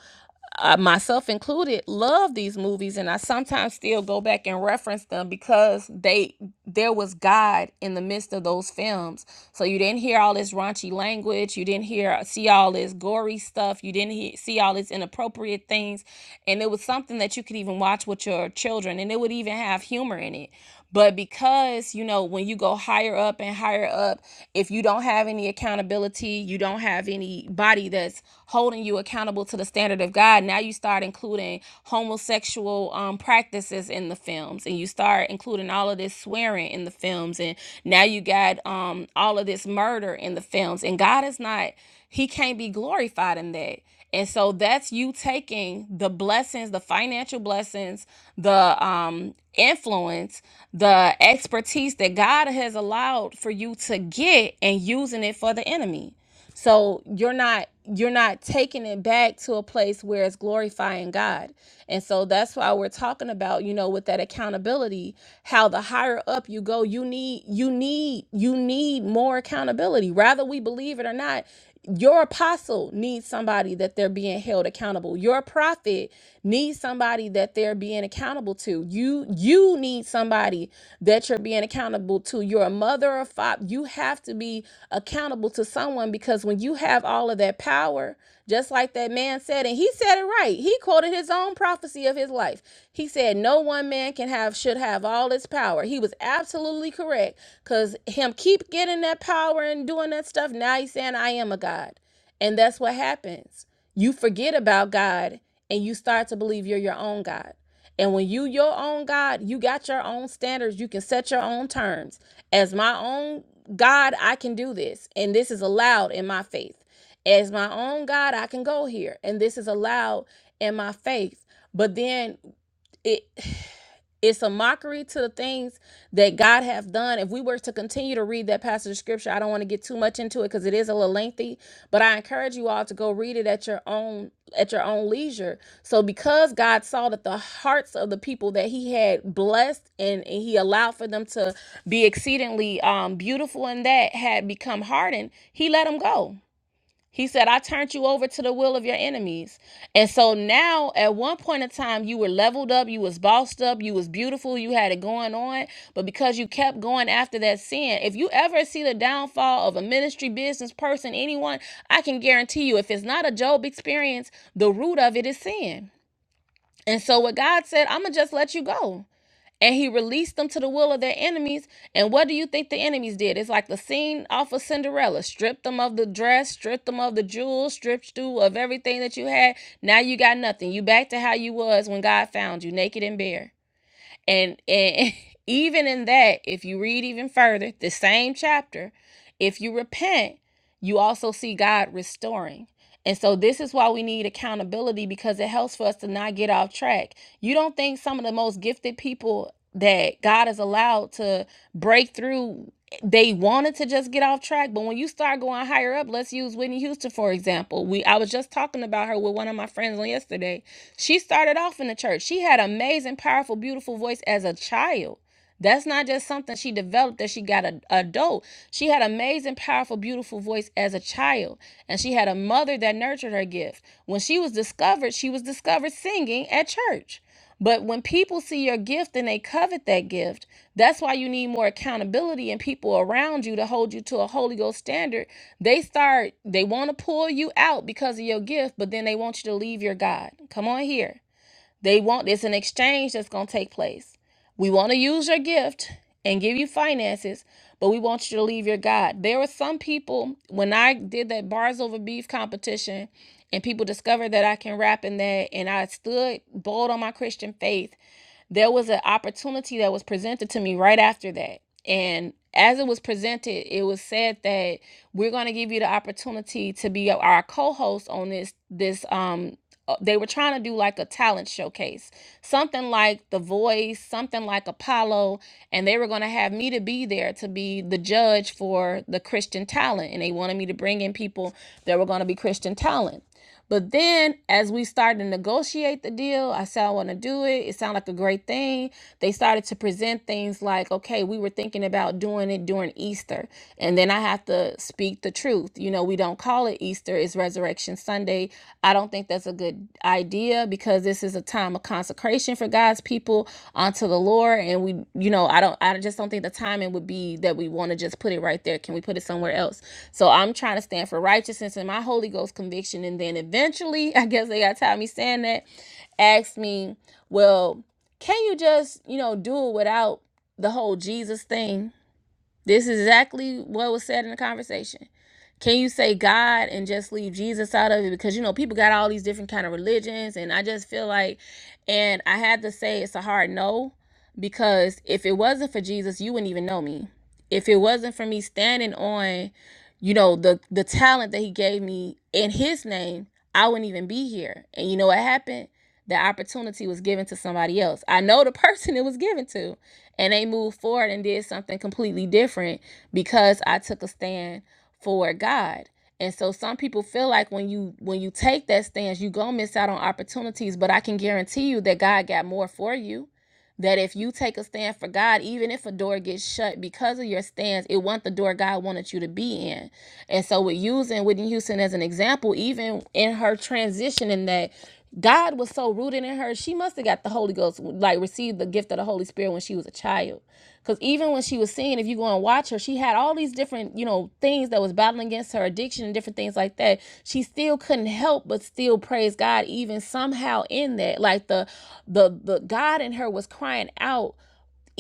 uh, myself included, love these movies, and I sometimes still go back and reference them because they there was God in the midst of those films. So you didn't hear all this raunchy language, you didn't hear see all this gory stuff, you didn't hear, see all this inappropriate things, and it was something that you could even watch with your children, and it would even have humor in it. But because, you know, when you go higher up and higher up, if you don't have any accountability, you don't have anybody that's holding you accountable to the standard of God, now you start including homosexual um, practices in the films and you start including all of this swearing in the films. And now you got um, all of this murder in the films. And God is not, He can't be glorified in that. And so that's you taking the blessings, the financial blessings, the um, influence, the expertise that God has allowed for you to get and using it for the enemy. So you're not you're not taking it back to a place where it's glorifying God. And so that's why we're talking about, you know, with that accountability, how the higher up you go, you need you need you need more accountability. Rather we believe it or not, your apostle needs somebody that they're being held accountable. Your prophet needs somebody that they're being accountable to. You you need somebody that you're being accountable to. You're a mother or father. You have to be accountable to someone because when you have all of that power, just like that man said, and he said it right. He quoted his own prophecy of his life. He said, "No one man can have should have all this power." He was absolutely correct correct. Cause him keep getting that power and doing that stuff. Now he's saying, I am a God. And that's what happens. You forget about God and you start to believe you're your own God. And when you your own God, you got your own standards. You can set your own terms. As my own God, I can do this. And this is allowed in my faith. As my own God, I can go here. And this is allowed in my faith. But then it it's a mockery to the things that God have done. If we were to continue to read that passage of scripture, I don't want to get too much into it because it is a little lengthy, but I encourage you all to go read it at your own at your own leisure. So because God saw that the hearts of the people that he had blessed and, and he allowed for them to be exceedingly um beautiful and that had become hardened, he let them go he said, I turned you over to the will of your enemies. And so now at one point in time, you were leveled up, you was bossed up, you was beautiful, you had it going on. But because you kept going after that sin, if you ever see the downfall of a ministry, business person, anyone, I can guarantee you, if it's not a Job experience, the root of it is sin. And so what God said, I'ma just let you go and he released them to the will of their enemies. And what do you think the enemies did? It's like the scene off of Cinderella. Stripped them of the dress, stripped them of the jewels, stripped you of everything that you had. Now you got nothing. You back to how you was when God found you, naked and bare. And and even in that, if you read even further, the same chapter, if you repent, you also see God restoring. And so this is why we need accountability because it helps for us to not get off track. You don't think some of the most gifted people that God has allowed to break through they wanted to just get off track, but when you start going higher up, let's use Whitney Houston for example. We I was just talking about her with one of my friends on yesterday. She started off in the church. She had an amazing, powerful, beautiful voice as a child. That's not just something she developed that she got a adult. She had amazing, powerful, beautiful voice as a child, and she had a mother that nurtured her gift. When she was discovered, she was discovered singing at church. But when people see your gift and they covet that gift, that's why you need more accountability and people around you to hold you to a Holy Ghost standard. They start, they want to pull you out because of your gift, but then they want you to leave your God. Come on here. They want there's an exchange that's going to take place. We want to use your gift and give you finances, but we want you to leave your God. There were some people when I did that bars over beef competition and people discovered that I can rap in that and I stood bold on my Christian faith there was an opportunity that was presented to me right after that. And as it was presented, it was said that we're going to give you the opportunity to be our co-host on this this um uh, they were trying to do like a talent showcase, something like The Voice, something like Apollo, and they were going to have me to be there to be the judge for the Christian talent. And they wanted me to bring in people that were going to be Christian talent. But then as we started to negotiate the deal, I said, I want to do it. It sounded like a great thing. They started to present things like, okay, we were thinking about doing it during Easter. And then I have to speak the truth. You know, we don't call it Easter, it's Resurrection Sunday. I don't think that's a good a good idea because this is a time of consecration for God's people unto the Lord. And we, you know, I don't, I just don't think the timing would be that we want to just put it right there. Can we put it somewhere else? So I'm trying to stand for righteousness and my Holy Ghost conviction. And then eventually, I guess they got tired of me saying that, asked me, well, can you just, you know, do it without the whole Jesus thing? This is exactly what was said in the conversation. Can you say God and just leave Jesus out of it? Because you know people got all these different kind of religions, and I just feel like, and I had to say it's a hard no, because if it wasn't for Jesus, you wouldn't even know me. If it wasn't for me standing on you know the the talent that he gave me in his name i wouldn't even be here and you know what happened the opportunity was given to somebody else i know the person it was given to and they moved forward and did something completely different because i took a stand for god and so some people feel like when you when you take that stance you gonna miss out on opportunities but i can guarantee you that god got more for you that if you take a stand for God, even if a door gets shut because of your stance, it wasn't the door God wanted you to be in. And so with using Whitney Houston as an example, even in her transition in that God was so rooted in her, she must have got the Holy Ghost, like received the gift of the Holy Spirit when she was a child. Because even when she was singing, if you go and watch her, she had all these different, you know, things that was battling against her addiction and different things like that. She still couldn't help but still praise God, even somehow in that. Like the the the God in her was crying out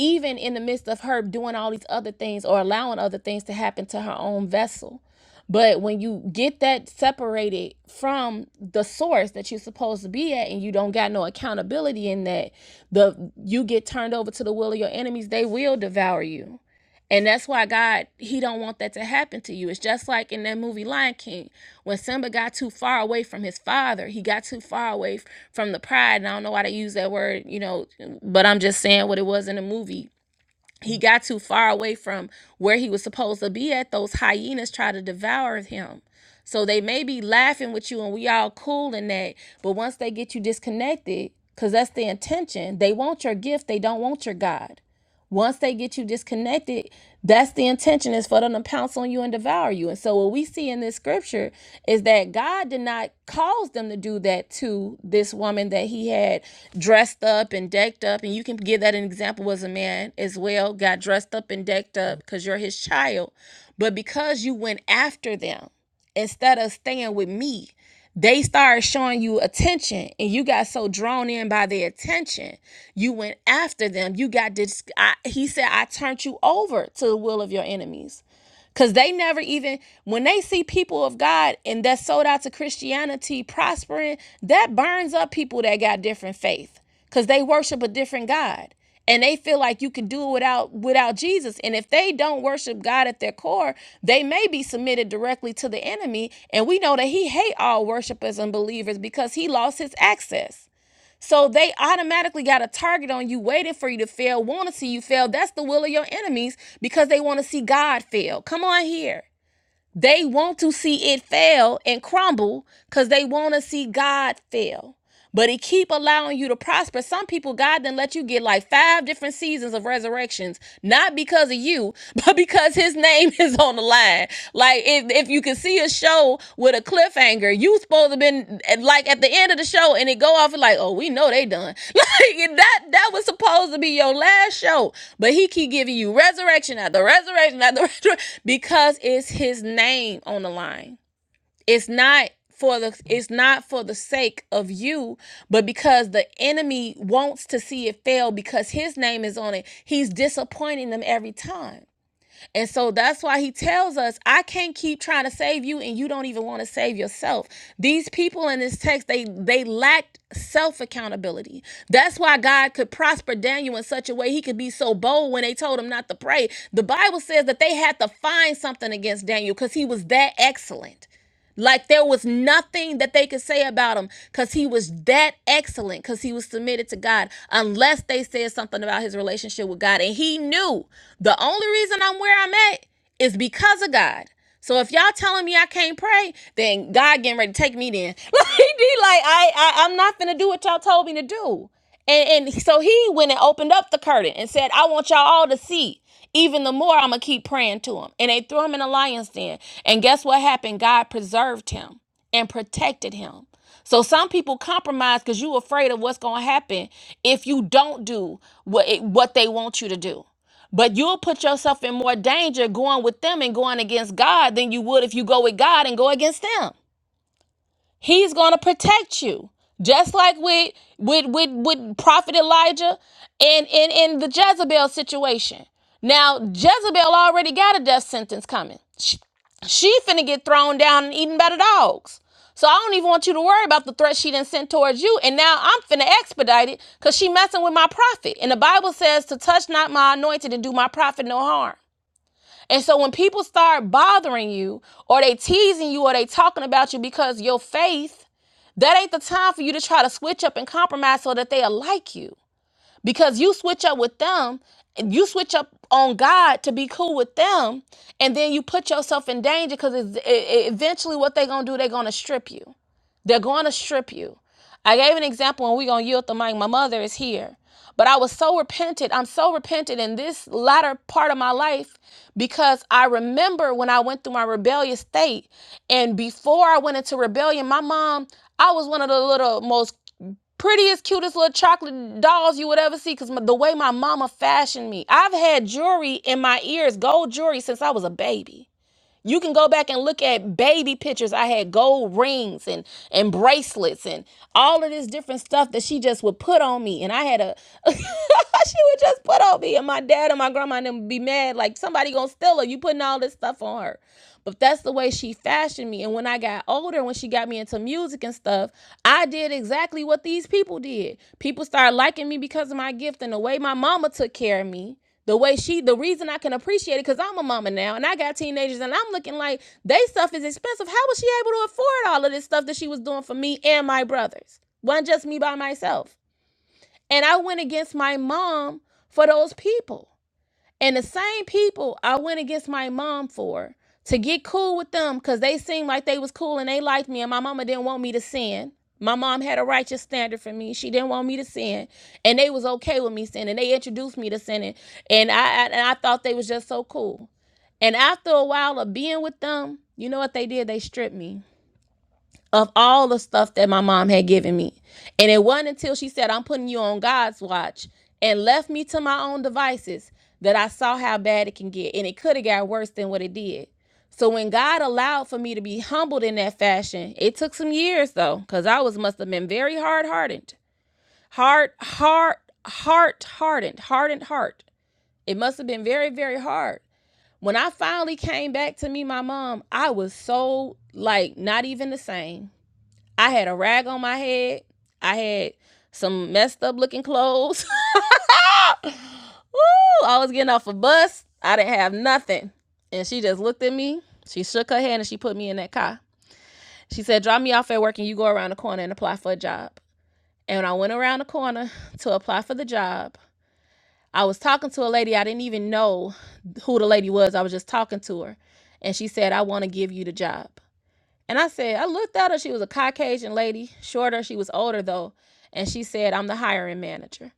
even in the midst of her doing all these other things or allowing other things to happen to her own vessel. But when you get that separated from the source that you're supposed to be at and you don't got no accountability in that, the you get turned over to the will of your enemies, they will devour you. And that's why God, He don't want that to happen to you. It's just like in that movie Lion King, when Simba got too far away from his father, he got too far away from the pride. And I don't know why they use that word, you know, but I'm just saying what it was in the movie he got too far away from where he was supposed to be at those hyenas try to devour him so they may be laughing with you and we all cool in that but once they get you disconnected because that's the intention they want your gift they don't want your god once they get you disconnected, that's the intention is for them to pounce on you and devour you. And so what we see in this scripture is that God did not cause them to do that to this woman that he had dressed up and decked up. And you can give that an example as a man as well, got dressed up and decked up because you're his child. But because you went after them instead of staying with me they started showing you attention and you got so drawn in by their attention you went after them you got this. I, he said i turned you over to the will of your enemies because they never even, when they see people of God and that's sold out to Christianity prospering, that burns up people that got different faith because they worship a different God. And they feel like you can do it without without Jesus. And if they don't worship God at their core, they may be submitted directly to the enemy. And we know that he hates all worshipers and believers because he lost his access. So they automatically got a target on you, waiting for you to fail, want to see you fail. That's the will of your enemies because they want to see God fail. Come on here. They want to see it fail and crumble because they want to see God fail but he keep allowing you to prosper. Some people, God then let you get like five different seasons of resurrections, not because of you, but because his name is on the line. Like if, if you can see a show with a cliffhanger, you supposed to been eh, like at the end of the show and it go off and like, oh, we know they done. Like that that was supposed to be your last show. But he keep giving you resurrection after resurrection after resurrection because it's his name on the line it's not for the it's not for the sake of you but because the enemy wants to see it fail because his name is on it he's disappointing them every time and so that's why he tells us i can't keep trying to save you and you don't even want to save yourself these people in this text they they lacked self accountability that's why god could prosper daniel in such a way he could be so bold when they told him not to pray the bible says that they had to find something against daniel because he was that excellent like there was nothing that they could say about him because he was that excellent because he was submitted to God, unless they said something about his relationship with God. And he knew the only reason I'm where I'm at is because of God. So if y'all telling me I can't pray, then God getting ready to take me then. Like he like I, I I'm not gonna do what y'all told me to do. And and so he went and opened up the curtain and said, I want y'all all to see even the more I'm going to keep praying to him. And they threw him in a lion's den. And guess what happened? God preserved him and protected him. So some people compromise because you're afraid of what's going to happen if you don't do what, it, what they want you to do. But you'll put yourself in more danger going with them and going against God than you would if you go with God and go against them. He's going to protect you. Just like with with with, with Prophet Elijah and in in the Jezebel situation. Now, Jezebel already got a death sentence coming. She, she finna get thrown down and eaten by the dogs. So I don't even want you to worry about the threat she done sent towards you. And now I'm finna expedite it because she messing with my prophet. And the Bible says to touch not my anointed and do my prophet no harm. And so when people start bothering you or they teasing you or they talking about you because your faith that ain't the time for you to try to switch up and compromise so that they'll like you. Because you switch up with them, and you switch up on God to be cool with them, and then you put yourself in danger because it's, e- e- eventually what they're going to do, they're going to strip you. They're going to strip you. I gave an example and we're going to yield the mic. My mother is here. But I was so repentant. I'm so repentant in this latter part of my life because I remember when I went through my rebellious state. And before I went into rebellion, my mom, I was one of the little most prettiest, cutest little chocolate dolls you would ever see because the way my mama fashioned me. I've had jewelry in my ears, gold jewelry, since I was a baby. You can go back and look at baby pictures. I had gold rings and and bracelets and all of this different stuff that she just would put on me. And I had a she would just put on me. And my dad and my grandma and them would be mad, like somebody gonna steal her. You putting all this stuff on her. But that's the way she fashioned me. And when I got older, when she got me into music and stuff, I did exactly what these people did. People started liking me because of my gift and the way my mama took care of me the way she the reason I can appreciate it because I'm a mama now and I got teenagers and I'm looking like they stuff is expensive. How was she able to afford all of this stuff that she was doing for me and my brothers? Wasn't just me by myself. And I went against my mom for those people. And the same people I went against my mom for to get cool with them because they seemed like they was cool and they liked me and my mama didn't want me to sin. My mom had a righteous standard for me. She didn't want me to sin. And they was okay with me sinning. They introduced me to sinning. And I, I and I thought they was just so cool. And after a while of being with them, you know what they did? They stripped me of all the stuff that my mom had given me. And it wasn't until she said, I'm putting you on God's watch and left me to my own devices that I saw how bad it can get. And it could have got worse than what it did. So when God allowed for me to be humbled in that fashion, it took some years though, because I was must have been very hard hearted, Hard, hard, heart hardened, hardened heart. It must have been very, very hard. When I finally came back to me, my mom, I was so like not even the same. I had a rag on my head. I had some messed up looking clothes. Ooh, I was getting off a bus. I didn't have nothing. And she just looked at me. She shook her hand and she put me in that car. She said, Drop me off at work and you go around the corner and apply for a job. And when I went around the corner to apply for the job, I was talking to a lady. I didn't even know who the lady was. I was just talking to her. And she said, I want to give you the job. And I said, I looked at her. She was a Caucasian lady, shorter. She was older though. And she said, I'm the hiring manager.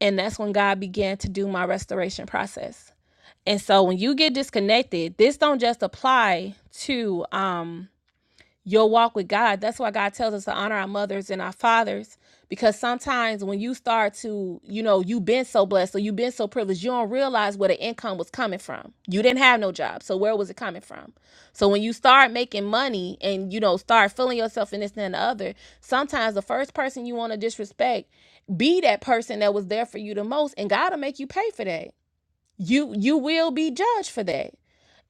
And that's when God began to do my restoration process. And so when you get disconnected, this don't just apply to um your walk with God. That's why God tells us to honor our mothers and our fathers. Because sometimes when you start to, you know, you've been so blessed or you've been so privileged, you don't realize where the income was coming from. You didn't have no job. So where was it coming from? So when you start making money and, you know, start feeling yourself in this and the other, sometimes the first person you want to disrespect, be that person that was there for you the most. And God will make you pay for that you you will be judged for that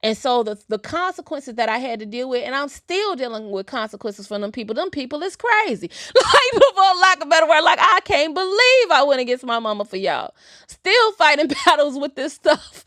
and so the the consequences that i had to deal with and i'm still dealing with consequences from them people them people is crazy like for lack of a better word like i can't believe i went against my mama for y'all still fighting battles with this stuff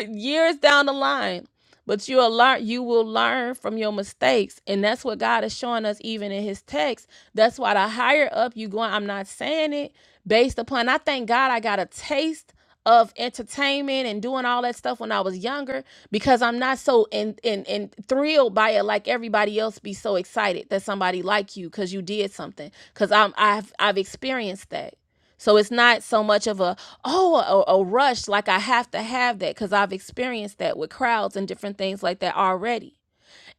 years down the line but you will learn you will learn from your mistakes and that's what god is showing us even in his text that's why the higher up you going i'm not saying it based upon i thank god i got a taste of entertainment and doing all that stuff when i was younger because i'm not so in in, in thrilled by it like everybody else be so excited that somebody like you because you did something because i'm i've i've experienced that so it's not so much of a oh a, a rush like I have to have that because I've experienced that with crowds and different things like that already.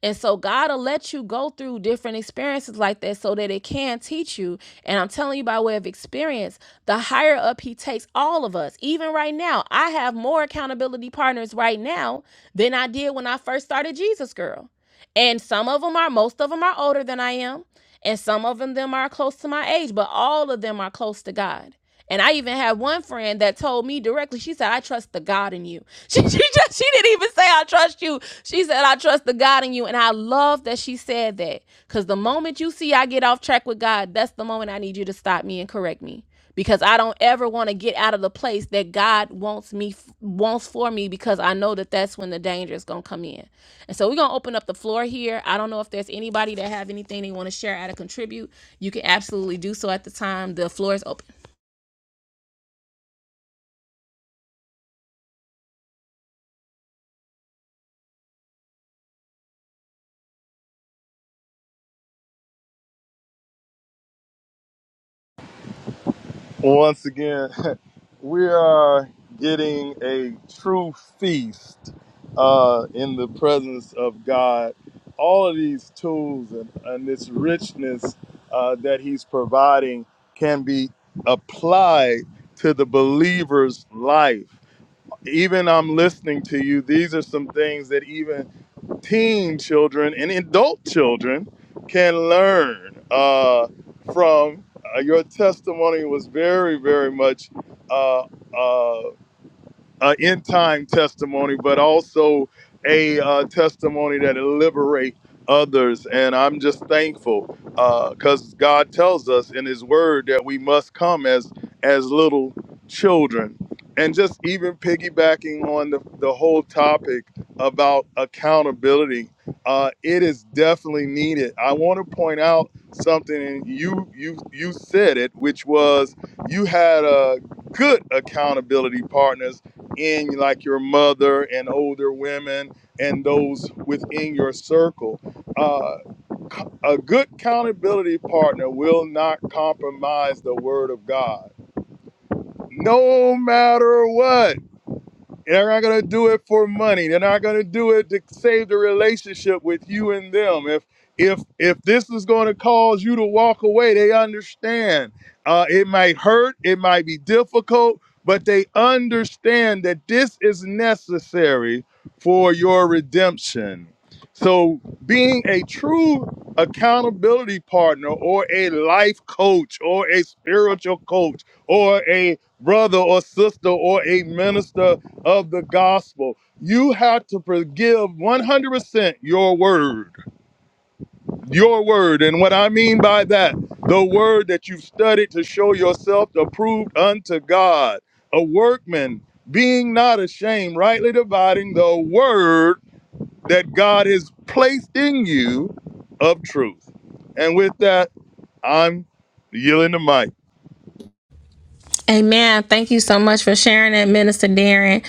And so God'll let you go through different experiences like that so that it can teach you. And I'm telling you by way of experience, the higher up he takes all of us, even right now, I have more accountability partners right now than I did when I first started Jesus Girl. And some of them are, most of them are older than I am. And some of them, them are close to my age, but all of them are close to God. And I even had one friend that told me directly, she said, I trust the God in you. She, she just, she didn't even say, I trust you. She said, I trust the God in you. And I love that she said that because the moment you see I get off track with God, that's the moment I need you to stop me and correct me because I don't ever want to get out of the place that God wants me wants for me because I know that that's when the danger is going to come in. And so we're going to open up the floor here. I don't know if there's anybody that have anything they want to share how to contribute. You can absolutely do so at the time. The floor is open.
Once again, we are getting a true feast uh, in the presence of God. All of these tools and, and this richness uh, that He's providing can be applied to the believer's life. Even I'm listening to you, these are some things that even teen children and adult children can learn uh, from. Uh, your testimony was very, very much uh, uh, a end time testimony, but also a uh, testimony that liberate others. And I'm just thankful because God tells us in His Word that we must come as as little children. And just even piggybacking on the, the whole topic about accountability, uh, it is definitely needed. I want to point out something, and you you you said it, which was you had a good accountability partners in like your mother and older women and those within your circle. Uh, a good accountability partner will not compromise the word of God, no matter what they're not going to do it for money. They're not going to do it to save the relationship with you and them. If if if this is going to cause you to walk away, they understand. Uh, it might hurt. It might be difficult, but they understand that this is necessary for your redemption. So, being a true accountability partner, or a life coach, or a spiritual coach, or a brother or sister, or a minister of the gospel. You have to forgive 100% your word. Your word. And what I mean by that, the word that you've studied to show yourself approved unto God, a workman being not ashamed, rightly dividing the word that God has placed in you of truth. And with that, I'm yielding the mic.
Amen. Thank you so much for sharing that, Minister Darren.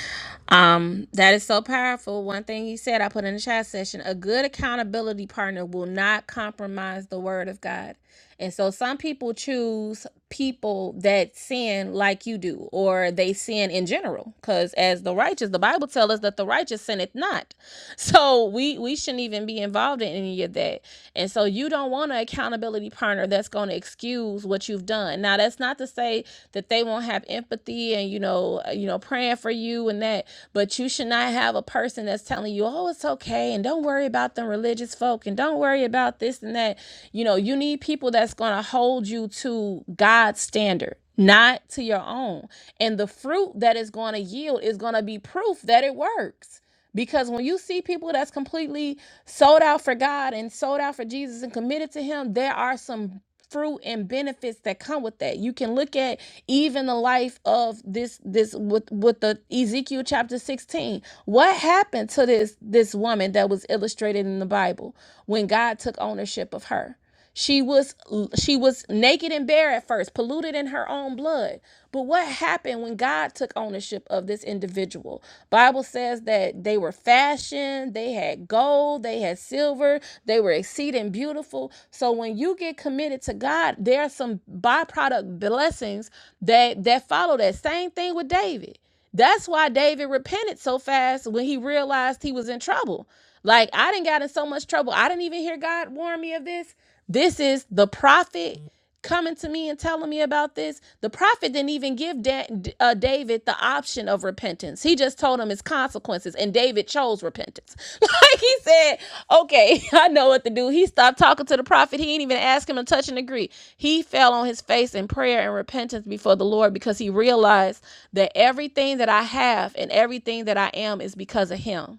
Um, that is so powerful. One thing you said, I put in the chat session a good accountability partner will not compromise the word of God. And so some people choose people that sin like you do, or they sin in general. Because as the righteous, the Bible tells us that the righteous sinneth not. So we we shouldn't even be involved in any of that. And so you don't want don't want an accountability partner that's going to excuse what you've done. Now, that's not to say that they won't have empathy and you know, uh, you know, praying for you and that, but you should not have a person that's telling you, "Oh, it's okay," and don't worry about them religious folk, and don't worry about this and that. You know, you need people that's going to hold you to God's standard. Not to your own. And the fruit that is going to yield is going to be proof that it works. Because when you see people that's completely sold out for God and sold out for Jesus and committed to Him, there are some fruit and benefits that come with that. You can look at even the life of this this with with the Ezekiel chapter 16. What happened to this this woman that was illustrated in the Bible when God took ownership of her? She was she was naked and bare at first, polluted in her own blood. But what happened when God took ownership of this individual? Bible says that they were fashioned, they had gold, they had silver, they were exceeding beautiful. So when you get committed to God, there are some byproduct blessings that that follow that. Same thing with David. That's why David repented so fast when he realized he was in trouble like I didn't got in so much trouble. I didn't even hear God warn me of this. This is the prophet coming to me and telling me about this. The prophet didn't even give da- uh, David the option of repentance. He just told him his consequences, and David chose repentance. like he said, "Okay, I know what to do." He stopped talking to the prophet. He didn't even ask him to touch and agree. He fell on his face in prayer and repentance before the Lord because he realized that everything that I have and everything that I am is because of Him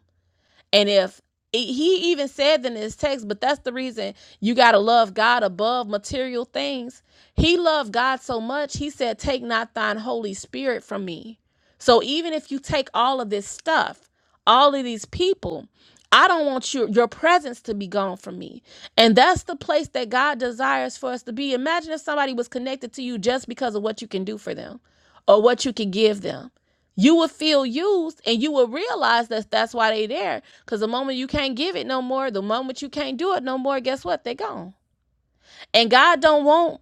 and if he even said in his text, but that's the reason you got to love God above material things. He loved God so much, he said, Take not thine Holy Spirit from me. So even if you take all of this stuff, all of these people, I don't want your, your presence to be gone from me. And that's the place that God desires for us to be. Imagine if somebody was connected to you just because of what you can do for them or what you can give them you will feel used and you will realize that that's why they there because the moment you can't give it no more the moment you can't do it no more guess what they gone and god don't want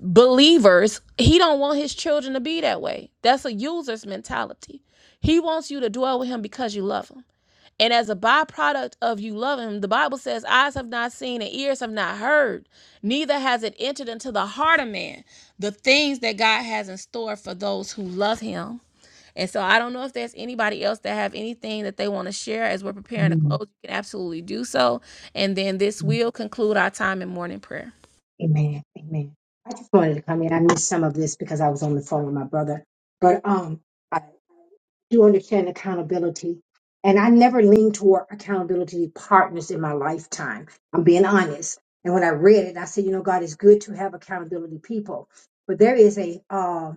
believers he don't want his children to be that way that's a user's mentality he wants you to dwell with him because you love him and as a byproduct of you loving him, the Bible says, eyes have not seen and ears have not heard, neither has it entered into the heart of man the things that God has in store for those who love him. And so I don't know if there's anybody else that have anything that they want to share as we're preparing to close. You can absolutely do so. And then this will conclude our time in morning prayer.
Amen. Amen. I just wanted to come in. I missed some of this because I was on the phone with my brother. But um, I, do understand accountability. And I never leaned toward accountability partners in my lifetime. I'm being honest. And when I read it, I said, you know, God is good to have accountability people. But there is a uh,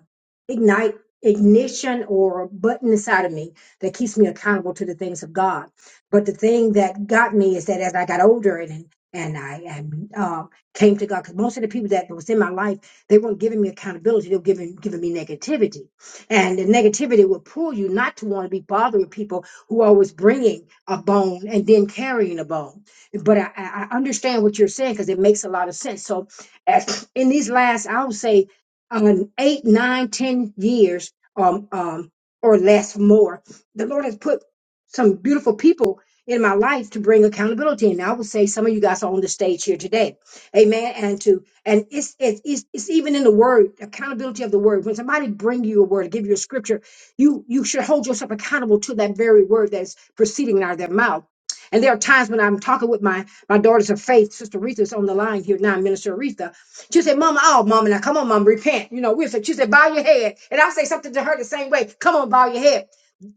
ignite ignition or button inside of me that keeps me accountable to the things of God. But the thing that got me is that as I got older and and I and, uh, came to God, because most of the people that was in my life, they weren't giving me accountability; they were giving giving me negativity and the negativity will pull you not to want to be bothering people who are always bringing a bone and then carrying a bone. But I, I I understand what you're saying because it makes a lot of sense. So as, in these last, I would say, um, eight, nine, ten years, um, um, or less, more, the Lord has put some beautiful people in my life to bring accountability. And I would say some of you guys are on the stage here today. Amen. And to and it's, it's, it's, it's even in the word, accountability of the word. When somebody bring you a word, give you a scripture, you, you should hold yourself accountable to that very word that's proceeding out of their mouth. And there are times when I'm talking with my, my daughters of faith, Sister Aretha's on the line here now, Minister Aretha. She said, Mama, oh, Mama, now come on, Mama, repent. You know, we said, she said, bow your head. And I say something to her the same way, come on, bow your head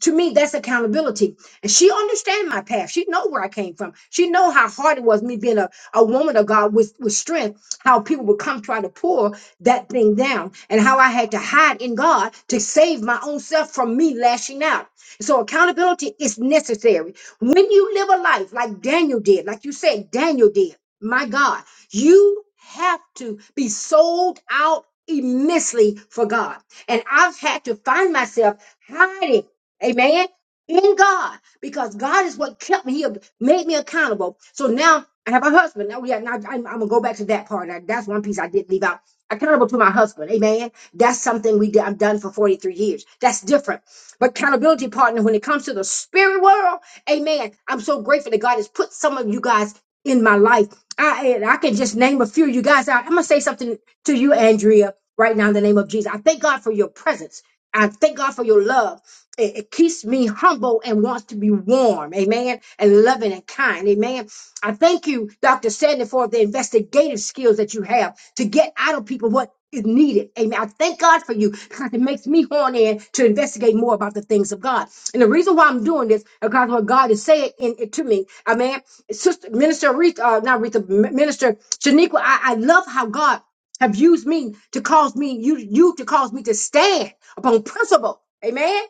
to me that's accountability and she understand my path she know where i came from she know how hard it was me being a, a woman of god with, with strength how people would come try to pull that thing down and how I had to hide in God to save my own self from me lashing out. So accountability is necessary. When you live a life like Daniel did, like you said, Daniel did, my God, you have to be sold out immensely for God. And I've had to find myself hiding, amen, in God because God is what kept me. He made me accountable. So now I have a husband. Now, yeah, now I'm, I'm gonna go back to that part. Now, That's one piece I did leave out. Accountable to my husband. Amen. That's something we did, I've done for 43 years. That's different. But accountability partner, when it comes to the spirit world, amen. I'm so grateful that God has put some of you guys in my life. I and I can just name a few of you guys out. I'm gonna say something to you, Andrea, right now in the name of Jesus. I thank God for your presence. I thank God for your love it, it keeps me humble and wants to be warm, amen, and loving and kind, amen. I thank you, Dr. Sandy, for the investigative skills that you have to get out of people what is needed, amen. I thank God for you because it makes me horn in to investigate more about the things of God. And the reason why I'm doing this is because what God is saying in, it to me, amen. Sister Minister Aretha, uh, not Aretha, M- Minister Shaniqua, I, I love how God have used me to cause me, you, you to cause me to stand upon principle, amen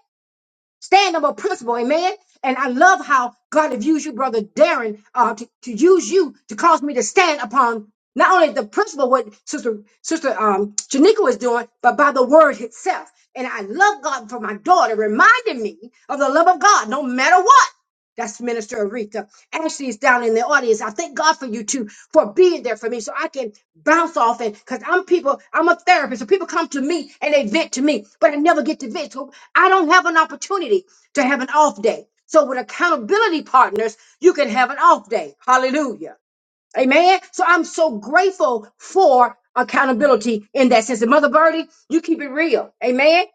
Stand up a principle, amen. And I love how God has used you, brother Darren, uh, to, to use you to cause me to stand upon not only the principle what sister sister um Janika was doing, but by the word itself. And I love God for my daughter reminding me of the love of God, no matter what. That's Minister Aretha. Ashley's down in the audience. I thank God for you two for being there for me so I can bounce off and because I'm people, I'm a therapist. So people come to me and they vent to me, but I never get to vent. So I don't have an opportunity to have an off day. So with accountability partners, you can have an off day. Hallelujah. Amen. So I'm so grateful for accountability in that sense. And Mother Birdie, you keep it real. Amen.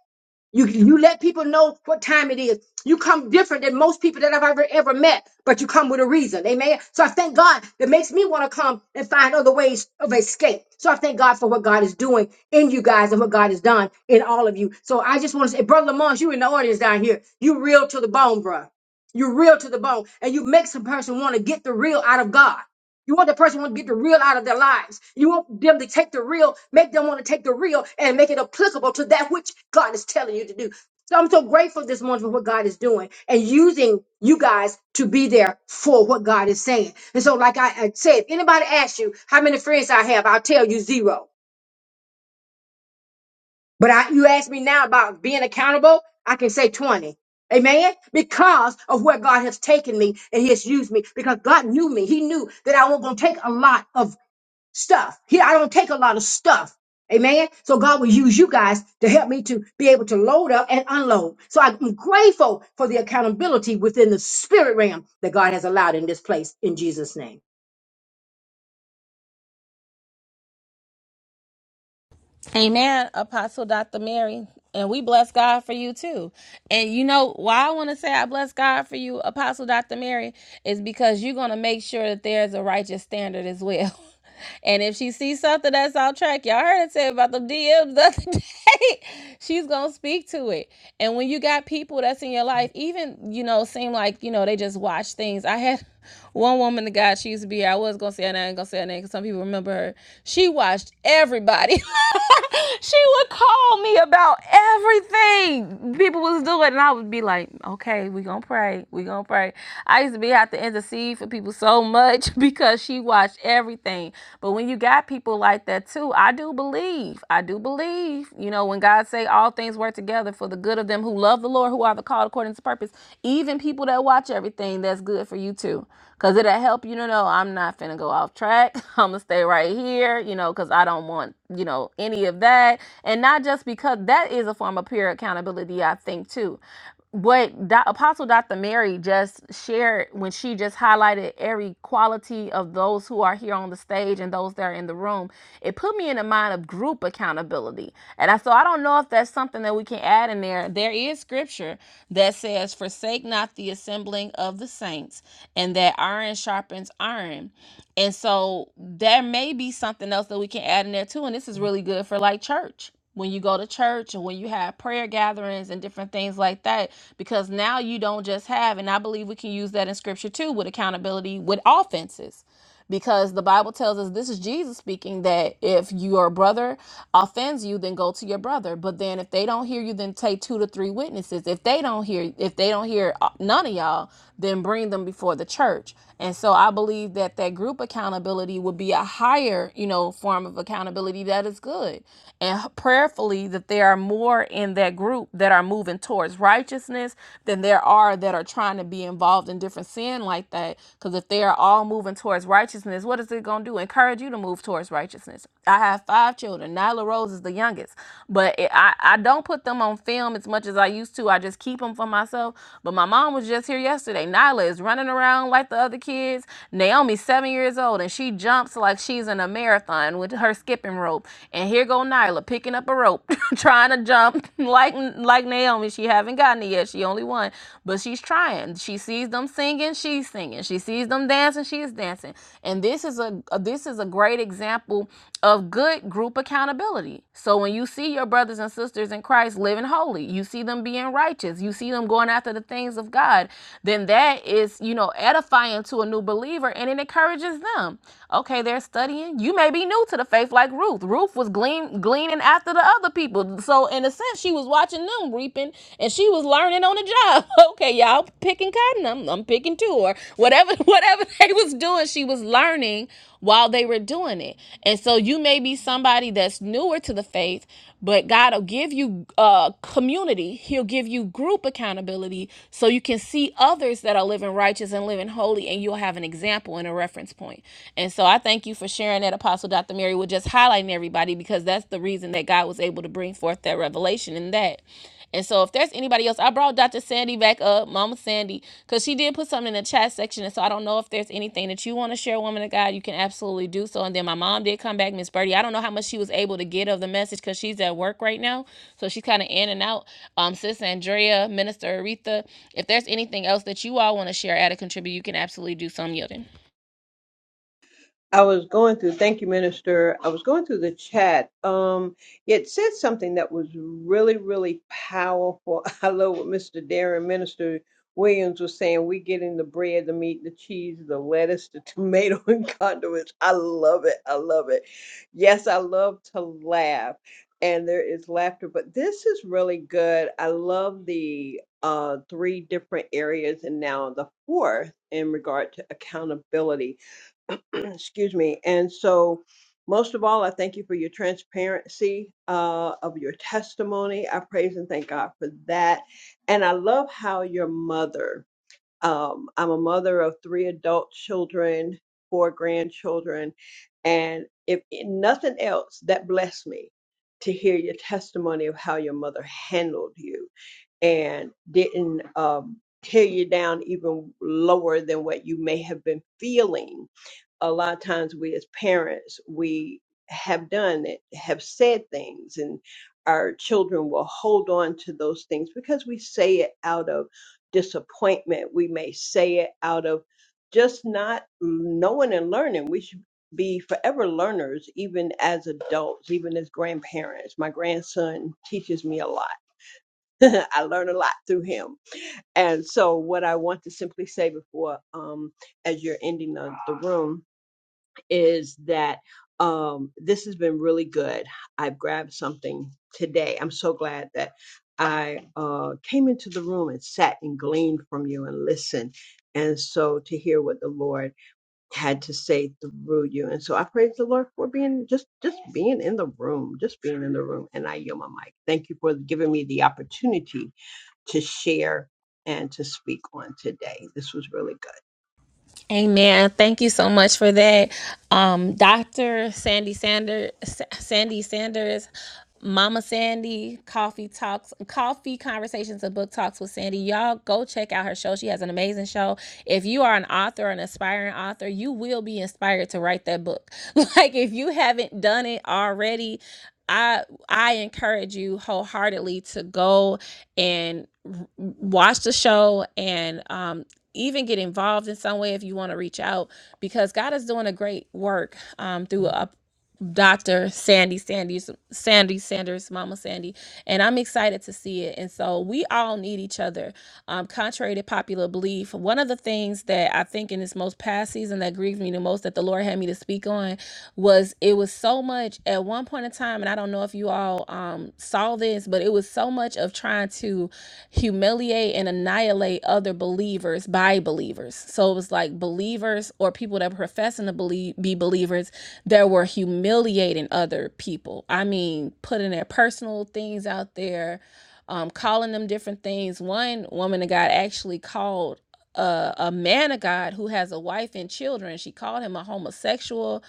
You you let people know what time it is. You come different than most people that I've ever ever met, but you come with a reason. Amen. So I thank God that makes me want to come and find other ways of escape. So I thank God for what God is doing in you guys and what God has done in all of you. So I just want to say, Brother Lamont, you in the audience down here, you real to the bone, bruh. you real to the bone, and you make some person want to get the real out of God. You want the person who want to get the real out of their lives. You want them to take the real, make them want to take the real and make it applicable to that which God is telling you to do. So I'm so grateful this morning for what God is doing and using you guys to be there for what God is saying. And so, like I, I said, if anybody asks you how many friends I have, I'll tell you zero. But I, you ask me now about being accountable, I can say 20. Amen. Because of where God has taken me and He has used me, because God knew me. He knew that I wasn't going to take a lot of stuff. Here, I don't take a lot of stuff. Amen. So God will use you guys to help me to be able to load up and unload. So I'm grateful for the accountability within the spirit realm that God has allowed in this place in Jesus' name.
Amen, Apostle Dr. Mary. And we bless God for you too. And you know why I want to say I bless God for you, Apostle Dr. Mary, is because you're going to make sure that there's a righteous standard as well. And if she sees something that's off track, y'all heard it say about the DMs the other day, she's going to speak to it. And when you got people that's in your life, even, you know, seem like, you know, they just watch things. I had one woman, the guy she used to be, here, I was gonna say her name, I ain't gonna say her name because some people remember her. She watched everybody. she would call me about everything people was doing, and I would be like, "Okay, we gonna pray, we gonna pray." I used to be out to intercede for people so much because she watched everything. But when you got people like that too, I do believe, I do believe, you know, when God say all things work together for the good of them who love the Lord who are the called according to purpose. Even people that watch everything, that's good for you too. Cause it'll help you to know I'm not finna go off track. I'm gonna stay right here, you know, cause I don't want, you know, any of that. And not just because that is a form of peer accountability, I think too what Do- Apostle Dr. Mary just shared when she just highlighted every quality of those who are here on the stage and those that are in the room, it put me in the mind of group accountability. And I, so I don't know if that's something that we can add in there. There is scripture that says, Forsake not the assembling of the saints, and that iron sharpens iron. And so there may be something else that we can add in there too. And this is really good for like church when you go to church and when you have prayer gatherings and different things like that because now you don't just have and i believe we can use that in scripture too with accountability with offenses because the Bible tells us this is Jesus speaking that if your brother offends you, then go to your brother. But then if they don't hear you, then take two to three witnesses. If they don't hear, if they don't hear uh, none of y'all, then bring them before the church. And so I believe that that group accountability would be a higher, you know, form of accountability that is good. And prayerfully that there are more in that group that are moving towards righteousness than there are that are trying to be involved in in different sin like that. Because if they are all moving towards righteousness, what is it going to do? Encourage you to move towards righteousness. I have five children. Nyla Rose is the youngest, but it, I, I don't put them on film as much as I used to. I just keep them for myself. But my mom was just here yesterday. Nyla is running around like the other kids. Naomi's seven years old and she jumps like she's in a marathon with her skipping rope. And here go Nyla picking up a rope, trying to jump like like Naomi. She having haven't gotten it yet. She only one, but she's trying. She sees them singing, she's singing. She sees them dancing, she's dancing. And this is a this is a great example of good group accountability. So when you see your brothers and sisters in Christ living holy, you see them being righteous, you see them going after the things of God, then that is, you know, edifying to a new believer and it encourages them. Okay, they're studying. You may be new to the faith like Ruth. Ruth was glean, gleaning after the other other people. So in a sense, she was watching them reaping and she was learning on the job. Okay, y'all picking cotton. I'm, I'm picking too, or whatever, whatever they was doing, she was learning while they were doing it. And so you may be somebody that's newer to the faith, but God will give you uh community. He'll give you group accountability so you can see others that are living righteous and living holy and you'll have an example and a reference point. And so I thank you for sharing that Apostle Dr. Mary was just highlighting everybody because that's the reason that God was able to bring forth that revelation in that. And so if there's anybody else, I brought Dr. Sandy back up, Mama Sandy, because she did put something in the chat section. And so I don't know if there's anything that you want to share, woman of God, you can absolutely do so. And then my mom did come back, Miss Birdie. I don't know how much she was able to get of the message because she's at work right now. So she's kind of in and out. Um, Sis Andrea, Minister Aretha, if there's anything else that you all want to share, add or contribute, you can absolutely do so. I'm yielding.
I was going through, thank you, Minister. I was going through the chat. Um, it said something that was really, really powerful. I love what Mr. Darren, Minister Williams, was saying. We getting the bread, the meat, the cheese, the lettuce, the tomato, and condiments. I love it. I love it. Yes, I love to laugh, and there is laughter, but this is really good. I love the uh, three different areas, and now the fourth in regard to accountability Excuse me. And so, most of all, I thank you for your transparency uh, of your testimony. I praise and thank God for that. And I love how your mother, um, I'm a mother of three adult children, four grandchildren. And if if nothing else, that blessed me to hear your testimony of how your mother handled you and didn't um, tear you down even lower than what you may have been feeling a lot of times we as parents we have done it have said things and our children will hold on to those things because we say it out of disappointment we may say it out of just not knowing and learning we should be forever learners even as adults even as grandparents my grandson teaches me a lot i learn a lot through him and so what i want to simply say before um as you're ending the, the room is that um, this has been really good. I've grabbed something today. I'm so glad that I uh, came into the room and sat and gleaned from you and listened. And so to hear what the Lord had to say through you. And so I praise the Lord for being just just being in the room, just being in the room. And I yield my mic. Thank you for giving me the opportunity to share and to speak on today. This was really good.
Amen. Thank you so much for that. Um, Dr. Sandy Sanders, Sandy Sanders, Mama Sandy, Coffee Talks, Coffee Conversations and Book Talks with Sandy. Y'all go check out her show. She has an amazing show. If you are an author, an aspiring author, you will be inspired to write that book. Like if you haven't done it already, I I encourage you wholeheartedly to go and r- watch the show and um, even get involved in some way if you want to reach out because God is doing a great work um, through a. Dr. Sandy Sanders, Sandy Sanders, Mama Sandy, and I'm excited to see it. And so we all need each other. Um, contrary to popular belief, one of the things that I think in this most past season that grieved me the most that the Lord had me to speak on was it was so much at one point in time, and I don't know if you all um, saw this, but it was so much of trying to humiliate and annihilate other believers by believers. So it was like believers or people that profess professing to believe, be believers that were humiliating other people. I mean, putting their personal things out there, um, calling them different things. One woman of God actually called a, a man of God who has a wife and children. She called him a homosexual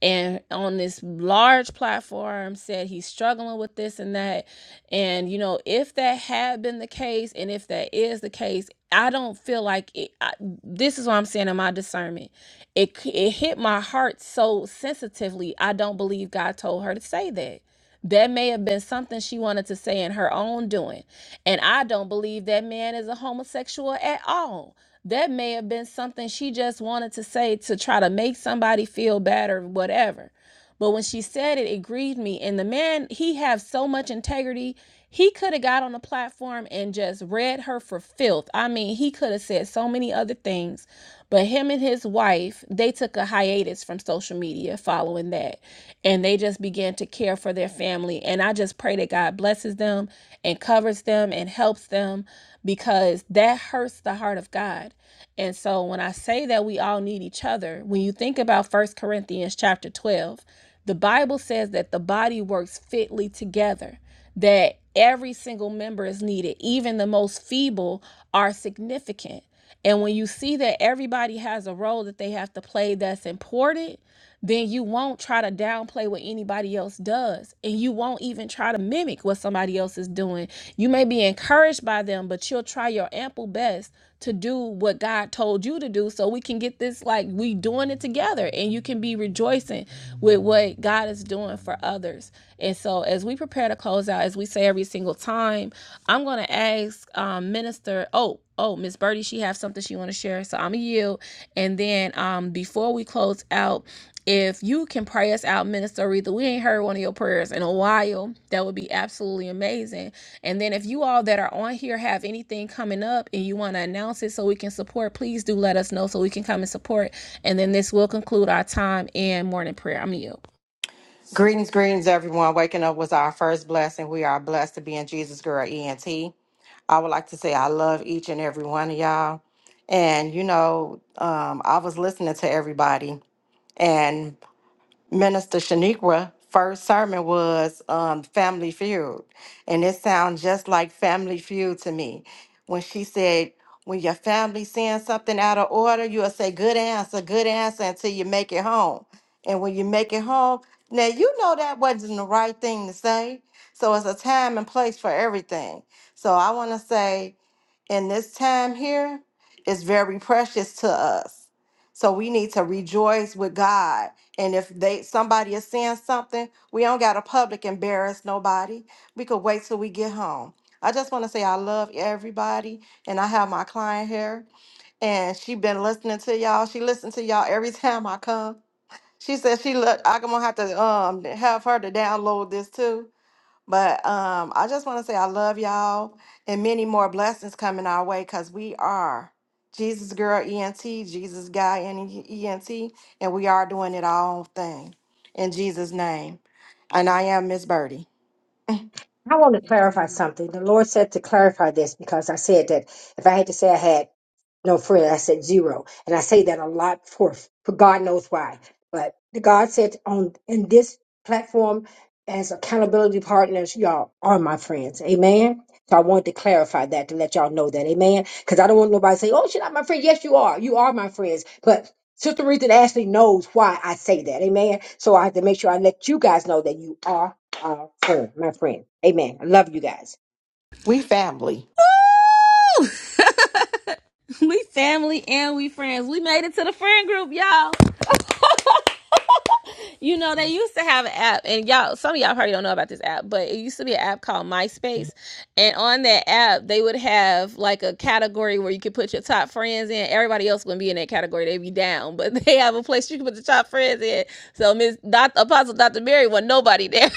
and on this large platform said he's struggling with this and that. And, you know, if that had been the case and if that is the case, I don't feel like it. I, this is what I'm saying in my discernment. It it hit my heart so sensitively. I don't believe God told her to say that. That may have been something she wanted to say in her own doing. And I don't believe that man is a homosexual at all. That may have been something she just wanted to say to try to make somebody feel bad or whatever. But when she said it, it grieved me. And the man, he has so much integrity. He could have got on the platform and just read her for filth. I mean, he could have said so many other things. But him and his wife, they took a hiatus from social media following that. And they just began to care for their family. And I just pray that God blesses them and covers them and helps them because that hurts the heart of God. And so when I say that we all need each other, when you think about First Corinthians chapter 12, the Bible says that the body works fitly together, that every single member is needed, even the most feeble are significant. And when you see that everybody has a role that they have to play that's important, then you won't try to downplay what anybody else does. And you won't even try to mimic what somebody else is doing. You may be encouraged by them, but you'll try your ample best to do what God told you to do so we can get this like we doing it together and you can be rejoicing with what God is doing for others. And so as we prepare to close out, as we say every single time, I'm gonna ask um, Minister, oh, oh, Miss Birdie, she has something she wanna share. So I'm gonna yield. And then um, before we close out, if you can pray us out, Minister Aretha, we ain't heard one of your prayers in a while. That would be absolutely amazing. And then if you all that are on here have anything coming up and you want to announce it so we can support, please do let us know so we can come and support. And then this will conclude our time in morning prayer. I'm you.
Greetings, greetings, everyone. Waking up was our first blessing. We are blessed to be in Jesus Girl ENT. I would like to say I love each and every one of y'all. And, you know, um, I was listening to everybody, and Minister Shaniqua first sermon was um, Family Feud, and it sounds just like Family Feud to me. When she said, "When your family sends something out of order, you'll say good answer, good answer until you make it home, and when you make it home, now you know that wasn't the right thing to say. So it's a time and place for everything. So I want to say." in this time here is very precious to us. So we need to rejoice with God and if they somebody is saying something, we don't gotta public embarrass nobody. We could wait till we get home. I just want to say I love everybody, and I have my client here, and she been listening to y'all. She listened to y'all every time I come. She said she look. I'm gonna have to um have her to download this too but um, I just want to say I love y'all and many more blessings coming our way because we are Jesus Girl ENT, Jesus Guy and ENT, and we are doing it our own thing in Jesus' name. And I am Miss Birdie.
I want to clarify something. The Lord said to clarify this because I said that if I had to say I had no friend, I said zero, and I say that a lot for for God knows why. But the God said on in this platform as accountability partners, y'all are my friends. Amen. So I wanted to clarify that to let y'all know that. Amen. Because I don't want nobody to say, "Oh, she's not my friend." Yes, you are. You are my friends. But Sister Ruth Ashley knows why I say that. Amen. So I have to make sure I let you guys know that you are uh, friend, my friend. Amen. I love you guys.
We family.
we family and we friends. We made it to the friend group, y'all. You know, they used to have an app, and y'all, some of y'all probably don't know about this app, but it used to be an app called MySpace. And on that app, they would have like a category where you could put your top friends in. Everybody else wouldn't be in that category, they'd be down. But they have a place you can put the top friends in. So, Miss Doc Apostle Dr. Mary was nobody there.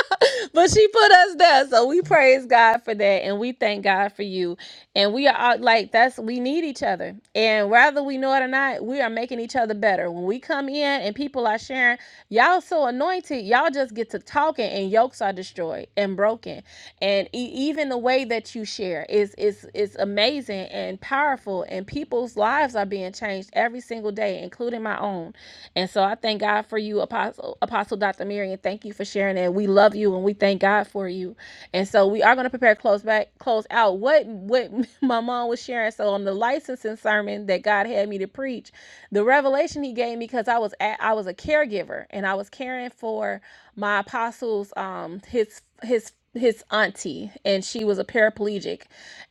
but she put us there. So we praise God for that and we thank God for you. And we are out like that's we need each other. And whether we know it or not, we are making each other better. When we come in and people are sharing, y'all so anointed, y'all just get to talking and yokes are destroyed and broken. And e- even the way that you share is is is amazing and powerful and people's lives are being changed every single day, including my own. And so I thank God for you, Apostle Apostle Dr. Miriam. Thank you for sharing that. We love you you and we thank God for you. And so we are going to prepare close back, close out. What what my mom was sharing. So on the licensing sermon that God had me to preach, the revelation He gave me because I was at, I was a caregiver and I was caring for my apostles, um, his his his auntie, and she was a paraplegic,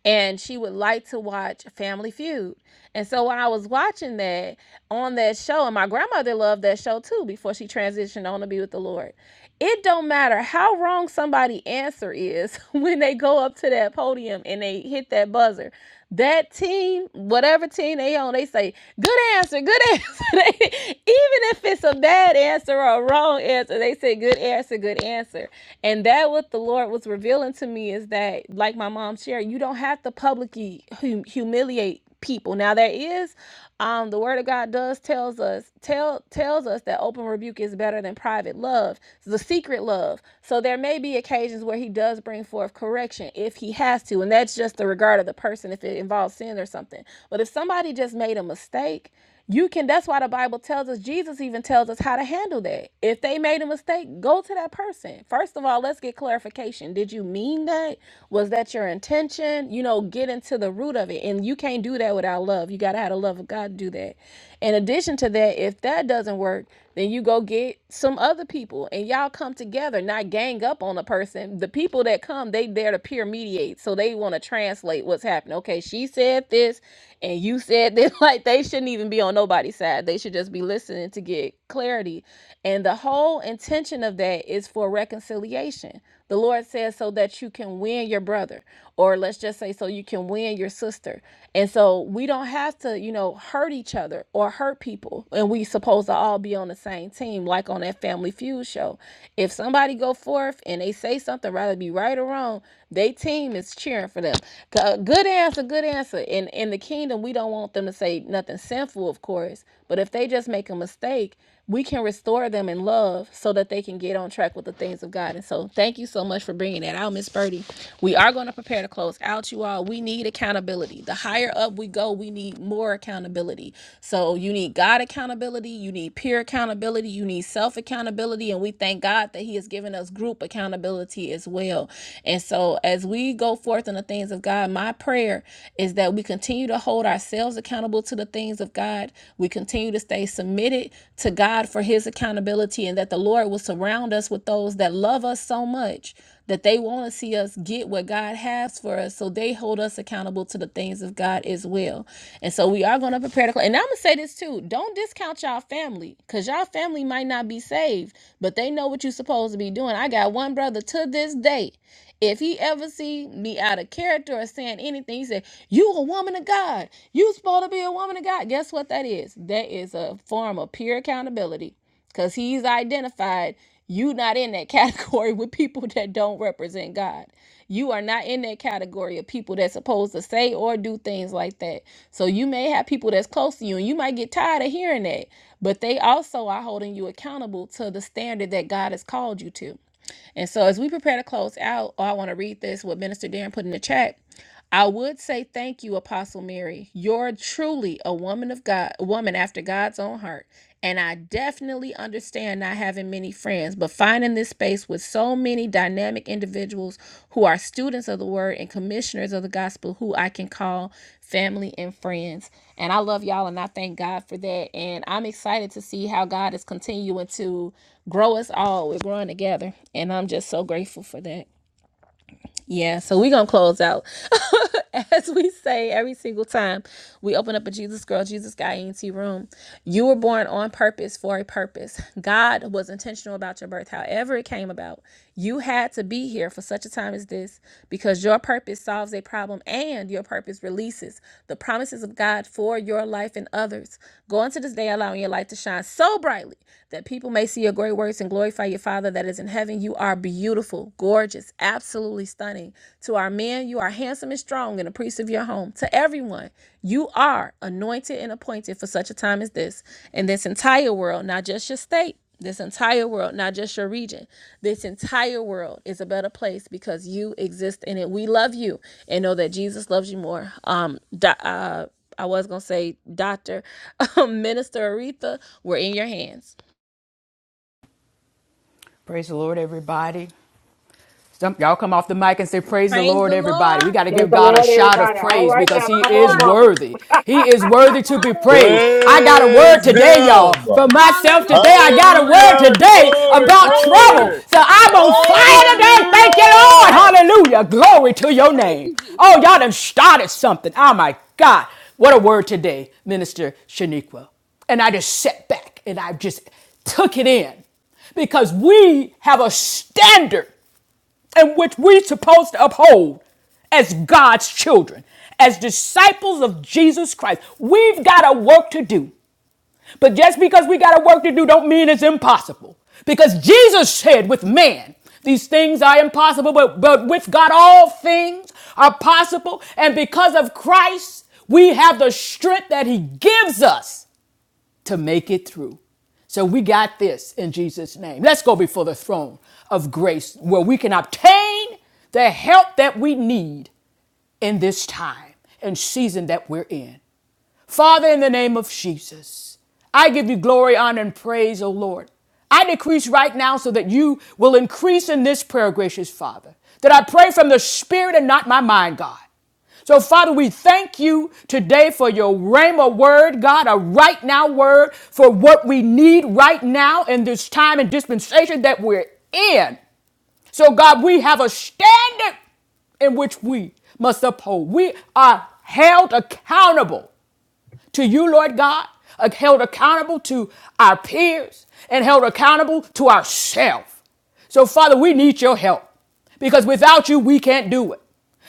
and she would like to watch Family Feud. And so when I was watching that on that show, and my grandmother loved that show too before she transitioned on to be with the Lord it don't matter how wrong somebody answer is when they go up to that podium and they hit that buzzer. That team, whatever team they on, they say, good answer, good answer. Even if it's a bad answer or a wrong answer, they say good answer, good answer. And that what the Lord was revealing to me is that, like my mom shared, you don't have to publicly hum- humiliate people. Now there is um, the word of God does tells us tell tells us that open rebuke is better than private love, the secret love. So there may be occasions where he does bring forth correction if he has to, and that's just the regard of the person if it involves sin or something. But if somebody just made a mistake, you can that's why the bible tells us jesus even tells us how to handle that if they made a mistake go to that person first of all let's get clarification did you mean that was that your intention and you know get into the root of it and you can't do that without love you got to have the love of god to do that in addition to that if that doesn't work then you go get some other people and y'all come together not gang up on a person the people that come they there to peer mediate so they want to translate what's happening okay she said this and you said this like they shouldn't even be on nobody's side they should just be listening to get clarity and the whole intention of that is for reconciliation the Lord says so that you can win your brother, or let's just say so you can win your sister. And so we don't have to, you know, hurt each other or hurt people. And we supposed to all be on the same team, like on that Family Feud show. If somebody go forth and they say something, rather be right or wrong, they team is cheering for them. Go- Good answer, good answer. In in the kingdom, we don't want them to say nothing sinful, of course. But if they just make a mistake, we can restore them in love so that they can get on track with the things of God. And so, thank you so much for bringing that out, Miss Birdie. We are going to prepare to close out, you all. We need accountability. The higher up we go, we need more accountability. So, you need God accountability, you need peer accountability, you need self accountability. And we thank God that He has given us group accountability as well. And so, as we go forth in the things of God, my prayer is that we continue to hold ourselves accountable accountable to the things of God. We continue to stay submitted to God for his accountability and that the Lord will surround us with those that love us so much that they want to see us get what God has for us. So they hold us accountable to the things of God as well. And so we are going to prepare to close. And I'm going to say this too. Don't discount y'all family because y'all family might not be saved, but they know what you're supposed to be doing. I got one brother to this day. If he ever see me out of character or saying anything, he said, "You a woman of God. You supposed to be a woman of God." Guess what that is? That is a form of peer accountability, because he's identified you not in that category with people that don't represent God. You are not in that category of people that's supposed to say or do things like that. So you may have people that's close to you, and you might get tired of hearing that, but they also are holding you accountable to the standard that God has called you to. And so as we prepare to close out, oh, I want to read this what Minister Darren put in the chat. I would say thank you, Apostle Mary. You're truly a woman of God, a woman after God's own heart. And I definitely understand not having many friends, but finding this space with so many dynamic individuals who are students of the word and commissioners of the gospel who I can call family and friends. And I love y'all and I thank God for that. And I'm excited to see how God is continuing to grow us all. We're growing together. And I'm just so grateful for that. Yeah, so we're gonna close out. As we say every single time we open up a Jesus Girl, Jesus Guy ENT room, you were born on purpose for a purpose. God was intentional about your birth, however, it came about. You had to be here for such a time as this because your purpose solves a problem and your purpose releases the promises of God for your life and others. Go into this day allowing your light to shine so brightly that people may see your great works and glorify your Father that is in heaven heaven, you are beautiful, gorgeous, absolutely stunning. To our men, you are handsome and strong and a priest of your home. To everyone, you are anointed and appointed for such a time as this. And this entire world, not just your state, this entire world, not just your region, this entire world is a better place because you exist in it. We love you and know that Jesus loves you more. Um, do- uh, I was gonna say, Doctor, Minister Aretha, we're in your hands.
Praise the Lord, everybody. Some, y'all come off the mic and say, Praise the Lord, everybody. We got to
Praise
give
the
God a
Lord,
shout of
everybody. All
praise
right
because
now.
He
Come on,
is
mama.
worthy. He is worthy to be praised. I got a word
Praise
today, y'all.
Him.
For myself today, I got a word
Hallelujah.
today
Glory,
about trouble.
glory.
So I'm on fire today. Thank you, Lord.
Hallelujah.
Hallelujah. Glory to your name. Oh, y'all done started something. Oh, my God. What a word today, Minister Shaniqua. And I just sat back and I just took it in because we have a standard and which we're supposed to uphold as God's children, as disciples of Jesus Christ. We've got a work to do. But just because we got a work to do don't mean it's impossible. Because Jesus said with man, these things are impossible, but, but with God all things are possible. And because of Christ, we have the strength that he gives us to make it through. So we got this in Jesus' name. Let's go before the throne of grace where we can obtain the help that we need in this time and season that we're in. Father, in the name of Jesus, I give you glory, honor, and praise, O Lord. I decrease right now so that you will increase in this prayer, gracious Father, that I pray from the Spirit and not my mind, God. So, Father, we thank you today for your Rhema word, God, a right now word for what we need right now in this time and dispensation that we're in. So, God, we have a standard in which we must uphold. We are held accountable to you, Lord God, uh, held accountable to our peers, and held accountable to ourselves. So, Father, we need your help because without you, we can't do it.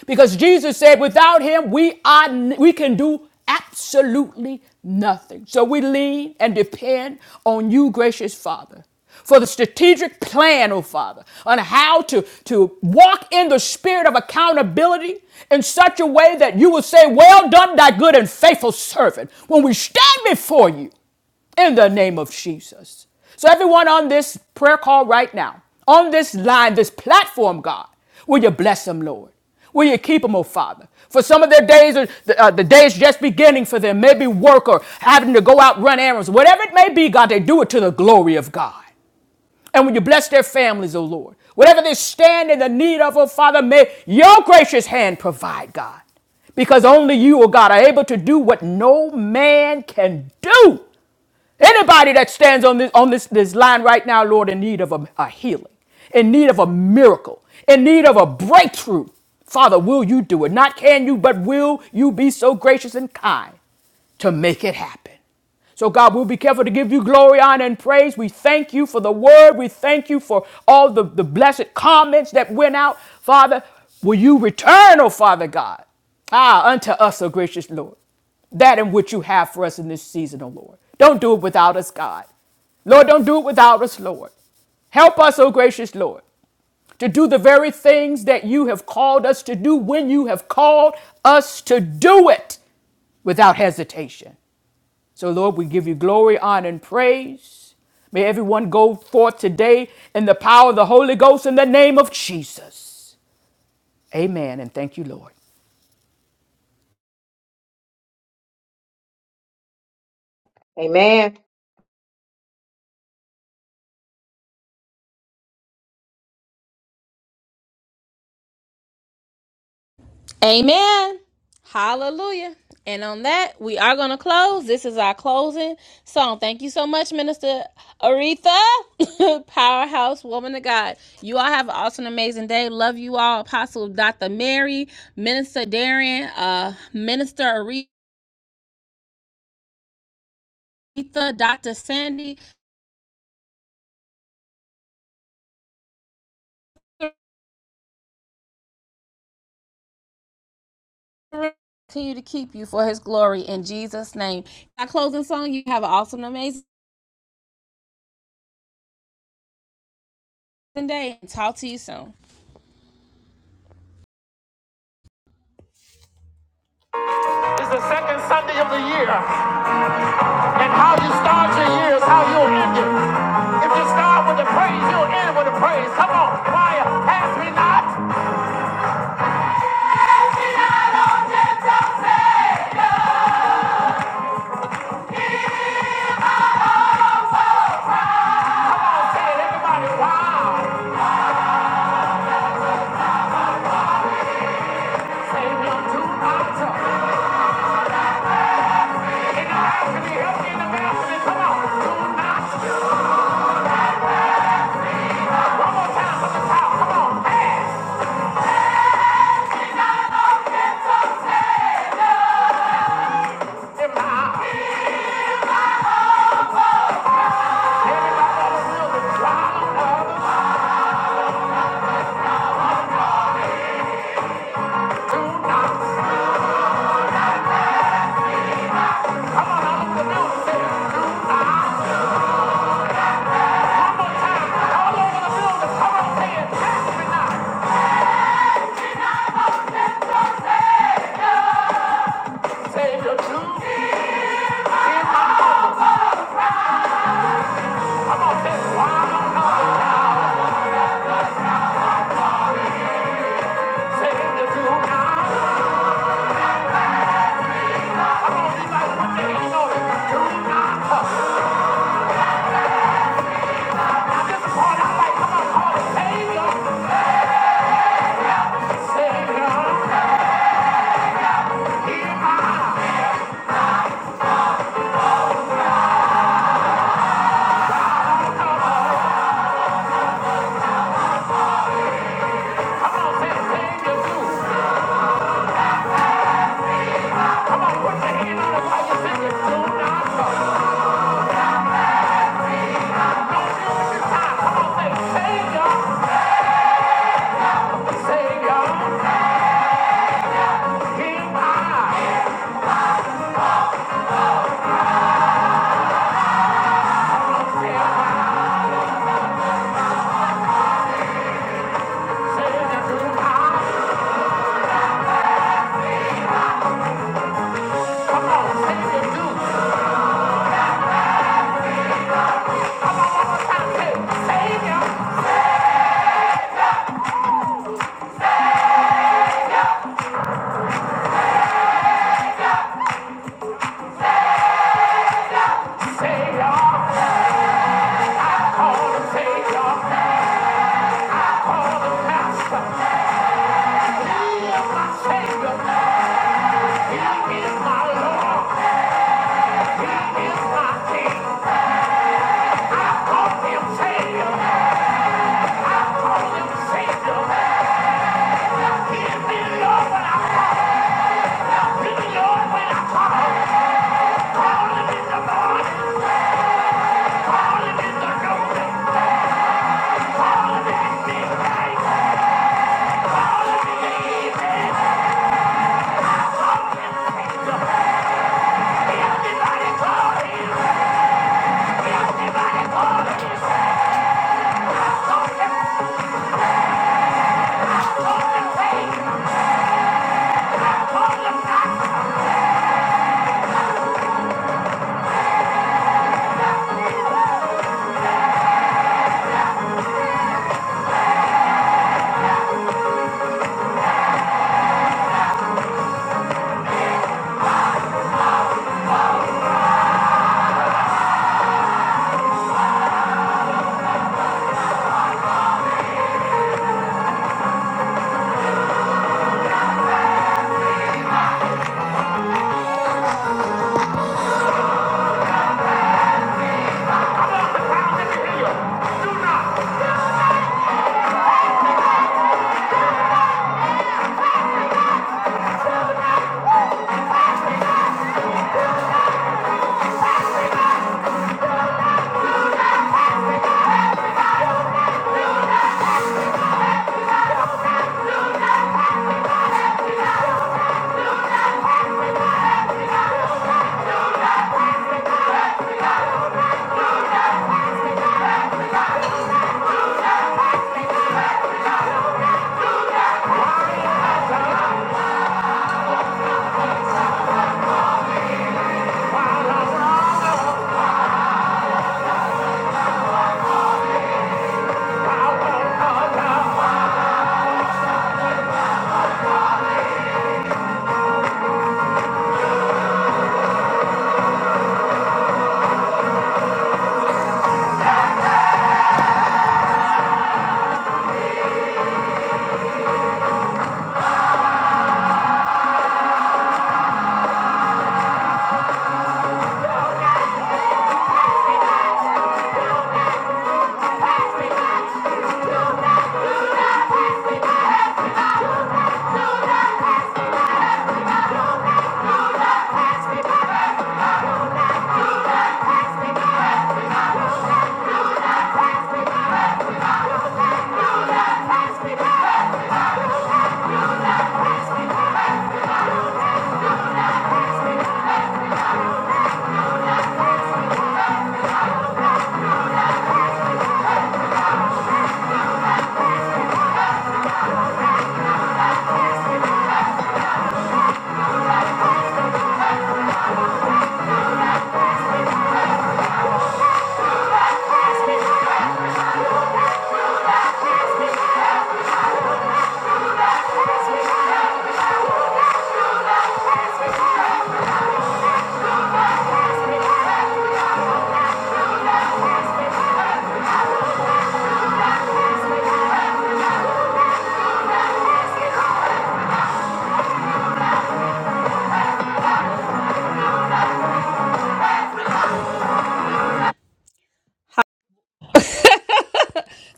Because Jesus said, without him, we, are, we can do absolutely nothing. So we lean and depend on you, gracious Father for the strategic plan, oh Father, on how to, to walk in the spirit of accountability in such a way that you will say, Well done, thy good and faithful servant, when we stand before you in the name of Jesus. So, everyone on this prayer call right now, on this line, this platform, God, will you bless them, Lord? Will you keep them, oh Father? For some of their days, are, the, uh, the day is just beginning for them, maybe work or having to go out run errands, whatever it may be, God, they do it to the glory of God. And when you bless their families, oh Lord, whatever they stand in the need of, oh Father, may your gracious hand provide, God. Because only you, oh God, are able to do what no man can do. Anybody that stands on this on this, this line right now, Lord, in need of a, a healing, in need of a miracle, in need of a breakthrough. Father, will you do it? Not can you, but will you be so gracious and kind to make it happen. So, God, we'll be careful to give you glory, honor, and praise. We thank you for the word. We thank you for all the, the blessed comments that went out. Father, will you return, oh Father God, ah, unto us, oh gracious Lord, that in which you have for us in this season, oh Lord. Don't do it without us, God. Lord, don't do it without us, Lord. Help us, oh gracious Lord to do the very things that you have called us to do when you have called us to do it without hesitation. So, Lord, we give you glory, honor, and praise. May everyone go forth today in the power of the Holy Ghost in the name of Jesus. Amen. And thank you, Lord.
Amen.
Amen. Hallelujah. And on that, we are going to close. This is our closing song. Thank you so much, Minister Aretha, powerhouse woman of God. You all have an awesome, amazing day. Love you all, Apostle Dr. Mary, Minister Darian, uh, Minister Aretha, Dr. Sandy. Continue to keep you for his glory in Jesus' name. Our closing song, you have an awesome, amazing day. Talk to you soon. It's the second Sunday of the year. And how you start your year is how you'll end it. If you start with the praise, you'll end with the praise. Come on, choir, ask me not. Say it, everybody, wow. Say one, two, not. In the house, can you help me in the balcony? Come on, do not. One more time with the power. Come on, ask him now. Everybody on the building, wow. others, Do not. Come on, all over the building, say it. Do not. All over the building, come on, say it. Ask me not. Say it, do not. Come on, save your dues. Come on, save your, save your. Thank you.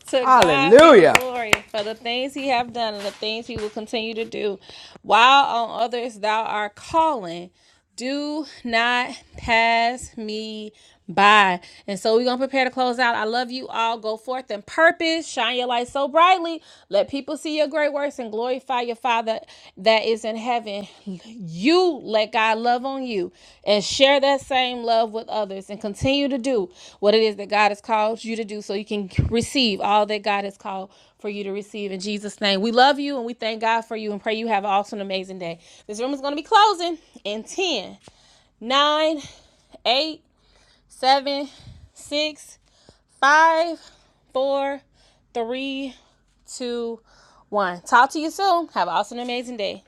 To God be the
Hallelujah.
glory for the things he have done and the things he will continue to do. While on others thou art calling, do not pass me by. And so we're gonna prepare to close out. I love you all. Go forth in purpose, shine your light so brightly. Let people see your great works and glorify your Father that is in heaven. You let God love on you and share that same love with others and continue to do what it is that God has called you to do so you can receive all that God has called for you to receive in Jesus name. We love you and we thank God for you and pray you have an awesome amazing day. This room is going to be closing in ten, nine, eight, seven, six, five, four, three, two, one. Talk to you soon. Have an awesome amazing day.